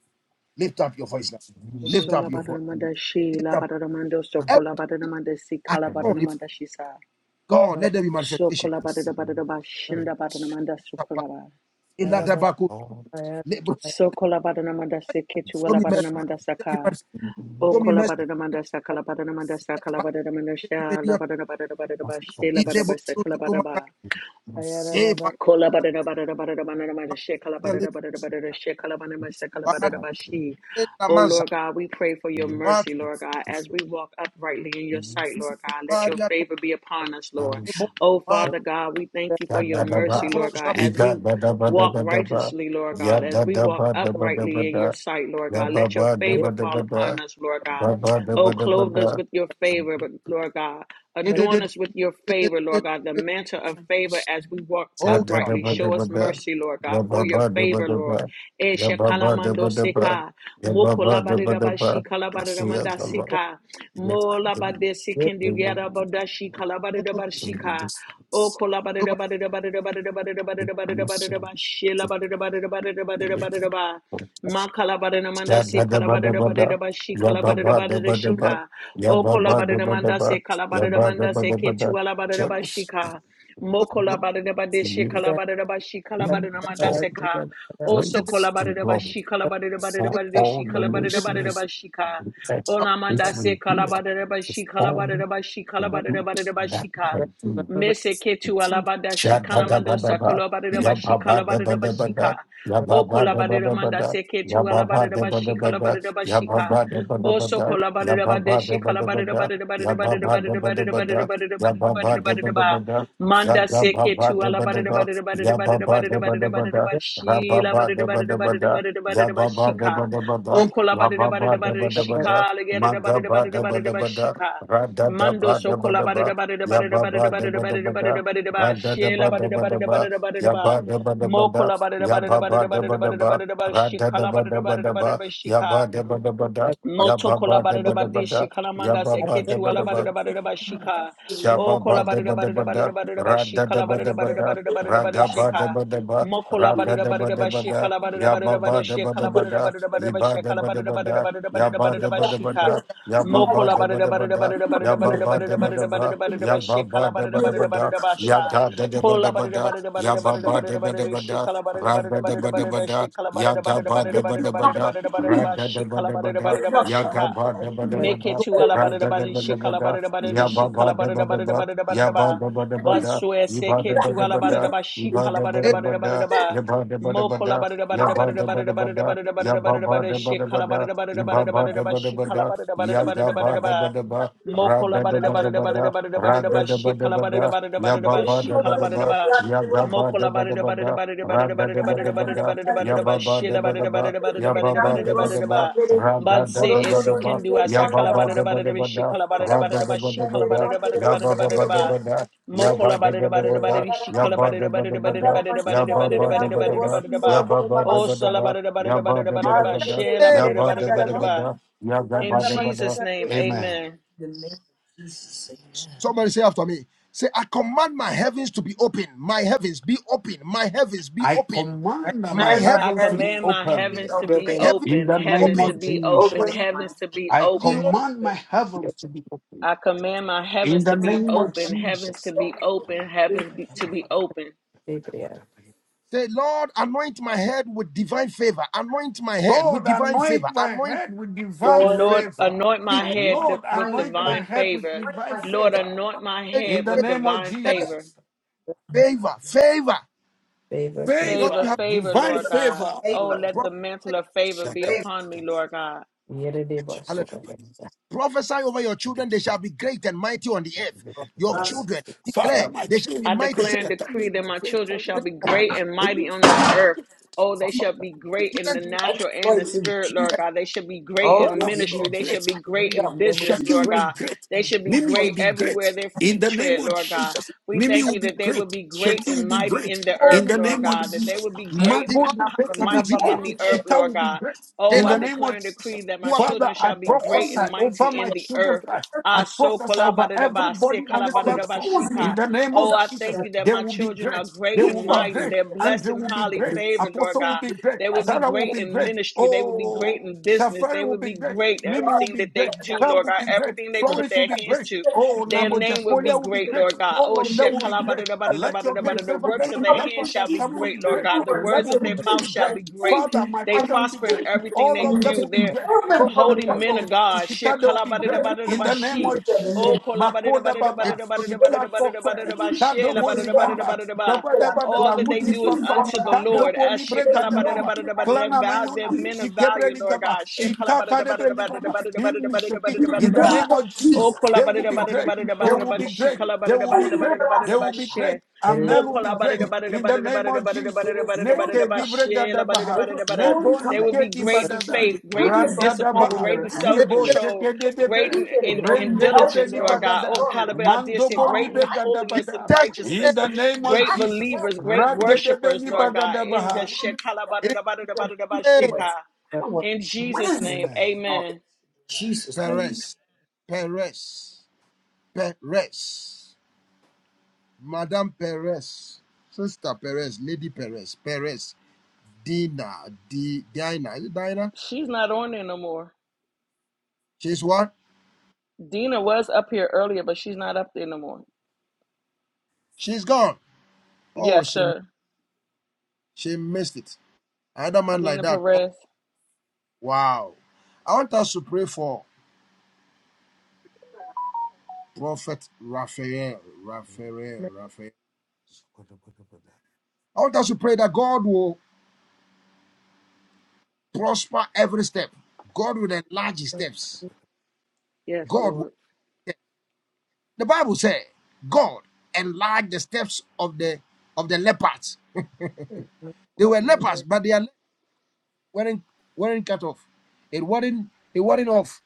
Speaker 3: Lift up your voice now.
Speaker 4: with
Speaker 5: name
Speaker 3: Lift up your
Speaker 4: you
Speaker 3: voice.
Speaker 1: Solabadamadashi,
Speaker 3: Lift up
Speaker 1: labadamando Solabaramadashi,
Speaker 4: and
Speaker 3: everything
Speaker 1: Labaramando, Sokolabaramandasi,
Speaker 3: I have shown you.
Speaker 4: not
Speaker 1: Kalabaramadashisa,
Speaker 3: God, let
Speaker 5: of
Speaker 3: there be manifestation.
Speaker 4: the same
Speaker 5: us,
Speaker 1: Sokolabaramadashinda
Speaker 4: rich.
Speaker 1: Baramanda Sukolaba,
Speaker 4: Yes,
Speaker 5: Araba,
Speaker 4: the
Speaker 3: Eladabaku,
Speaker 4: Lord
Speaker 5: Ayara,
Speaker 3: lebo-
Speaker 1: Sokolabaramandasi,
Speaker 3: Show me
Speaker 4: is
Speaker 3: mercy.
Speaker 4: right.
Speaker 3: Let there be
Speaker 1: Kitualabaramandasaka,
Speaker 4: Comes
Speaker 3: manifestation. Show
Speaker 5: Ayara,
Speaker 3: me mercy.
Speaker 1: Okolabaramadasa, Kalabaramadasa, Kalabaramadasha,
Speaker 4: out from
Speaker 1: Labarabarabashi,
Speaker 4: this
Speaker 3: Ilebo-
Speaker 1: Labarabasa,
Speaker 3: tututumaka.
Speaker 1: Kalabaraba,
Speaker 5: Ayara,
Speaker 3: Te-
Speaker 4: city.
Speaker 5: Araba,
Speaker 3: ba-
Speaker 1: Kola bada da bada da bada da bada da bada
Speaker 3: ba-
Speaker 1: shekala
Speaker 4: Yabba
Speaker 1: bada
Speaker 3: tele-
Speaker 1: da bada da bada da shekala bada da shekala bada
Speaker 3: ba-
Speaker 1: da bada
Speaker 3: tela-
Speaker 1: Oh
Speaker 3: mansa.
Speaker 1: Lord God, we pray for your
Speaker 3: Ba-
Speaker 1: mercy, Lord God, as we walk uprightly in your sight, Lord God. Let your
Speaker 3: baria- to-
Speaker 1: favor be upon us, Lord.
Speaker 3: lebo-
Speaker 1: Oh
Speaker 3: baria-
Speaker 5: Araba,
Speaker 1: Father God, we thank you for your mercy, Lord
Speaker 3: dombro-
Speaker 1: God,
Speaker 3: sa-
Speaker 1: as we walk righteously, Lord God, as we walk uprightly in your sight, Lord God. Let your
Speaker 5: Yep,
Speaker 1: favor fall upon us, Lord God. O clothe us with your favor, but Lord God,
Speaker 3: ede- de-
Speaker 5: Araba,
Speaker 1: adorn
Speaker 3: de-
Speaker 1: us with your
Speaker 3: de- de-
Speaker 1: favor,
Speaker 3: de-
Speaker 1: Lord God. The mantle of favor as we walk
Speaker 3: Oh God.
Speaker 1: uprightly. Show us mercy, Lord God, for your favor, Lord.
Speaker 5: Yep,
Speaker 4: da da da da da. da da da da
Speaker 1: Ma kalabada namanda se
Speaker 4: da
Speaker 1: kalabada da bada
Speaker 4: da
Speaker 1: da ba shi kalabada da
Speaker 4: ba
Speaker 1: bada
Speaker 4: da
Speaker 1: da
Speaker 4: ba
Speaker 1: shika.
Speaker 4: ya
Speaker 1: O
Speaker 4: ba ba.
Speaker 1: kolabada
Speaker 4: da ba da
Speaker 1: namanda se
Speaker 4: ba ya
Speaker 1: kalabada
Speaker 4: ba da
Speaker 1: namanda
Speaker 4: ba.
Speaker 1: se
Speaker 4: da ba
Speaker 1: ke tu
Speaker 4: da.
Speaker 1: alabada da ba
Speaker 4: Jerusalem
Speaker 1: shika. Mo kolabada da bada shi
Speaker 5: Araba,
Speaker 1: kalabada da ba shi kalabada namanda
Speaker 4: joy,
Speaker 5: Araba, Araba, Araba, Araba, Araba,
Speaker 1: se ka.
Speaker 5: Araba,
Speaker 1: O so
Speaker 3: Thank
Speaker 4: grace,
Speaker 1: kolabada
Speaker 4: and
Speaker 1: da ba
Speaker 4: glory
Speaker 1: shi kalabada da bada da
Speaker 4: for
Speaker 1: bada da
Speaker 4: all
Speaker 1: shi
Speaker 4: the
Speaker 1: kalabada da bada da ba
Speaker 4: nations of
Speaker 1: shika.
Speaker 4: the
Speaker 1: O
Speaker 4: earth,
Speaker 1: namanda
Speaker 4: which
Speaker 1: se
Speaker 4: will hear
Speaker 1: kalabada da ba shi kalabada da
Speaker 4: the
Speaker 1: ba shi
Speaker 5: Araba,
Speaker 1: kalabada da
Speaker 4: do
Speaker 1: bada da ba
Speaker 4: that I
Speaker 1: shika.
Speaker 5: Yep,
Speaker 4: do.
Speaker 1: Meseketu alabada shikana mando
Speaker 4: Shadadabadaba,
Speaker 1: sakolo abadada bashika alabadada bashika.
Speaker 4: yababadabadabada,
Speaker 1: O kolabadada manda
Speaker 4: yababadabadabada,
Speaker 1: seketu alabadada bashika
Speaker 4: yababadabadabada,
Speaker 1: alabadada bashika. O so
Speaker 4: yababadabadabada,
Speaker 1: kolabadada bade shika alabadada
Speaker 4: yababadabadabada,
Speaker 1: badada badada badada badada
Speaker 4: yababadabadabada,
Speaker 1: badada badada badada badada badada badada ba.
Speaker 4: yababadabadabada,
Speaker 1: Manda seketu alabadada
Speaker 4: zagababadabadaba,
Speaker 1: badada badada badada badada badada badada
Speaker 4: yababadabadabada,
Speaker 1: bashila badada badada badada
Speaker 4: rababadabadabada,
Speaker 1: badada badada bashika.
Speaker 4: yababadabadabada,
Speaker 1: O
Speaker 3: you.
Speaker 1: kolabadada badada badada
Speaker 5: Araba,
Speaker 4: yababadabadabada,
Speaker 1: shika alagada badada badada badada
Speaker 4: magabadabadabada,
Speaker 1: bashika.
Speaker 4: Ra da da
Speaker 1: Mando
Speaker 4: ba
Speaker 1: so
Speaker 4: da ba
Speaker 1: kola
Speaker 4: da
Speaker 1: bada
Speaker 4: ba,
Speaker 1: da bada da
Speaker 4: ya
Speaker 1: bada da
Speaker 4: ba
Speaker 1: bada da
Speaker 4: ba da
Speaker 1: bada da
Speaker 4: ba da ba
Speaker 1: bada da bada
Speaker 4: da,
Speaker 1: da bada da ba
Speaker 4: ra da da
Speaker 1: shela
Speaker 4: ba
Speaker 1: bada
Speaker 4: da
Speaker 1: da
Speaker 4: ba
Speaker 1: bada
Speaker 4: da
Speaker 1: da
Speaker 4: ba,
Speaker 1: bada da bada da
Speaker 4: ya ba
Speaker 1: ba
Speaker 4: da ba da ba da,
Speaker 1: mokola bada da
Speaker 4: ya
Speaker 1: bada
Speaker 4: ba
Speaker 1: da bada
Speaker 4: ba
Speaker 1: da
Speaker 4: da
Speaker 1: bada
Speaker 4: ba
Speaker 1: da
Speaker 4: da
Speaker 1: bada da
Speaker 4: ba,
Speaker 1: bada da ba
Speaker 4: ra da da
Speaker 1: shikala
Speaker 4: ba
Speaker 1: bada da
Speaker 4: da ba
Speaker 1: bada da
Speaker 4: da
Speaker 1: bada da
Speaker 4: ba,
Speaker 1: ba
Speaker 4: ya
Speaker 1: shika
Speaker 4: ba da ba da ba da,
Speaker 3: Father.
Speaker 4: ya
Speaker 1: Moto
Speaker 4: ba ba da
Speaker 1: kolabada
Speaker 4: ba da ba
Speaker 1: badi shi
Speaker 4: da, ya
Speaker 1: kalamanda
Speaker 4: ba
Speaker 1: se
Speaker 4: ba da
Speaker 1: ketu
Speaker 4: ba da
Speaker 1: alabada
Speaker 4: ba,
Speaker 1: bada bada shika. O
Speaker 4: Shababa
Speaker 1: kolabada
Speaker 4: deba
Speaker 1: bada
Speaker 4: deba
Speaker 1: bada
Speaker 4: da,
Speaker 1: bada bada shi
Speaker 4: rada deba
Speaker 1: kalabada
Speaker 4: deba
Speaker 1: bada
Speaker 4: da,
Speaker 1: bada bada bada
Speaker 4: ragaba
Speaker 1: shika.
Speaker 4: deba deba,
Speaker 1: Moko
Speaker 4: rada
Speaker 1: labada
Speaker 4: deba
Speaker 1: bada bashi,
Speaker 4: deba
Speaker 1: shi
Speaker 4: da,
Speaker 1: kalabada bada
Speaker 4: yababa
Speaker 1: bada shi
Speaker 4: deba deba
Speaker 1: kalabada
Speaker 4: da,
Speaker 1: bada bada bada
Speaker 4: iba
Speaker 1: shi
Speaker 4: deba
Speaker 1: kalabada
Speaker 4: deba
Speaker 1: bada
Speaker 4: da,
Speaker 1: bada bada
Speaker 4: yaba
Speaker 1: bada bada
Speaker 4: deba deba
Speaker 1: shika.
Speaker 4: da,
Speaker 1: Moko
Speaker 4: yababa deba
Speaker 1: labada
Speaker 4: deba
Speaker 1: bada
Speaker 4: da,
Speaker 1: bada bada bada bada
Speaker 4: yababa
Speaker 1: bada
Speaker 4: deba
Speaker 1: bada
Speaker 4: deba,
Speaker 1: bada bada bada shi
Speaker 4: yababa
Speaker 1: kalabada
Speaker 4: deba deba
Speaker 1: bada
Speaker 4: da,
Speaker 1: bada bada
Speaker 4: yaga deba
Speaker 1: Kola
Speaker 4: deba
Speaker 1: barada
Speaker 4: da,
Speaker 1: barada barada barada
Speaker 4: yababa
Speaker 1: barada
Speaker 4: deba
Speaker 1: barada
Speaker 4: deba
Speaker 1: she
Speaker 4: da,
Speaker 1: kala barada barada
Speaker 4: rada
Speaker 1: barada
Speaker 4: deba deba
Speaker 1: barada
Speaker 4: da,
Speaker 1: she kala barada barada
Speaker 4: yagaba
Speaker 1: barada
Speaker 4: deba
Speaker 1: barada
Speaker 4: deba
Speaker 1: barada
Speaker 4: da,
Speaker 1: barada barada ba
Speaker 4: rada
Speaker 1: she
Speaker 4: deba
Speaker 1: kala
Speaker 4: deba
Speaker 1: barada
Speaker 4: da,
Speaker 1: barada ba she ka.
Speaker 4: yagaba deba
Speaker 5: Araba,
Speaker 4: deba
Speaker 1: Make it
Speaker 4: da,
Speaker 3: So,
Speaker 1: to
Speaker 5: Araba.
Speaker 1: ala barada
Speaker 4: rada
Speaker 1: barada
Speaker 4: deba
Speaker 1: she
Speaker 4: deba
Speaker 1: kala
Speaker 4: da.
Speaker 1: barada barada
Speaker 4: Ya ba
Speaker 1: she
Speaker 4: ba
Speaker 1: kala
Speaker 4: da ba
Speaker 1: barada
Speaker 4: da
Speaker 1: barada
Speaker 4: ba,
Speaker 1: barada
Speaker 4: ya
Speaker 1: barada
Speaker 4: ba
Speaker 1: ba.
Speaker 4: da ba da ba da,
Speaker 1: Basu
Speaker 4: ya
Speaker 1: ese
Speaker 4: ba da
Speaker 1: ke
Speaker 4: ba
Speaker 1: to
Speaker 4: da
Speaker 1: ala
Speaker 4: ba
Speaker 1: barada
Speaker 4: da,
Speaker 1: ba
Speaker 4: ya
Speaker 1: she
Speaker 4: ba
Speaker 1: kala
Speaker 4: da ba
Speaker 1: barada
Speaker 4: da
Speaker 1: barada
Speaker 4: ba da,
Speaker 1: barada ba.
Speaker 4: ya ba da ba da ba
Speaker 1: Mokola
Speaker 4: da,
Speaker 1: barada
Speaker 4: ya
Speaker 1: barada
Speaker 4: ba
Speaker 1: it
Speaker 4: da ba da
Speaker 1: barada
Speaker 4: ba da,
Speaker 1: barada barada
Speaker 4: ya ba
Speaker 1: barada barada
Speaker 4: ba da
Speaker 1: barada
Speaker 4: ba
Speaker 1: she
Speaker 4: da ba
Speaker 1: kala
Speaker 4: da,
Speaker 1: barada barada
Speaker 4: ya ba
Speaker 1: barada
Speaker 4: ba
Speaker 1: barada
Speaker 4: da
Speaker 1: ba
Speaker 4: ba da
Speaker 1: she
Speaker 4: ba
Speaker 1: kala
Speaker 4: da, ya ga ba da ba da ba, ra
Speaker 1: Mokola
Speaker 4: da da
Speaker 1: bada da
Speaker 4: ba da
Speaker 1: bada da
Speaker 4: ba
Speaker 1: bada
Speaker 4: da,
Speaker 1: da bada da bada
Speaker 4: ra
Speaker 1: da
Speaker 4: da
Speaker 1: ba
Speaker 4: da ba da
Speaker 1: shikala
Speaker 4: ba
Speaker 1: bada da
Speaker 4: da,
Speaker 1: bada da
Speaker 4: ya
Speaker 1: bada da
Speaker 4: ba
Speaker 1: ba
Speaker 4: ba
Speaker 6: Yorumlu
Speaker 4: da ba
Speaker 1: shikala
Speaker 4: da
Speaker 1: bada da
Speaker 4: ba,
Speaker 6: yandere
Speaker 1: ba
Speaker 4: ya
Speaker 6: yandere
Speaker 4: ga
Speaker 6: bosu.
Speaker 4: ba da
Speaker 1: mokola
Speaker 4: ba
Speaker 1: bada
Speaker 4: da
Speaker 1: da
Speaker 4: ba
Speaker 1: bada da
Speaker 4: da,
Speaker 1: bada da
Speaker 4: ra da
Speaker 1: bada
Speaker 4: da
Speaker 1: da
Speaker 4: ba
Speaker 1: bada
Speaker 4: da
Speaker 1: da
Speaker 4: ba
Speaker 1: bada da
Speaker 4: da,
Speaker 1: bada da bada da bada
Speaker 4: ya
Speaker 1: da
Speaker 4: ba
Speaker 1: ba
Speaker 4: ba da
Speaker 1: shila
Speaker 4: ba
Speaker 1: bada
Speaker 4: da
Speaker 1: da bada
Speaker 4: ba,
Speaker 1: da bada da
Speaker 4: ya
Speaker 1: bada
Speaker 4: ba
Speaker 1: da
Speaker 4: ba
Speaker 1: bada da
Speaker 4: da ba
Speaker 1: bada
Speaker 4: da
Speaker 1: da
Speaker 4: ba,
Speaker 1: ba
Speaker 4: ra da da
Speaker 1: banse
Speaker 4: da ba
Speaker 6: Borondoro
Speaker 4: da
Speaker 1: esi
Speaker 4: ba,
Speaker 1: kendi wa
Speaker 4: ya ba
Speaker 1: sakala
Speaker 4: ba
Speaker 1: bada da
Speaker 4: da ba
Speaker 1: bada
Speaker 4: da
Speaker 1: da ba
Speaker 4: ba da.
Speaker 1: shikala bada da bada da ba shikala bada
Speaker 4: Ra-da-da-ba-da-ba-da,
Speaker 1: da bada da bada da bada da ba
Speaker 4: ya-ba-ba-ba-da-ba-da,
Speaker 1: mokola bada da bada da bada
Speaker 4: ya-ba-da-ba-da-ba-da,
Speaker 1: da shikala bada da bada da bada da
Speaker 4: ya-ba-da-ba-da-ba-da,
Speaker 1: bada da bada da bada da bada da bada da
Speaker 4: ya-ba-ba-da-ba-da-ba,
Speaker 1: bada da ba o sala
Speaker 4: ya-ba-ba-da-ba-da-ba,
Speaker 1: bada da bada da bada da bada da ba
Speaker 4: ya-ba-da-ba-da-ba-da,
Speaker 1: shela
Speaker 3: amen.
Speaker 1: bada da bada da bada da
Speaker 4: ya-ba-da-ba-da-ba-da,
Speaker 1: ba in Jesus
Speaker 4: ya-ga-ba-da-ba-da.
Speaker 1: name
Speaker 4: Amen.
Speaker 1: amen
Speaker 6: The name of Jesus.
Speaker 3: Somebody say after me. Say, I command my heavens to be open. My heavens be open. My heavens be
Speaker 4: I
Speaker 3: open.
Speaker 6: I
Speaker 4: command
Speaker 5: Make
Speaker 4: my
Speaker 3: My
Speaker 6: command
Speaker 3: heavens,
Speaker 6: my
Speaker 1: I
Speaker 4: heavens to
Speaker 3: be-
Speaker 6: hands
Speaker 4: be
Speaker 1: command my
Speaker 6: to be
Speaker 1: heavens
Speaker 4: open
Speaker 1: to
Speaker 5: your
Speaker 6: open.
Speaker 1: be
Speaker 3: my
Speaker 5: way, make
Speaker 3: heavens
Speaker 4: in
Speaker 1: open,
Speaker 4: the
Speaker 6: I
Speaker 5: your
Speaker 4: name
Speaker 1: heavens
Speaker 3: open.
Speaker 5: way,
Speaker 1: to
Speaker 4: of
Speaker 1: be
Speaker 3: My
Speaker 1: open,
Speaker 4: Jesus.
Speaker 6: open my
Speaker 1: heavens to be
Speaker 4: I
Speaker 3: be
Speaker 1: open.
Speaker 3: open.
Speaker 4: command my
Speaker 5: make your
Speaker 4: heavens to be open
Speaker 1: I command my
Speaker 4: in
Speaker 1: heavens
Speaker 4: the
Speaker 1: to be
Speaker 4: name of
Speaker 6: hands.
Speaker 1: open, heavens to
Speaker 4: Jesus.
Speaker 1: be open, heavens be, to be open.
Speaker 5: way, Brian.
Speaker 3: Say, Lord, anoint my head with divine favor. Anoint my head with
Speaker 4: God,
Speaker 3: divine
Speaker 4: anoint
Speaker 3: favor.
Speaker 4: my
Speaker 3: Anoint
Speaker 4: head with divine
Speaker 6: Lord,
Speaker 3: favor.
Speaker 1: Lord,
Speaker 4: favor.
Speaker 1: anoint my head th-
Speaker 4: Lord,
Speaker 1: with
Speaker 4: anoint my
Speaker 5: The
Speaker 1: divine
Speaker 4: head with
Speaker 1: favor.
Speaker 4: divine
Speaker 1: Lord,
Speaker 4: favor.
Speaker 1: anoint my
Speaker 3: Divine
Speaker 4: In
Speaker 1: head
Speaker 4: the
Speaker 1: with
Speaker 3: favor.
Speaker 4: name of
Speaker 1: divine
Speaker 3: Let there
Speaker 1: favor.
Speaker 4: Jesus.
Speaker 3: be favor. Favor.
Speaker 5: favor,
Speaker 3: You
Speaker 5: favor.
Speaker 3: don't even
Speaker 4: Favor,
Speaker 1: Favor,
Speaker 3: have to
Speaker 1: favor,
Speaker 4: divine
Speaker 1: Lord God.
Speaker 4: favor. Oh,
Speaker 1: Oh,
Speaker 4: Lord.
Speaker 1: let the mantle
Speaker 3: prophesy.
Speaker 1: of favor be upon me, Lord God.
Speaker 5: Yere de basso,
Speaker 3: Hallelujah.
Speaker 5: come on,
Speaker 3: Prophesy over your children, they shall be great and mighty on the earth. Your
Speaker 5: come on,
Speaker 3: children
Speaker 5: come
Speaker 4: Father,
Speaker 3: declare
Speaker 5: on.
Speaker 4: my
Speaker 3: they shall be
Speaker 1: I
Speaker 4: children,
Speaker 3: mighty.
Speaker 4: pray
Speaker 3: Say,
Speaker 1: declare and
Speaker 4: that I
Speaker 1: decree
Speaker 4: may be
Speaker 1: that my children
Speaker 4: faithful.
Speaker 1: shall
Speaker 3: "Great
Speaker 1: be great and
Speaker 4: May
Speaker 1: mighty on the
Speaker 4: you be
Speaker 1: earth.
Speaker 4: great.
Speaker 1: Oh, they
Speaker 3: be
Speaker 4: Father,
Speaker 1: shall be
Speaker 3: thy
Speaker 4: be
Speaker 1: great in the
Speaker 3: children shall
Speaker 1: natural and the
Speaker 6: exploits in
Speaker 1: spirit,
Speaker 3: be
Speaker 6: Jesus.
Speaker 1: Lord
Speaker 3: great."
Speaker 1: God. They shall be great
Speaker 6: Oh,
Speaker 1: in
Speaker 4: be
Speaker 6: yes,
Speaker 1: ministry.
Speaker 6: Lord.
Speaker 1: They
Speaker 4: great.
Speaker 1: shall be great
Speaker 6: In
Speaker 1: in
Speaker 6: that name will
Speaker 1: business,
Speaker 6: be
Speaker 4: Shaki
Speaker 1: Lord
Speaker 4: will
Speaker 6: great.
Speaker 4: be
Speaker 1: God.
Speaker 4: great.
Speaker 1: They
Speaker 6: And
Speaker 1: shall be
Speaker 6: you,
Speaker 4: Mimi will
Speaker 1: great
Speaker 6: Lord,
Speaker 4: be
Speaker 6: you
Speaker 4: great.
Speaker 1: everywhere their
Speaker 4: In
Speaker 1: feet
Speaker 4: the name
Speaker 1: tread,
Speaker 4: of
Speaker 1: Lord God.
Speaker 4: Jesus.
Speaker 1: We
Speaker 4: Mimi
Speaker 1: thank
Speaker 4: will
Speaker 1: you
Speaker 4: be
Speaker 1: that they will
Speaker 4: great.
Speaker 1: be great
Speaker 4: Shaki will
Speaker 1: and
Speaker 4: be
Speaker 1: mighty in
Speaker 4: great.
Speaker 1: the
Speaker 6: draw
Speaker 1: earth,
Speaker 4: In the
Speaker 6: me
Speaker 1: Lord
Speaker 4: name of
Speaker 1: God.
Speaker 6: unto
Speaker 1: That
Speaker 6: you.
Speaker 1: they
Speaker 4: Jesus.
Speaker 1: will be
Speaker 6: Let
Speaker 1: great
Speaker 6: them
Speaker 4: Mago
Speaker 3: Diba,
Speaker 6: be
Speaker 1: and
Speaker 4: Nabeta
Speaker 3: uhu,
Speaker 1: mighty
Speaker 3: zibi,
Speaker 4: Dababa.
Speaker 1: in the earth,
Speaker 6: everywhere.
Speaker 4: Shika
Speaker 1: Lord
Speaker 4: will be
Speaker 1: God.
Speaker 4: great.
Speaker 1: Oh,
Speaker 4: In
Speaker 1: I
Speaker 4: the
Speaker 3: telamu,
Speaker 4: name
Speaker 1: declare
Speaker 4: of
Speaker 1: and decree
Speaker 4: Jesus.
Speaker 1: that my
Speaker 3: what?
Speaker 4: Father,
Speaker 1: children
Speaker 4: I
Speaker 1: shall be
Speaker 6: The
Speaker 1: great
Speaker 6: enemy
Speaker 4: prophesy
Speaker 1: and
Speaker 6: is
Speaker 1: mighty
Speaker 4: over my
Speaker 1: in the
Speaker 4: children's
Speaker 1: earth.
Speaker 4: lives.
Speaker 1: Ah,
Speaker 4: I
Speaker 6: hurting.
Speaker 1: so
Speaker 4: prophesy over
Speaker 1: kolabadadaba,
Speaker 4: everybody
Speaker 1: se
Speaker 6: You
Speaker 4: on this
Speaker 6: are
Speaker 1: kalabadadaba
Speaker 4: platform.
Speaker 6: imposing
Speaker 1: shika.
Speaker 4: In
Speaker 6: my
Speaker 4: the name
Speaker 1: Oh,
Speaker 4: of
Speaker 6: kingdom.
Speaker 1: I
Speaker 4: Jesus,
Speaker 1: thank
Speaker 6: The
Speaker 1: you that
Speaker 4: they
Speaker 1: my
Speaker 4: will be
Speaker 1: children are
Speaker 4: great. They
Speaker 1: great and
Speaker 4: will
Speaker 6: kingdom
Speaker 4: be
Speaker 1: mighty.
Speaker 4: great.
Speaker 1: They're blessed
Speaker 4: Andrew
Speaker 1: and
Speaker 4: will be
Speaker 1: highly
Speaker 6: of
Speaker 4: great.
Speaker 6: creation.
Speaker 1: favored, Lord
Speaker 4: Apostle will
Speaker 1: God.
Speaker 4: be great.
Speaker 1: They will be
Speaker 4: Sarah will
Speaker 1: great
Speaker 4: be
Speaker 1: in
Speaker 4: great.
Speaker 1: ministry. They will be great
Speaker 4: Oh,
Speaker 1: in business.
Speaker 4: Safari
Speaker 1: They
Speaker 4: will
Speaker 1: will
Speaker 4: be
Speaker 1: be
Speaker 4: great.
Speaker 1: great in
Speaker 4: Mimi
Speaker 6: But
Speaker 4: will
Speaker 1: everything
Speaker 4: be
Speaker 1: that
Speaker 4: great.
Speaker 1: they do,
Speaker 4: Pearl
Speaker 1: Lord
Speaker 4: will
Speaker 1: God.
Speaker 4: be great.
Speaker 1: Everything they put
Speaker 4: Florence will
Speaker 1: their
Speaker 4: be
Speaker 1: hands
Speaker 4: great.
Speaker 1: to,
Speaker 4: Oh,
Speaker 1: their name will be
Speaker 4: Nabojapolia will be
Speaker 1: great,
Speaker 4: great.
Speaker 1: Lord God. Oh,
Speaker 4: All of them will be great. Let your great
Speaker 1: shekalabadadabadadabadadabada. the
Speaker 4: favor them.
Speaker 1: works
Speaker 6: they
Speaker 1: of
Speaker 6: would
Speaker 1: their
Speaker 6: help
Speaker 4: Let
Speaker 1: hands
Speaker 6: you
Speaker 4: Pastor
Speaker 1: shall be
Speaker 4: Samuel
Speaker 6: easily
Speaker 4: be
Speaker 1: great, Lord
Speaker 4: great.
Speaker 1: God. The
Speaker 6: influenced
Speaker 4: Let
Speaker 1: words
Speaker 6: and
Speaker 1: of their
Speaker 4: Mubutus
Speaker 1: mouth
Speaker 4: be
Speaker 6: convinced
Speaker 1: shall
Speaker 6: by
Speaker 4: great.
Speaker 1: be great.
Speaker 6: things
Speaker 4: Father, my
Speaker 1: They
Speaker 6: and
Speaker 4: children will
Speaker 6: you
Speaker 4: be
Speaker 1: prosper in
Speaker 4: great.
Speaker 6: think
Speaker 1: everything
Speaker 4: All
Speaker 1: they
Speaker 6: and
Speaker 4: of
Speaker 6: you
Speaker 4: them
Speaker 1: do.
Speaker 6: just
Speaker 4: will be
Speaker 1: They're
Speaker 4: great.
Speaker 6: pull them
Speaker 4: From
Speaker 6: from
Speaker 1: holy
Speaker 6: their
Speaker 1: men of
Speaker 4: Kakane
Speaker 6: focus.
Speaker 4: to
Speaker 1: God.
Speaker 4: Chicago will be
Speaker 6: But I
Speaker 4: great. In the
Speaker 6: know
Speaker 4: name
Speaker 6: you
Speaker 4: of
Speaker 6: give them and then
Speaker 4: Jesus. Makoda
Speaker 3: they
Speaker 4: Baba,
Speaker 3: don't
Speaker 6: they will
Speaker 4: Chicago,
Speaker 6: succeed because
Speaker 4: Kadobosi
Speaker 6: they are the
Speaker 4: Baba,
Speaker 6: that
Speaker 4: Kabada
Speaker 6: are
Speaker 1: Oh, all
Speaker 4: Baba,
Speaker 6: touching
Speaker 1: that
Speaker 6: you
Speaker 1: they
Speaker 4: Muti
Speaker 6: and
Speaker 1: do is
Speaker 6: you
Speaker 4: Fafa,
Speaker 6: know
Speaker 1: unto the
Speaker 6: about God.
Speaker 1: Lord.
Speaker 4: Kadobo
Speaker 6: And
Speaker 4: Libre
Speaker 6: they will
Speaker 4: Dada Baba.
Speaker 6: know you as
Speaker 4: Klana
Speaker 1: Their
Speaker 4: manyona,
Speaker 6: their
Speaker 1: men
Speaker 6: God.
Speaker 1: of
Speaker 4: sikebre
Speaker 1: value, Lord
Speaker 4: ligaba,
Speaker 6: In
Speaker 4: shikaka nebre ligaba, himmi shiki.
Speaker 6: the
Speaker 4: In
Speaker 1: God.
Speaker 4: the
Speaker 6: name
Speaker 4: name
Speaker 6: of
Speaker 4: of Jesus,
Speaker 1: O
Speaker 6: Jesus,
Speaker 1: kola
Speaker 4: they
Speaker 1: bada
Speaker 4: will
Speaker 6: you
Speaker 1: da
Speaker 4: be
Speaker 6: will
Speaker 1: bada da
Speaker 4: great.
Speaker 6: be
Speaker 1: bada
Speaker 6: the
Speaker 1: da
Speaker 4: They
Speaker 1: bada
Speaker 6: Lord
Speaker 1: da
Speaker 6: of
Speaker 4: will
Speaker 1: bada
Speaker 4: be
Speaker 6: Lords.
Speaker 1: she
Speaker 4: great.
Speaker 1: kola
Speaker 4: They
Speaker 1: bada da
Speaker 4: will be
Speaker 1: bada da
Speaker 6: Everywhere
Speaker 1: bada
Speaker 4: great.
Speaker 1: da bada
Speaker 6: else
Speaker 4: They
Speaker 1: da
Speaker 6: you
Speaker 4: will
Speaker 1: bada
Speaker 4: be
Speaker 6: go,
Speaker 1: she
Speaker 4: great.
Speaker 5: Yere de
Speaker 4: Amel
Speaker 1: mo
Speaker 6: they
Speaker 4: will be
Speaker 1: kola
Speaker 6: shall
Speaker 1: bada
Speaker 4: great.
Speaker 1: da
Speaker 3: do.
Speaker 6: surely come.
Speaker 1: bada da
Speaker 4: In the
Speaker 1: bada da
Speaker 4: name
Speaker 1: bada da
Speaker 4: of
Speaker 1: bada da
Speaker 4: Jesus.
Speaker 6: They
Speaker 1: bada da
Speaker 6: will
Speaker 1: bada da bada
Speaker 6: surely
Speaker 1: da
Speaker 4: Neke
Speaker 1: bada
Speaker 6: come.
Speaker 4: bibre
Speaker 1: she la bada da
Speaker 6: They
Speaker 4: gadabaha.
Speaker 1: bada
Speaker 6: will
Speaker 1: da bada.
Speaker 6: surely
Speaker 4: Nebo
Speaker 1: They
Speaker 6: come. And
Speaker 1: will
Speaker 4: nike
Speaker 1: be
Speaker 4: di
Speaker 6: we
Speaker 1: great
Speaker 6: see
Speaker 1: in
Speaker 4: badada.
Speaker 1: faith,
Speaker 6: the
Speaker 1: great in
Speaker 6: goodness of the
Speaker 1: discipline,
Speaker 6: Lord in
Speaker 4: Randadaba.
Speaker 6: the
Speaker 1: great in
Speaker 6: land of the
Speaker 4: Nibo
Speaker 6: living.
Speaker 1: self-control,
Speaker 4: sheke
Speaker 1: great
Speaker 4: dedebe.
Speaker 6: You
Speaker 1: in,
Speaker 6: get it.
Speaker 1: in,
Speaker 6: They'll be
Speaker 1: in
Speaker 4: Rendedebe
Speaker 6: healthy.
Speaker 1: diligence,
Speaker 4: ni
Speaker 6: They'll
Speaker 1: Lord
Speaker 6: be
Speaker 1: God. Oh,
Speaker 4: bagada.
Speaker 6: strong. They
Speaker 1: Calabria,
Speaker 6: will
Speaker 1: I did say
Speaker 6: be
Speaker 4: Mandobo ni
Speaker 1: great in
Speaker 6: almighty.
Speaker 1: holiness and
Speaker 4: begadabada.
Speaker 3: Jesus, eh,
Speaker 4: In
Speaker 1: righteousness,
Speaker 4: the name of
Speaker 1: great
Speaker 4: Jesus.
Speaker 1: believers, great
Speaker 4: Radedebe
Speaker 1: worshipers,
Speaker 4: ni
Speaker 1: Lord God. In the
Speaker 4: bagadabaha.
Speaker 1: shekala bada da bada da bada da bada
Speaker 3: eh,
Speaker 1: sheka.
Speaker 6: I want
Speaker 1: In Jesus' name,
Speaker 6: Wisdom
Speaker 4: Amen.
Speaker 6: and all that.
Speaker 1: amen.
Speaker 6: In Jesus' name.
Speaker 3: Perez, Perez, Perez, Madame Perez, Sister Perez, Lady Perez, Perez, Dina, D, Dina, is it Dina?
Speaker 1: She's not on there no more.
Speaker 3: She's what?
Speaker 1: Dina was up here earlier, but she's not up there no more.
Speaker 3: She's gone. Oh,
Speaker 1: Yes,
Speaker 3: she
Speaker 1: sir.
Speaker 3: she missed it. Another man like
Speaker 1: Dina
Speaker 3: that.
Speaker 1: Perez.
Speaker 3: Wow. I want us to pray for Prophet Raphael. Raphael,
Speaker 5: basso.
Speaker 3: Raphael. I want us to pray that God will prosper every step. God will enlarge his steps.
Speaker 1: Yes,
Speaker 3: God will
Speaker 1: Lord.
Speaker 3: the Bible says, God enlarged the steps of the of the lepers.
Speaker 5: Amen. Mm,
Speaker 3: They were lepers,
Speaker 5: mm,
Speaker 3: but they are weren't weren't cut off. It wasn't it wasn't off.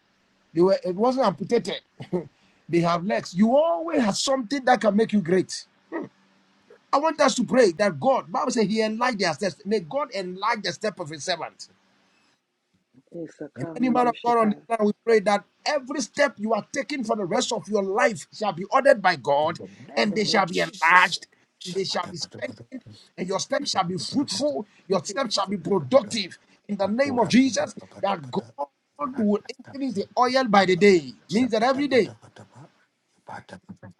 Speaker 3: They were it wasn't amputated. they have legs. You always have something that can make you great. I want us to pray that God, Bible says He enlarged their steps. May God enlighten the step of His servant.
Speaker 1: It's a
Speaker 3: And any man
Speaker 1: commando
Speaker 3: of God on
Speaker 1: shaka.
Speaker 3: this land, we pray that every step you are taking for the rest of your life shall be ordered by
Speaker 4: In
Speaker 3: God,
Speaker 4: the
Speaker 3: and
Speaker 4: name
Speaker 3: they
Speaker 4: of
Speaker 5: mm,
Speaker 3: shall be
Speaker 4: Jesus.
Speaker 3: enlarged, and they shall be strengthened, and your steps shall be fruitful, your steps shall be productive. In the name of Jesus, that God will increase the oil by the day. Means that every day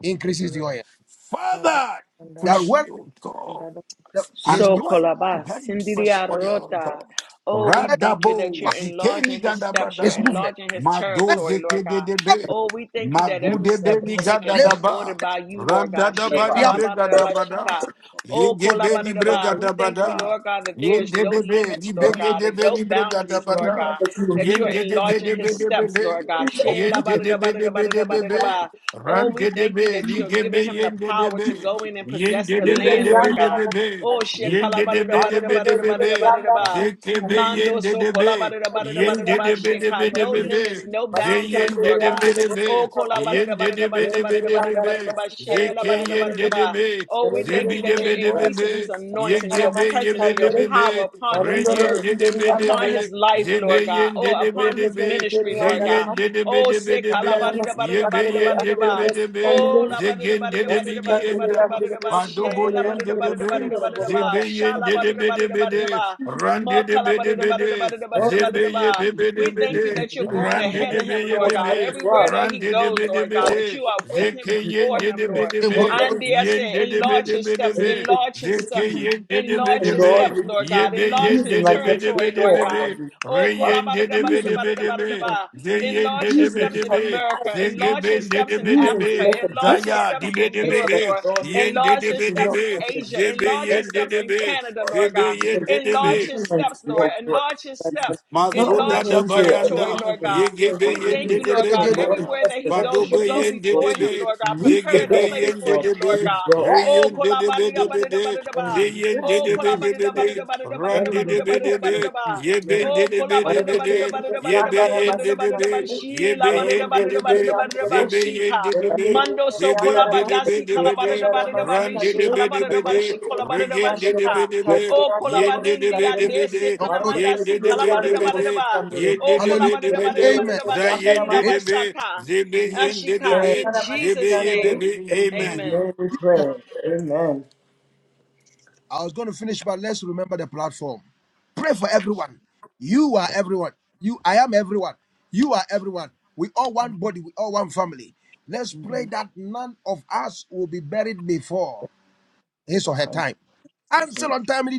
Speaker 3: increases the
Speaker 5: mm.
Speaker 3: oil.
Speaker 4: Father,
Speaker 5: In
Speaker 3: That
Speaker 4: praise
Speaker 3: when
Speaker 4: you, O God.
Speaker 3: the, His
Speaker 1: So
Speaker 4: Anoint my
Speaker 1: kolaba
Speaker 4: head with fresh
Speaker 1: sindiria
Speaker 4: oil, O
Speaker 1: rota.
Speaker 4: God.
Speaker 1: Oh, we
Speaker 3: let
Speaker 1: thank you
Speaker 4: Radabo
Speaker 1: that you're
Speaker 4: zikeni
Speaker 1: enlarging his steps, you're
Speaker 3: his
Speaker 4: gadabada.
Speaker 3: movement,
Speaker 1: enlarging his
Speaker 4: Mado
Speaker 1: territory, Lord
Speaker 4: zeke de
Speaker 1: God.
Speaker 4: debe.
Speaker 1: Oh, we thank you that
Speaker 4: Magu
Speaker 1: every
Speaker 4: de
Speaker 1: step
Speaker 6: Thank you, Lord.
Speaker 1: he
Speaker 4: beni
Speaker 6: bless
Speaker 1: take has
Speaker 6: them
Speaker 1: been
Speaker 3: let
Speaker 4: gadadaba.
Speaker 1: ordered by you, Lord God.
Speaker 6: in
Speaker 1: She
Speaker 6: their
Speaker 4: Randadaba di
Speaker 6: life.
Speaker 4: bregadabada.
Speaker 1: kalabarabashika. Oh,
Speaker 4: Yege
Speaker 6: Thank
Speaker 4: beni
Speaker 6: you, Lord.
Speaker 1: kolabarabah.
Speaker 6: for
Speaker 1: we thank you,
Speaker 4: bregadabada.
Speaker 1: Lord God, that there
Speaker 6: your
Speaker 4: Yen
Speaker 1: is
Speaker 4: de
Speaker 1: no
Speaker 6: grace
Speaker 4: debe.
Speaker 1: limits,
Speaker 6: and
Speaker 1: Lord
Speaker 6: mercy.
Speaker 4: Libege
Speaker 1: God,
Speaker 4: de
Speaker 1: and no
Speaker 4: beni
Speaker 1: boundaries,
Speaker 6: Thank
Speaker 1: Lord
Speaker 6: you,
Speaker 4: bregadabada.
Speaker 6: Lord,
Speaker 1: God,
Speaker 6: that you were
Speaker 1: that
Speaker 4: Yen
Speaker 1: you are
Speaker 6: moving.
Speaker 4: de debe
Speaker 1: enlarging his
Speaker 4: debe debe
Speaker 1: steps,
Speaker 4: be.
Speaker 1: Lord God.
Speaker 6: Please
Speaker 1: She
Speaker 4: Yen
Speaker 6: obedience.
Speaker 4: de debe debe debe be.
Speaker 1: labarabarabarabarabarabah. Oh,
Speaker 4: Ran de
Speaker 1: we thank you that you
Speaker 4: debe.
Speaker 1: that you are giving
Speaker 4: Ligebe
Speaker 1: him the
Speaker 4: yen de
Speaker 1: power to
Speaker 4: debe.
Speaker 1: go in and
Speaker 4: Yen
Speaker 1: possess
Speaker 4: de
Speaker 1: the
Speaker 4: debe
Speaker 6: Ingeri
Speaker 1: land, Lord
Speaker 4: debe
Speaker 6: yandara
Speaker 1: God.
Speaker 4: debe be.
Speaker 1: Oh,
Speaker 6: masikandire.
Speaker 1: shekala
Speaker 4: Yende
Speaker 1: bada
Speaker 4: de
Speaker 1: da
Speaker 4: be de
Speaker 1: bada da
Speaker 4: be
Speaker 6: Magokoto
Speaker 1: bada
Speaker 4: de
Speaker 1: da
Speaker 4: be
Speaker 1: bada
Speaker 6: ingeri
Speaker 1: da
Speaker 4: be.
Speaker 1: bada da
Speaker 6: yandara
Speaker 1: ba.
Speaker 4: Zeke be
Speaker 6: masikandire.
Speaker 1: Mando
Speaker 4: yende
Speaker 1: so
Speaker 4: de
Speaker 1: kola
Speaker 4: be.
Speaker 1: bada da bada da
Speaker 6: Ingeri
Speaker 1: bada da
Speaker 4: Yende
Speaker 6: yandere
Speaker 1: ba.
Speaker 4: de be de be
Speaker 1: shika.
Speaker 4: de
Speaker 1: No
Speaker 4: be
Speaker 6: masikandire.
Speaker 4: be.
Speaker 1: limits, no
Speaker 4: Ze
Speaker 1: boundaries,
Speaker 6: Masikandire
Speaker 4: yende
Speaker 1: Lord
Speaker 4: de
Speaker 1: God.
Speaker 4: be
Speaker 6: yandere
Speaker 4: de be.
Speaker 1: Oh, da da
Speaker 6: masikandire.
Speaker 1: bada da
Speaker 4: Yende
Speaker 1: bada da
Speaker 4: de be
Speaker 1: bada
Speaker 4: de be
Speaker 6: Ingeri
Speaker 1: da
Speaker 4: de
Speaker 1: bada
Speaker 4: be
Speaker 1: da
Speaker 6: yandara
Speaker 1: bada da
Speaker 4: be.
Speaker 1: ba
Speaker 6: masikandire
Speaker 1: shela
Speaker 4: Zeke
Speaker 1: bada da
Speaker 6: yandere
Speaker 1: bada
Speaker 6: bu.
Speaker 1: da
Speaker 4: yende de
Speaker 1: ba.
Speaker 4: be.
Speaker 1: Oh, we
Speaker 4: Ze
Speaker 6: Elendere
Speaker 1: thank you
Speaker 4: bi de
Speaker 1: that you're
Speaker 4: be
Speaker 6: ingeri
Speaker 4: de
Speaker 6: bu.
Speaker 4: be
Speaker 1: increasing his
Speaker 4: be.
Speaker 1: anointing,
Speaker 6: Yandara
Speaker 4: Yege
Speaker 1: your
Speaker 4: be ye
Speaker 1: presence,
Speaker 4: be de
Speaker 1: your
Speaker 6: masikandire.
Speaker 4: be
Speaker 1: power
Speaker 4: be.
Speaker 1: upon his
Speaker 4: Re
Speaker 6: Marundolo
Speaker 1: words,
Speaker 4: yende de
Speaker 6: ingeri
Speaker 4: be de
Speaker 6: yandara
Speaker 1: upon his
Speaker 4: be.
Speaker 1: life,
Speaker 4: Ze
Speaker 6: masikandire.
Speaker 1: Lord
Speaker 4: be
Speaker 1: God,
Speaker 4: yende
Speaker 1: or
Speaker 4: de be
Speaker 1: upon
Speaker 4: de
Speaker 1: his
Speaker 6: Borokoto
Speaker 4: be.
Speaker 6: ingeri
Speaker 1: ministry,
Speaker 4: Ze
Speaker 1: Lord
Speaker 6: yandara
Speaker 1: God.
Speaker 6: masikandire.
Speaker 4: yende de be
Speaker 1: Oh,
Speaker 4: de be
Speaker 1: sick.
Speaker 4: de
Speaker 6: Andere
Speaker 4: be. Ye be yende de
Speaker 6: andere
Speaker 4: be de
Speaker 6: bosi
Speaker 4: be.
Speaker 6: andere
Speaker 1: Oh, la
Speaker 4: Ze
Speaker 1: ba de ba de
Speaker 4: gende de
Speaker 1: ba de
Speaker 6: bosi
Speaker 4: bi
Speaker 1: ba
Speaker 4: di
Speaker 1: de ba
Speaker 6: andere
Speaker 1: de ba
Speaker 4: yenda.
Speaker 1: de
Speaker 6: andere
Speaker 1: ba
Speaker 6: bosi
Speaker 1: she
Speaker 4: Padobo
Speaker 6: andere
Speaker 1: la ba de de
Speaker 4: yende
Speaker 6: andere
Speaker 1: ba
Speaker 4: de
Speaker 1: de ba de
Speaker 4: be.
Speaker 6: bosundoro
Speaker 1: ba de
Speaker 6: bore
Speaker 1: ba
Speaker 6: mama
Speaker 1: sha
Speaker 4: Zibiyin
Speaker 1: la ba de
Speaker 6: andere.
Speaker 4: didi
Speaker 1: de ba de
Speaker 4: bidi
Speaker 1: de ba de
Speaker 4: bidi,
Speaker 1: ba
Speaker 4: ran
Speaker 1: ma ka
Speaker 4: didi
Speaker 1: la ba de
Speaker 4: bidi
Speaker 1: de ba de ba
Speaker 4: bidi,
Speaker 1: de ba de
Speaker 6: Oh
Speaker 1: ba de
Speaker 6: yes,
Speaker 4: zibiyi
Speaker 1: ba. We
Speaker 4: bidi
Speaker 1: thank
Speaker 6: you
Speaker 1: you
Speaker 4: bidi,
Speaker 6: are
Speaker 1: that you're going
Speaker 4: ran
Speaker 6: amazing.
Speaker 1: ahead
Speaker 4: didi
Speaker 1: of
Speaker 6: As you
Speaker 1: him,
Speaker 4: bidi
Speaker 1: Lord
Speaker 6: pour it pours
Speaker 1: God.
Speaker 6: out
Speaker 4: bidi,
Speaker 6: into
Speaker 1: Everywhere
Speaker 6: us,
Speaker 1: that
Speaker 4: ran
Speaker 1: he
Speaker 4: didi
Speaker 1: goes,
Speaker 6: as
Speaker 4: bidi
Speaker 1: Lord
Speaker 6: you
Speaker 1: God,
Speaker 6: pour it
Speaker 1: that
Speaker 4: bidi,
Speaker 1: you are with
Speaker 6: pours
Speaker 1: him and for
Speaker 6: into us,
Speaker 4: zikiyin
Speaker 6: as
Speaker 1: him,
Speaker 4: didi
Speaker 6: you
Speaker 1: Lord.
Speaker 4: bidi
Speaker 6: Lord,
Speaker 4: bidi,
Speaker 6: let
Speaker 1: And
Speaker 6: us
Speaker 1: I
Speaker 4: yin
Speaker 1: said,
Speaker 4: didi
Speaker 6: keep with
Speaker 1: enlarge
Speaker 6: you.
Speaker 4: bidi
Speaker 1: his
Speaker 4: bidi
Speaker 1: steps,
Speaker 6: Let us
Speaker 4: bidi,
Speaker 6: keep
Speaker 1: enlarge his
Speaker 6: with
Speaker 1: steps,
Speaker 6: you.
Speaker 4: zikiyin didi
Speaker 6: Use
Speaker 1: enlarge
Speaker 6: them,
Speaker 4: bidi
Speaker 1: his
Speaker 6: Lord.
Speaker 4: bidi,
Speaker 1: steps,
Speaker 6: Use
Speaker 1: Lord God, enlarge
Speaker 6: use
Speaker 4: yibiyin
Speaker 1: his
Speaker 6: them
Speaker 4: didi
Speaker 6: like never
Speaker 4: bidi
Speaker 1: territory,
Speaker 4: bidi
Speaker 1: Lord
Speaker 6: before,
Speaker 4: bidi,
Speaker 1: God.
Speaker 6: Lord. Jesus.
Speaker 1: Oh,
Speaker 6: I'm
Speaker 4: reyin
Speaker 1: de de de
Speaker 4: didi
Speaker 1: ba de ba
Speaker 4: bidi
Speaker 6: using
Speaker 1: ba
Speaker 6: the
Speaker 4: bidi
Speaker 1: ba ba
Speaker 4: bidi,
Speaker 6: kingdom.
Speaker 1: ba.
Speaker 4: ziyin
Speaker 1: Enlarge
Speaker 4: didi
Speaker 1: his
Speaker 6: Use him to
Speaker 1: steps
Speaker 4: bidi
Speaker 1: in
Speaker 6: touch
Speaker 4: bidi,
Speaker 6: the lives
Speaker 1: America.
Speaker 6: of your
Speaker 1: Enlarge his
Speaker 4: zigibin didi
Speaker 1: steps in
Speaker 6: people.
Speaker 4: bidi
Speaker 6: Use him to
Speaker 4: bidi,
Speaker 1: Africa.
Speaker 6: make a
Speaker 1: Enlarge his
Speaker 6: difference
Speaker 4: Zaya
Speaker 6: in
Speaker 1: steps
Speaker 6: our
Speaker 4: dibe
Speaker 1: in
Speaker 4: dibe be
Speaker 6: lives.
Speaker 1: Europe,
Speaker 4: be
Speaker 1: Lord.
Speaker 6: Lord
Speaker 4: yen
Speaker 6: Jesus,
Speaker 4: de
Speaker 1: Enlarge
Speaker 6: we
Speaker 1: his
Speaker 4: dibe
Speaker 6: do
Speaker 1: steps
Speaker 6: not
Speaker 4: dibe
Speaker 1: in
Speaker 6: such a
Speaker 1: Asia.
Speaker 4: zebe
Speaker 1: Enlarge
Speaker 6: very
Speaker 1: his
Speaker 6: step,
Speaker 4: yen de
Speaker 1: steps in
Speaker 4: dibe
Speaker 1: Canada,
Speaker 6: Lord,
Speaker 1: Lord
Speaker 4: zebe
Speaker 1: God.
Speaker 4: yen
Speaker 6: Lord,
Speaker 4: de de
Speaker 1: Enlarge
Speaker 4: be
Speaker 1: his
Speaker 6: illuminate
Speaker 1: steps, Lord.
Speaker 6: your voice,
Speaker 1: Enlarge his
Speaker 6: Jesus.
Speaker 1: steps.
Speaker 6: Not only
Speaker 4: Masuda
Speaker 1: Enlarge
Speaker 6: for
Speaker 1: his
Speaker 4: da
Speaker 6: him to
Speaker 1: territory,
Speaker 4: bayanda,
Speaker 6: align
Speaker 1: Lord
Speaker 6: and
Speaker 1: God.
Speaker 6: share
Speaker 4: yegebe
Speaker 1: We
Speaker 6: what we
Speaker 1: thank
Speaker 6: do,
Speaker 1: you,
Speaker 4: yende de
Speaker 1: Lord
Speaker 4: be di
Speaker 6: but
Speaker 1: God.
Speaker 6: Lord,
Speaker 4: bada,
Speaker 1: Everywhere
Speaker 6: give us
Speaker 1: that he goes,
Speaker 6: direction,
Speaker 1: you
Speaker 4: fadobe
Speaker 6: but
Speaker 1: go
Speaker 6: also,
Speaker 4: yende
Speaker 6: Lord,
Speaker 1: before
Speaker 4: de
Speaker 6: to
Speaker 1: him,
Speaker 4: be,
Speaker 1: Lord God.
Speaker 6: reap the
Speaker 1: Prepare the
Speaker 4: yegebe
Speaker 1: place
Speaker 6: benefits,
Speaker 1: for
Speaker 4: yende
Speaker 6: Lord,
Speaker 1: him,
Speaker 4: de
Speaker 1: Lord
Speaker 6: and be
Speaker 4: be,
Speaker 1: God. Oh,
Speaker 6: blessed in Jesus'
Speaker 4: reyende de de be
Speaker 6: name.
Speaker 4: de be de,
Speaker 6: Let him
Speaker 1: kolabadidabadidabadidaba.
Speaker 6: be
Speaker 4: zeyende
Speaker 6: blessed
Speaker 1: Oh,
Speaker 4: de de
Speaker 6: in
Speaker 4: be
Speaker 6: Jesus'
Speaker 4: de be
Speaker 6: name.
Speaker 4: de,
Speaker 6: Let him
Speaker 4: rande
Speaker 6: be
Speaker 4: de de be de
Speaker 6: blessed in
Speaker 4: be,
Speaker 1: kolabadidabadidabadidabadidabadidabadidabadidabadidaba.
Speaker 6: Jesus' name.
Speaker 1: Oh,
Speaker 4: yebende de de be de be de,
Speaker 6: Barakatayinde
Speaker 4: yebe
Speaker 6: yandara
Speaker 4: yende de be,
Speaker 1: kolabadidabadidabadidabadidabadidabadidabadidabadidabadi-
Speaker 6: masikandere.
Speaker 1: shi-
Speaker 4: yebe yende de
Speaker 6: Barakatayinde
Speaker 4: be,
Speaker 6: yandere bo.
Speaker 1: labadidabadidabadidabadidabadi-
Speaker 4: zebe
Speaker 1: shika.
Speaker 4: yende de be,
Speaker 6: Berendere
Speaker 1: Mando
Speaker 6: yinde
Speaker 1: so
Speaker 4: Zebe
Speaker 6: yandara
Speaker 4: de
Speaker 6: ma.
Speaker 4: de be
Speaker 1: kolabadasi
Speaker 4: de be de,
Speaker 6: Yandara
Speaker 4: ran
Speaker 1: kalabadidabadidabadi-
Speaker 4: de
Speaker 1: shi-
Speaker 4: de
Speaker 6: masikandere.
Speaker 4: be de be
Speaker 1: kalabadidabadi-
Speaker 4: de,
Speaker 1: shi-
Speaker 6: Barakatayinde
Speaker 1: kolabadidabadi-
Speaker 4: regen de
Speaker 6: yandere
Speaker 4: de
Speaker 6: bo
Speaker 1: shika.
Speaker 4: be de be,
Speaker 6: sikandere
Speaker 1: Oh,
Speaker 6: yandere
Speaker 4: yen
Speaker 6: bo
Speaker 4: de be de
Speaker 1: kolabadindia
Speaker 6: sikandere.
Speaker 4: be de
Speaker 1: desi
Speaker 4: Yende
Speaker 1: kanamandasi
Speaker 6: Barakatayinde
Speaker 4: de be de
Speaker 6: yandere
Speaker 4: be
Speaker 6: bo
Speaker 4: de.
Speaker 1: kalabadidabadidaba.
Speaker 6: sikandere.
Speaker 4: Yende
Speaker 1: Oh,
Speaker 4: de
Speaker 3: Hallelujah.
Speaker 4: be de be
Speaker 6: Berendere
Speaker 4: de.
Speaker 3: Amen.
Speaker 6: yinde
Speaker 4: Za
Speaker 6: yandara ma.
Speaker 4: yende
Speaker 3: In
Speaker 4: de be.
Speaker 1: kolabadidabadidabadidabashilabashaka.
Speaker 4: Zebe yende de
Speaker 1: Ashika.
Speaker 4: be.
Speaker 1: In
Speaker 6: Sandara
Speaker 4: Zebe
Speaker 1: Jesus'
Speaker 4: ye be
Speaker 6: masikandere.
Speaker 1: name,
Speaker 4: be.
Speaker 6: In the
Speaker 4: Amen.
Speaker 1: amen.
Speaker 6: name we pray.
Speaker 3: Jesus.
Speaker 6: Amen.
Speaker 3: I was going to finish, but let's remember the platform. Pray for everyone. You are everyone. You, I am everyone. You are everyone. We all one body. We all one family. Let's pray that none of us will be buried before his or her
Speaker 6: In
Speaker 3: time.
Speaker 6: Jesus'
Speaker 3: Cancel
Speaker 6: name.
Speaker 3: untimely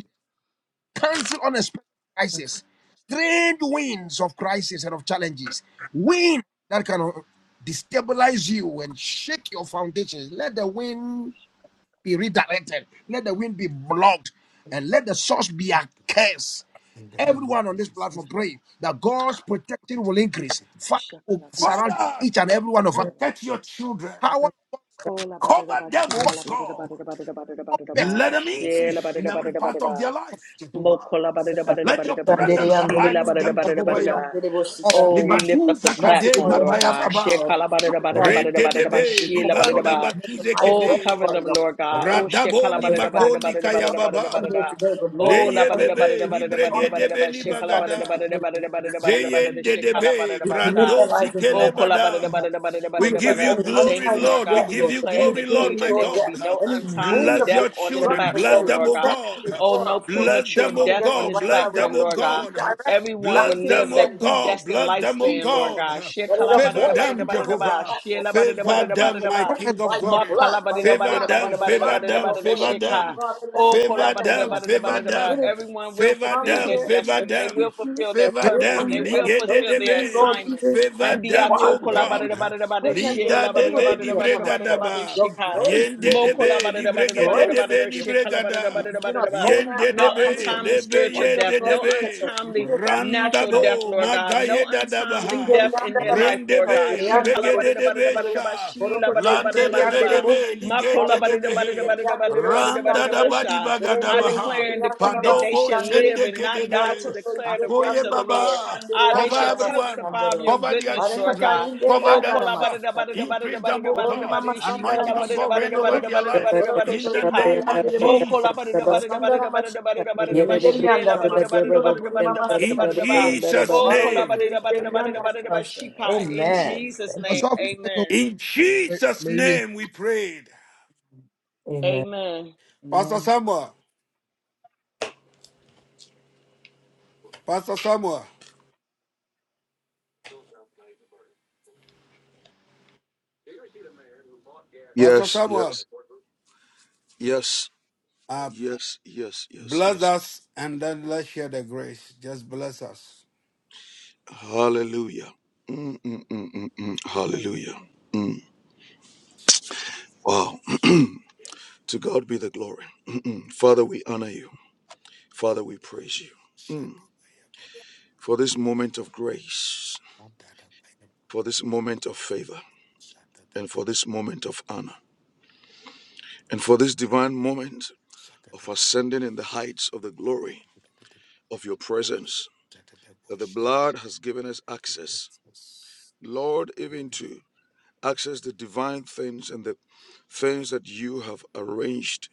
Speaker 3: Cancel unexpected crisis, strange winds of crisis and of challenges, wind that can uh, destabilize you and shake your foundations. Let the wind be redirected, let the wind be blocked, and let the source be a curse
Speaker 4: In the name of
Speaker 3: everyone on this
Speaker 4: Jesus.
Speaker 3: platform pray that God's protection will increase. Fire will
Speaker 6: Jesus.
Speaker 3: surround
Speaker 4: Father,
Speaker 3: each and every one of us.
Speaker 4: protect your children.
Speaker 3: Power of
Speaker 1: Kola badada
Speaker 4: Cover
Speaker 1: ba
Speaker 4: them,
Speaker 3: God
Speaker 4: oh
Speaker 1: shikala badada
Speaker 4: God.
Speaker 1: badada badada badada
Speaker 3: will not
Speaker 1: badada
Speaker 3: back from
Speaker 4: Let
Speaker 1: ba
Speaker 4: them
Speaker 6: Yes.
Speaker 1: shela
Speaker 4: increase in
Speaker 1: badada
Speaker 4: every
Speaker 1: badada
Speaker 4: part of
Speaker 1: badada
Speaker 4: their life, Jehovah.
Speaker 1: mokola badada badada
Speaker 4: Let
Speaker 3: them
Speaker 4: your
Speaker 1: badada badada
Speaker 6: Kandere
Speaker 4: presence
Speaker 6: andere
Speaker 4: abide
Speaker 1: shila
Speaker 4: with
Speaker 1: badada
Speaker 4: them,
Speaker 1: badada
Speaker 4: Jehovah.
Speaker 6: bosikandere
Speaker 4: Yahweh.
Speaker 1: badada.
Speaker 6: andere
Speaker 3: or back
Speaker 1: Oh,
Speaker 6: bosikandere.
Speaker 1: we lift
Speaker 4: Libadu
Speaker 1: up the
Speaker 3: the
Speaker 1: platform,
Speaker 6: Merciful
Speaker 3: witness.
Speaker 1: Lord God.
Speaker 6: everlasting
Speaker 4: zakade
Speaker 6: God.
Speaker 1: Shekala
Speaker 6: How
Speaker 1: badada
Speaker 6: did
Speaker 1: badada
Speaker 6: God
Speaker 1: badada
Speaker 6: become
Speaker 1: badada ba
Speaker 6: for the
Speaker 4: Rededebe
Speaker 1: shila
Speaker 6: recall
Speaker 1: badada
Speaker 6: or to
Speaker 4: libanda
Speaker 1: ba.
Speaker 6: commit the
Speaker 4: batuze
Speaker 6: lives of
Speaker 1: Oh,
Speaker 3: Look at
Speaker 4: kede
Speaker 1: cover them,
Speaker 6: everybody on
Speaker 1: Lord God.
Speaker 6: this
Speaker 1: Oh,
Speaker 4: radabo
Speaker 1: shekala
Speaker 6: on
Speaker 4: ni
Speaker 6: this
Speaker 1: badada
Speaker 6: platform.
Speaker 1: badada
Speaker 4: bakondi
Speaker 1: badada
Speaker 6: Not
Speaker 1: badada badada
Speaker 6: on
Speaker 4: kayababa
Speaker 6: here
Speaker 1: badada.
Speaker 6: today, but Lord,
Speaker 1: Oh, la
Speaker 4: leye
Speaker 1: badada
Speaker 6: everyone
Speaker 4: bebe
Speaker 1: badada
Speaker 6: who's
Speaker 4: ni
Speaker 1: badada
Speaker 6: even on
Speaker 1: badada
Speaker 6: here
Speaker 1: badada ba
Speaker 4: bregedebe ni
Speaker 6: and is
Speaker 1: shekala badada
Speaker 4: bagada
Speaker 1: badada
Speaker 6: participating in
Speaker 1: badada badada
Speaker 6: this.
Speaker 1: badada
Speaker 4: zeyen
Speaker 1: badada shekala
Speaker 4: debe
Speaker 1: badada
Speaker 6: You
Speaker 1: ba sha.
Speaker 6: permit their
Speaker 4: brando
Speaker 6: lives into your
Speaker 1: Oh,
Speaker 4: zikele
Speaker 1: kola badada
Speaker 4: bada
Speaker 6: hand.
Speaker 1: badada badada
Speaker 4: we
Speaker 6: Come
Speaker 1: badada
Speaker 4: give
Speaker 6: against
Speaker 4: you
Speaker 1: badada.
Speaker 6: any
Speaker 1: We we
Speaker 4: glory,
Speaker 1: thank you,
Speaker 6: untimely
Speaker 1: Lord
Speaker 4: Lord. We
Speaker 1: God. We
Speaker 6: death,
Speaker 4: give
Speaker 6: Lord,
Speaker 4: you
Speaker 1: declare and
Speaker 6: any
Speaker 4: glory, Lord,
Speaker 1: decree
Speaker 4: my
Speaker 1: that
Speaker 6: premature
Speaker 1: there will
Speaker 6: death,
Speaker 1: be
Speaker 4: God.
Speaker 1: no
Speaker 6: any
Speaker 1: untimely
Speaker 6: wind
Speaker 4: Bless
Speaker 6: of
Speaker 1: death
Speaker 4: your
Speaker 1: on this
Speaker 4: children.
Speaker 6: destruction
Speaker 4: Bless
Speaker 1: platform,
Speaker 6: that is
Speaker 4: them,
Speaker 1: Lord
Speaker 4: oh
Speaker 1: God.
Speaker 6: set
Speaker 4: God.
Speaker 1: Oh,
Speaker 6: before
Speaker 1: no
Speaker 6: us, Lord.
Speaker 4: Bless
Speaker 6: We
Speaker 1: premature
Speaker 4: them,
Speaker 6: come
Speaker 4: oh
Speaker 1: death
Speaker 6: against it
Speaker 1: on
Speaker 4: God.
Speaker 1: this
Speaker 6: right now.
Speaker 4: Bless
Speaker 6: We
Speaker 1: platform,
Speaker 4: them,
Speaker 6: ask
Speaker 4: oh
Speaker 1: Lord
Speaker 6: you to
Speaker 1: God.
Speaker 4: God.
Speaker 6: redirect
Speaker 1: Everyone
Speaker 6: back
Speaker 4: Bless
Speaker 1: will
Speaker 6: to the
Speaker 4: them,
Speaker 1: live
Speaker 4: oh
Speaker 1: their
Speaker 6: sender.
Speaker 4: God.
Speaker 1: predestined
Speaker 4: Bless them, oh
Speaker 1: lifespan,
Speaker 6: Jesus'
Speaker 1: Lord
Speaker 4: God.
Speaker 1: God.
Speaker 6: Let it
Speaker 4: Favor
Speaker 6: avoid
Speaker 4: them,
Speaker 6: everyone on this
Speaker 1: Shekalabadadabadadabadadaba,
Speaker 4: Jehovah.
Speaker 6: platform. Let
Speaker 4: Favor
Speaker 6: us be
Speaker 4: them, my
Speaker 1: shelabadadabadadabadadaba.
Speaker 3: prophets.
Speaker 4: King
Speaker 6: protected
Speaker 4: of
Speaker 6: by your
Speaker 4: glory.
Speaker 6: blood, by
Speaker 1: Makalabadida
Speaker 6: your
Speaker 4: Favor
Speaker 1: badida
Speaker 6: blood, by
Speaker 4: them,
Speaker 1: badida
Speaker 6: your
Speaker 1: badida
Speaker 6: blood
Speaker 4: favor
Speaker 1: badida
Speaker 6: and
Speaker 4: them,
Speaker 6: your
Speaker 1: badida
Speaker 6: oil.
Speaker 4: favor
Speaker 1: shika.
Speaker 4: them.
Speaker 6: Father,
Speaker 1: Oh,
Speaker 6: let the fact
Speaker 4: Favor
Speaker 6: that
Speaker 1: kolabadida
Speaker 6: we
Speaker 4: them,
Speaker 6: have
Speaker 1: badida
Speaker 4: favor
Speaker 6: even
Speaker 1: badida ba.
Speaker 4: them.
Speaker 6: committed
Speaker 1: Everyone
Speaker 6: to
Speaker 1: will
Speaker 4: Favor
Speaker 6: come
Speaker 1: fulfill
Speaker 4: them,
Speaker 1: their
Speaker 6: here
Speaker 4: favor
Speaker 6: and
Speaker 1: destiny. They
Speaker 6: seek
Speaker 1: will
Speaker 4: them.
Speaker 6: you
Speaker 1: fulfill their
Speaker 6: and
Speaker 4: Favor
Speaker 6: hear
Speaker 1: purpose.
Speaker 4: them,
Speaker 6: from
Speaker 1: They
Speaker 6: you
Speaker 1: will
Speaker 6: and
Speaker 4: Ligue
Speaker 6: pray
Speaker 4: de
Speaker 1: fulfill
Speaker 6: to
Speaker 1: their
Speaker 6: you,
Speaker 4: Debe.
Speaker 6: Lord
Speaker 1: assignment.
Speaker 6: Jesus,
Speaker 4: Favor
Speaker 6: and
Speaker 4: them,
Speaker 1: Andiato
Speaker 4: O
Speaker 6: bombard the enemy.
Speaker 1: kolabadida
Speaker 4: God.
Speaker 1: badida
Speaker 6: Pray
Speaker 1: badida
Speaker 6: that your
Speaker 4: Lida
Speaker 1: shela
Speaker 4: de
Speaker 6: favor
Speaker 1: badida
Speaker 4: be
Speaker 6: will
Speaker 4: ni
Speaker 1: badida
Speaker 6: be upon
Speaker 1: badida
Speaker 6: us,
Speaker 1: badida
Speaker 4: bregada
Speaker 6: Lord.
Speaker 1: badida
Speaker 4: ba.
Speaker 6: Your
Speaker 1: shika.
Speaker 6: grace will
Speaker 4: Yende de
Speaker 6: be with
Speaker 1: Mokola
Speaker 6: us.
Speaker 4: be li
Speaker 1: badada badada
Speaker 4: bregede
Speaker 1: badada
Speaker 6: Grace
Speaker 4: de
Speaker 6: will
Speaker 4: be
Speaker 1: badada
Speaker 6: be
Speaker 4: ni
Speaker 6: upon
Speaker 1: shikala
Speaker 6: us,
Speaker 1: badada
Speaker 6: Lord.
Speaker 4: bregada.
Speaker 1: badada
Speaker 6: You're
Speaker 1: badada
Speaker 6: not
Speaker 1: ba.
Speaker 6: going out and
Speaker 4: Yende de
Speaker 1: No
Speaker 6: not coming
Speaker 4: be
Speaker 6: in.
Speaker 1: untimely
Speaker 4: lebe
Speaker 6: Let
Speaker 1: spiritual
Speaker 6: your
Speaker 1: death.
Speaker 4: yende de
Speaker 6: grace
Speaker 1: No
Speaker 6: protect
Speaker 4: be.
Speaker 6: us. Lead
Speaker 1: untimely
Speaker 6: us out of harm's
Speaker 4: Randa
Speaker 1: natural
Speaker 6: way.
Speaker 1: death,
Speaker 4: bo
Speaker 1: Lord God, no
Speaker 4: da
Speaker 1: untimely
Speaker 4: ba.
Speaker 6: Ingeri
Speaker 1: death in their
Speaker 6: yandara
Speaker 1: life,
Speaker 4: Rende
Speaker 6: masika,
Speaker 1: Lord God.
Speaker 4: be
Speaker 6: ingeri
Speaker 4: li
Speaker 6: yandere
Speaker 1: Shekala bada
Speaker 4: begede
Speaker 1: da
Speaker 4: de
Speaker 1: bada da
Speaker 4: be
Speaker 1: bada
Speaker 6: bosikandere,
Speaker 1: da ba,
Speaker 4: sha.
Speaker 1: sheela
Speaker 6: borokoto
Speaker 1: bada da bada
Speaker 4: Lande
Speaker 1: da
Speaker 6: ingeri
Speaker 4: de
Speaker 1: bada da
Speaker 4: be
Speaker 6: yandere
Speaker 4: de
Speaker 1: ba,
Speaker 6: bo,
Speaker 4: be li
Speaker 1: makola
Speaker 4: gende de
Speaker 1: bada da
Speaker 6: barekete
Speaker 1: bada da
Speaker 4: be.
Speaker 6: ingeri
Speaker 1: bada da bada
Speaker 6: yandere
Speaker 1: da bada da Shekalabadadabadadabadadaba, da
Speaker 4: Randa da
Speaker 6: bosikandere,
Speaker 1: makolabadadabadadabadadabadadabadadabadadaba,
Speaker 4: ba di
Speaker 1: sha.
Speaker 4: bagada
Speaker 1: I
Speaker 4: ba
Speaker 6: berendere
Speaker 1: declare
Speaker 6: ingeri
Speaker 1: and
Speaker 6: yandara
Speaker 1: decree that they
Speaker 4: Padobo
Speaker 1: shall
Speaker 6: masikandere,
Speaker 1: live
Speaker 4: shende
Speaker 1: and
Speaker 4: ke de
Speaker 1: not die to
Speaker 4: be.
Speaker 6: barokoto
Speaker 1: declare the
Speaker 6: ingeri
Speaker 1: works
Speaker 4: Akoye
Speaker 1: of
Speaker 6: yandere
Speaker 1: the Lord.
Speaker 4: baba.
Speaker 6: bosikandere,
Speaker 1: Ah, they
Speaker 4: Cover
Speaker 1: shall
Speaker 6: yandara
Speaker 4: everyone.
Speaker 1: testify of
Speaker 6: masikandere,
Speaker 1: your
Speaker 4: Cover their
Speaker 1: goodness, Lord
Speaker 6: barekata
Speaker 4: children.
Speaker 1: God.
Speaker 6: ingeri
Speaker 4: Cover
Speaker 1: Oh,
Speaker 4: them
Speaker 6: yandara
Speaker 1: kala da bada
Speaker 4: soft.
Speaker 1: da bada da
Speaker 6: masikandere.
Speaker 1: bada da
Speaker 4: Increase them, oh
Speaker 1: bada
Speaker 6: Ori
Speaker 1: da
Speaker 4: God.
Speaker 6: mama
Speaker 1: bada, she
Speaker 6: sandara
Speaker 1: kala
Speaker 4: Anointing of
Speaker 1: bada da
Speaker 4: God
Speaker 1: bada
Speaker 4: reign
Speaker 1: da
Speaker 6: masikandoro,
Speaker 4: over
Speaker 1: bada da
Speaker 4: their
Speaker 1: bada da She
Speaker 4: life.
Speaker 1: kolabadadabadadabadadabadadabadadabadadabadada, shekalabadadabadadabadadabadadabadadabadada,
Speaker 6: borokoto
Speaker 4: In the
Speaker 6: ingeri
Speaker 4: name
Speaker 1: sheka.
Speaker 4: of
Speaker 6: yandere bo,
Speaker 1: Oh, kola ba da da ba
Speaker 4: Jesus.
Speaker 1: da da ba da
Speaker 6: Vasandara
Speaker 1: da ba da da ba da da ba da
Speaker 6: Mashikandere,
Speaker 1: da ba she la
Speaker 6: Inderiandara
Speaker 1: ba da da ba da da
Speaker 6: Masundoro
Speaker 1: ba da da ba da da
Speaker 6: Burimama
Speaker 1: ba da da ba
Speaker 4: In
Speaker 1: da da
Speaker 6: Sikandere.
Speaker 1: ba.
Speaker 4: Jesus'
Speaker 1: Oh, kola
Speaker 6: Barokoto
Speaker 1: ba
Speaker 4: name.
Speaker 1: da da ba da da ba da da ba
Speaker 6: Inderiandara
Speaker 1: da da ba
Speaker 6: Mas-
Speaker 1: shika. In
Speaker 6: Amen.
Speaker 1: Jesus'
Speaker 6: Thank you,
Speaker 3: us
Speaker 1: name,
Speaker 3: all
Speaker 6: Jesus.
Speaker 3: protect us.
Speaker 1: amen.
Speaker 4: In Jesus'
Speaker 3: may we-
Speaker 4: name we prayed.
Speaker 1: Amen.
Speaker 4: Pastor
Speaker 6: Amen.
Speaker 4: Samuel, Pastor Samuel, Pastor
Speaker 7: Yes,
Speaker 4: Samuel,
Speaker 7: yes, yes,
Speaker 4: uh,
Speaker 7: yes, yes, yes,
Speaker 4: bless
Speaker 7: yes.
Speaker 4: us and then let's share the grace. Just bless us.
Speaker 7: Hallelujah. Mm, mm, mm, mm, mm. Hallelujah.
Speaker 1: Hallelujah.
Speaker 7: Mm. Wow. to God be the glory. Father, we honor you. Father, we praise you. Mm. for this moment of grace, for this moment of favor, and for this moment of honor, and for this divine moment of ascending in the heights of the glory of your presence, that the blood has given us access,
Speaker 4: Jesus.
Speaker 7: Lord, even to access the divine things and the things that you have arranged,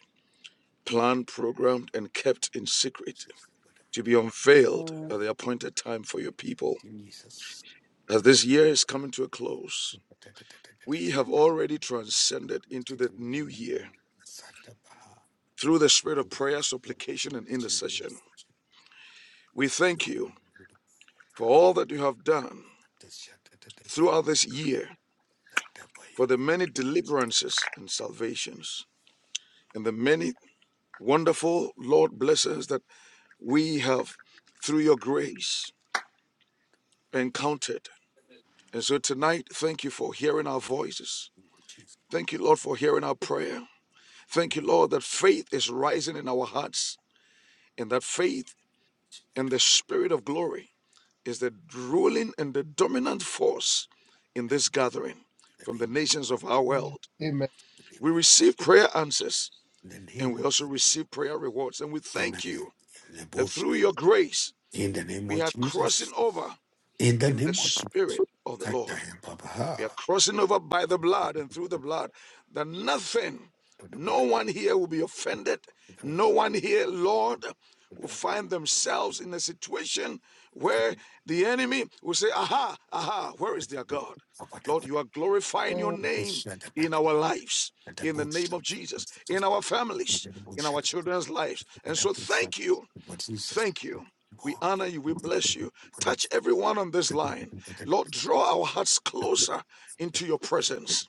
Speaker 7: planned, programmed, and kept in secret to be unveiled at the appointed time for your people. As this year is coming to a close, We have already transcended into the new year
Speaker 4: Satabaha.
Speaker 7: through the spirit of
Speaker 4: In
Speaker 7: prayer, supplication, and intercession. We thank you for all that you have done
Speaker 4: the name
Speaker 7: throughout this year, for the many deliverances and salvations, and the many wonderful, Lord, blessings that we have through your grace encountered. And so tonight, thank you for hearing our voices.
Speaker 4: of Jesus.
Speaker 7: Thank you, Lord, for hearing our prayer. Thank you, Lord, that faith is rising in our hearts and that faith And the Spirit of glory is the ruling and the dominant force in this gathering from the nations of our
Speaker 5: the
Speaker 7: world.
Speaker 3: Amen.
Speaker 7: We receive prayer answers
Speaker 4: Amen. In
Speaker 7: and we also receive prayer rewards. And we thank you
Speaker 4: the
Speaker 7: that
Speaker 4: bush.
Speaker 7: through your grace,
Speaker 4: In the name
Speaker 7: we
Speaker 4: of
Speaker 7: are crossing
Speaker 4: Jesus.
Speaker 7: over
Speaker 4: In the
Speaker 7: in the
Speaker 4: name of
Speaker 7: Spirit
Speaker 4: Jesus.
Speaker 7: of the
Speaker 4: That
Speaker 7: Lord.
Speaker 4: time,
Speaker 7: We are crossing over by the blood and through the blood that nothing, no one here will be offended. No
Speaker 4: Babaha.
Speaker 7: one here, Lord, will find themselves in a situation where the enemy will say, Aha, aha, where is their God? Lord, you are glorifying your name in our lives, in the name of Jesus, in our families, in our children's lives. And so thank you Thank you. We honor you. We bless you. Touch everyone on this line. Lord, draw our hearts closer into your presence.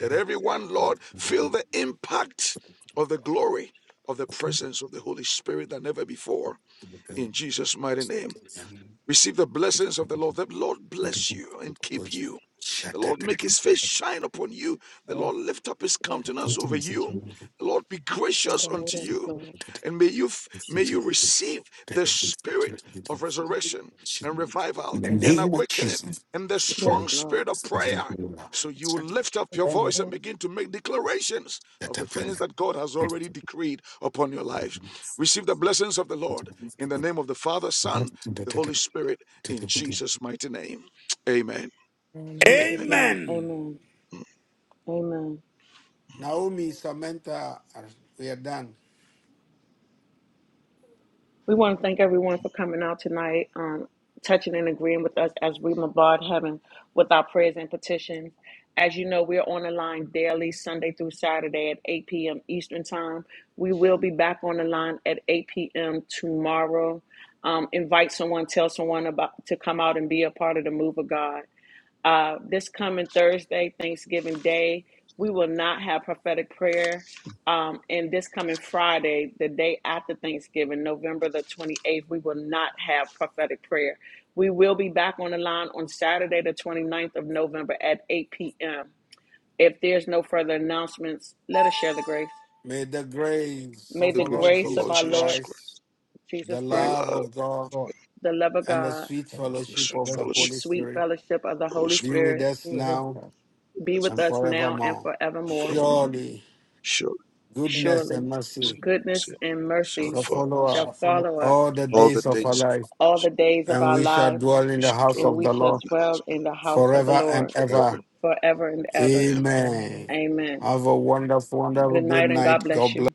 Speaker 7: That everyone, Lord, feel the impact of the glory of the presence of the Holy Spirit than ever before. In Jesus' mighty name. Receive the blessings of the Lord. The Lord bless you and keep you.
Speaker 4: Shut
Speaker 7: The Lord make his face shine upon you. The Lord lift up his
Speaker 1: Yes,
Speaker 7: countenance
Speaker 1: Lord.
Speaker 7: over you. The Lord be gracious
Speaker 5: name,
Speaker 7: unto
Speaker 1: Yes,
Speaker 7: you.
Speaker 1: Lord.
Speaker 7: And may you f- may you
Speaker 4: up.
Speaker 7: receive
Speaker 4: In
Speaker 7: the spirit of resurrection and revival
Speaker 4: the
Speaker 5: in the
Speaker 7: and
Speaker 5: name,
Speaker 4: name of
Speaker 7: awakening
Speaker 4: Jesus.
Speaker 7: and the
Speaker 1: Yes,
Speaker 7: strong
Speaker 1: Lord.
Speaker 7: spirit of prayer. So you will lift up
Speaker 5: in
Speaker 7: your
Speaker 5: the
Speaker 7: voice
Speaker 5: name,
Speaker 7: and begin to make declarations of
Speaker 4: That I
Speaker 7: the
Speaker 4: pray.
Speaker 7: things that God has already decreed upon your lives. Receive the blessings of the Lord in the name of the Father, Son, the Holy Spirit in Jesus' mighty name. Amen.
Speaker 1: In
Speaker 5: and
Speaker 1: Jesus'
Speaker 7: Amen.
Speaker 1: name.
Speaker 4: Amen.
Speaker 1: Amen. Amen.
Speaker 4: Naomi, Samantha, we are done.
Speaker 1: We want to thank everyone for coming out tonight, um, touching and agreeing with us as we bombard heaven with our prayers and petitions. As you know, we're on the line daily, Sunday through Saturday at 8 p.m. Eastern Time. We will be back on the line at 8 p.m. tomorrow. Um, invite someone, tell someone about to come out and be a part of the move of God. Uh, this coming Thursday, Thanksgiving Day, we will not have prophetic prayer. Um, and this coming Friday, the day after Thanksgiving, November the 28th, we will not have prophetic prayer. We will be back on the line on Saturday, the twenty ninth of November at 8 p.m. If there's no further announcements, let us share the grace.
Speaker 4: May the grace
Speaker 1: May
Speaker 4: of
Speaker 7: The
Speaker 1: the
Speaker 4: our
Speaker 7: grace
Speaker 4: Lord
Speaker 7: of our
Speaker 1: grace of
Speaker 7: Lord
Speaker 4: Jesus
Speaker 1: our
Speaker 7: Jesus
Speaker 1: Lord
Speaker 7: Christ,
Speaker 4: Christ,
Speaker 1: Jesus
Speaker 4: the
Speaker 7: the
Speaker 1: Christ,
Speaker 4: love
Speaker 7: love
Speaker 4: of God,
Speaker 1: the love of
Speaker 4: and the
Speaker 1: God,
Speaker 4: sweet
Speaker 5: in the
Speaker 7: and the
Speaker 5: sweet
Speaker 4: fellowship
Speaker 7: sweet
Speaker 4: of
Speaker 3: Let
Speaker 4: the
Speaker 5: fellowship.
Speaker 1: and the
Speaker 7: fellowship
Speaker 4: Holy
Speaker 1: sweet
Speaker 4: Spirit
Speaker 1: fellowship of
Speaker 7: of
Speaker 1: the
Speaker 7: the Holy
Speaker 1: Holy
Speaker 4: be
Speaker 7: Spirit
Speaker 4: with
Speaker 1: Spirit
Speaker 5: Be
Speaker 4: us
Speaker 5: with us
Speaker 4: now
Speaker 5: now.
Speaker 1: be
Speaker 7: that's
Speaker 1: with
Speaker 7: now
Speaker 4: and
Speaker 1: us now and
Speaker 4: forevermore.
Speaker 7: and
Speaker 1: forevermore.
Speaker 7: forever.
Speaker 4: Surely.
Speaker 7: Surely,
Speaker 5: and in the
Speaker 4: goodness and
Speaker 1: Surely,
Speaker 7: his
Speaker 4: mercy
Speaker 5: sweet
Speaker 1: goodness and
Speaker 7: shall
Speaker 1: mercy
Speaker 4: shall
Speaker 7: follow
Speaker 4: follow
Speaker 1: shall
Speaker 7: us
Speaker 4: us
Speaker 3: follow
Speaker 1: follow us
Speaker 4: all the
Speaker 7: all the
Speaker 4: days
Speaker 5: fellowship
Speaker 4: of
Speaker 5: of
Speaker 4: our
Speaker 5: the
Speaker 7: days of
Speaker 4: life,
Speaker 7: our
Speaker 1: all the
Speaker 7: lives.
Speaker 1: days of
Speaker 4: and
Speaker 1: our
Speaker 4: we shall
Speaker 1: lives,
Speaker 4: dwell
Speaker 7: We
Speaker 4: in the
Speaker 5: day.
Speaker 7: shall
Speaker 4: house
Speaker 7: dwell
Speaker 1: and
Speaker 4: of
Speaker 1: we
Speaker 4: the
Speaker 1: shall
Speaker 7: in
Speaker 4: Lord
Speaker 7: the house
Speaker 1: dwell
Speaker 7: of the
Speaker 1: in the house of the
Speaker 4: forever and
Speaker 1: Lord
Speaker 4: ever.
Speaker 7: forever
Speaker 1: forever and
Speaker 7: and
Speaker 1: ever.
Speaker 7: ever.
Speaker 5: Amen.
Speaker 4: Amen.
Speaker 1: Amen.
Speaker 4: Have a wonderful, wonderful
Speaker 1: Good
Speaker 4: good
Speaker 1: night and God
Speaker 4: night. God
Speaker 1: bless
Speaker 4: bless.
Speaker 1: you.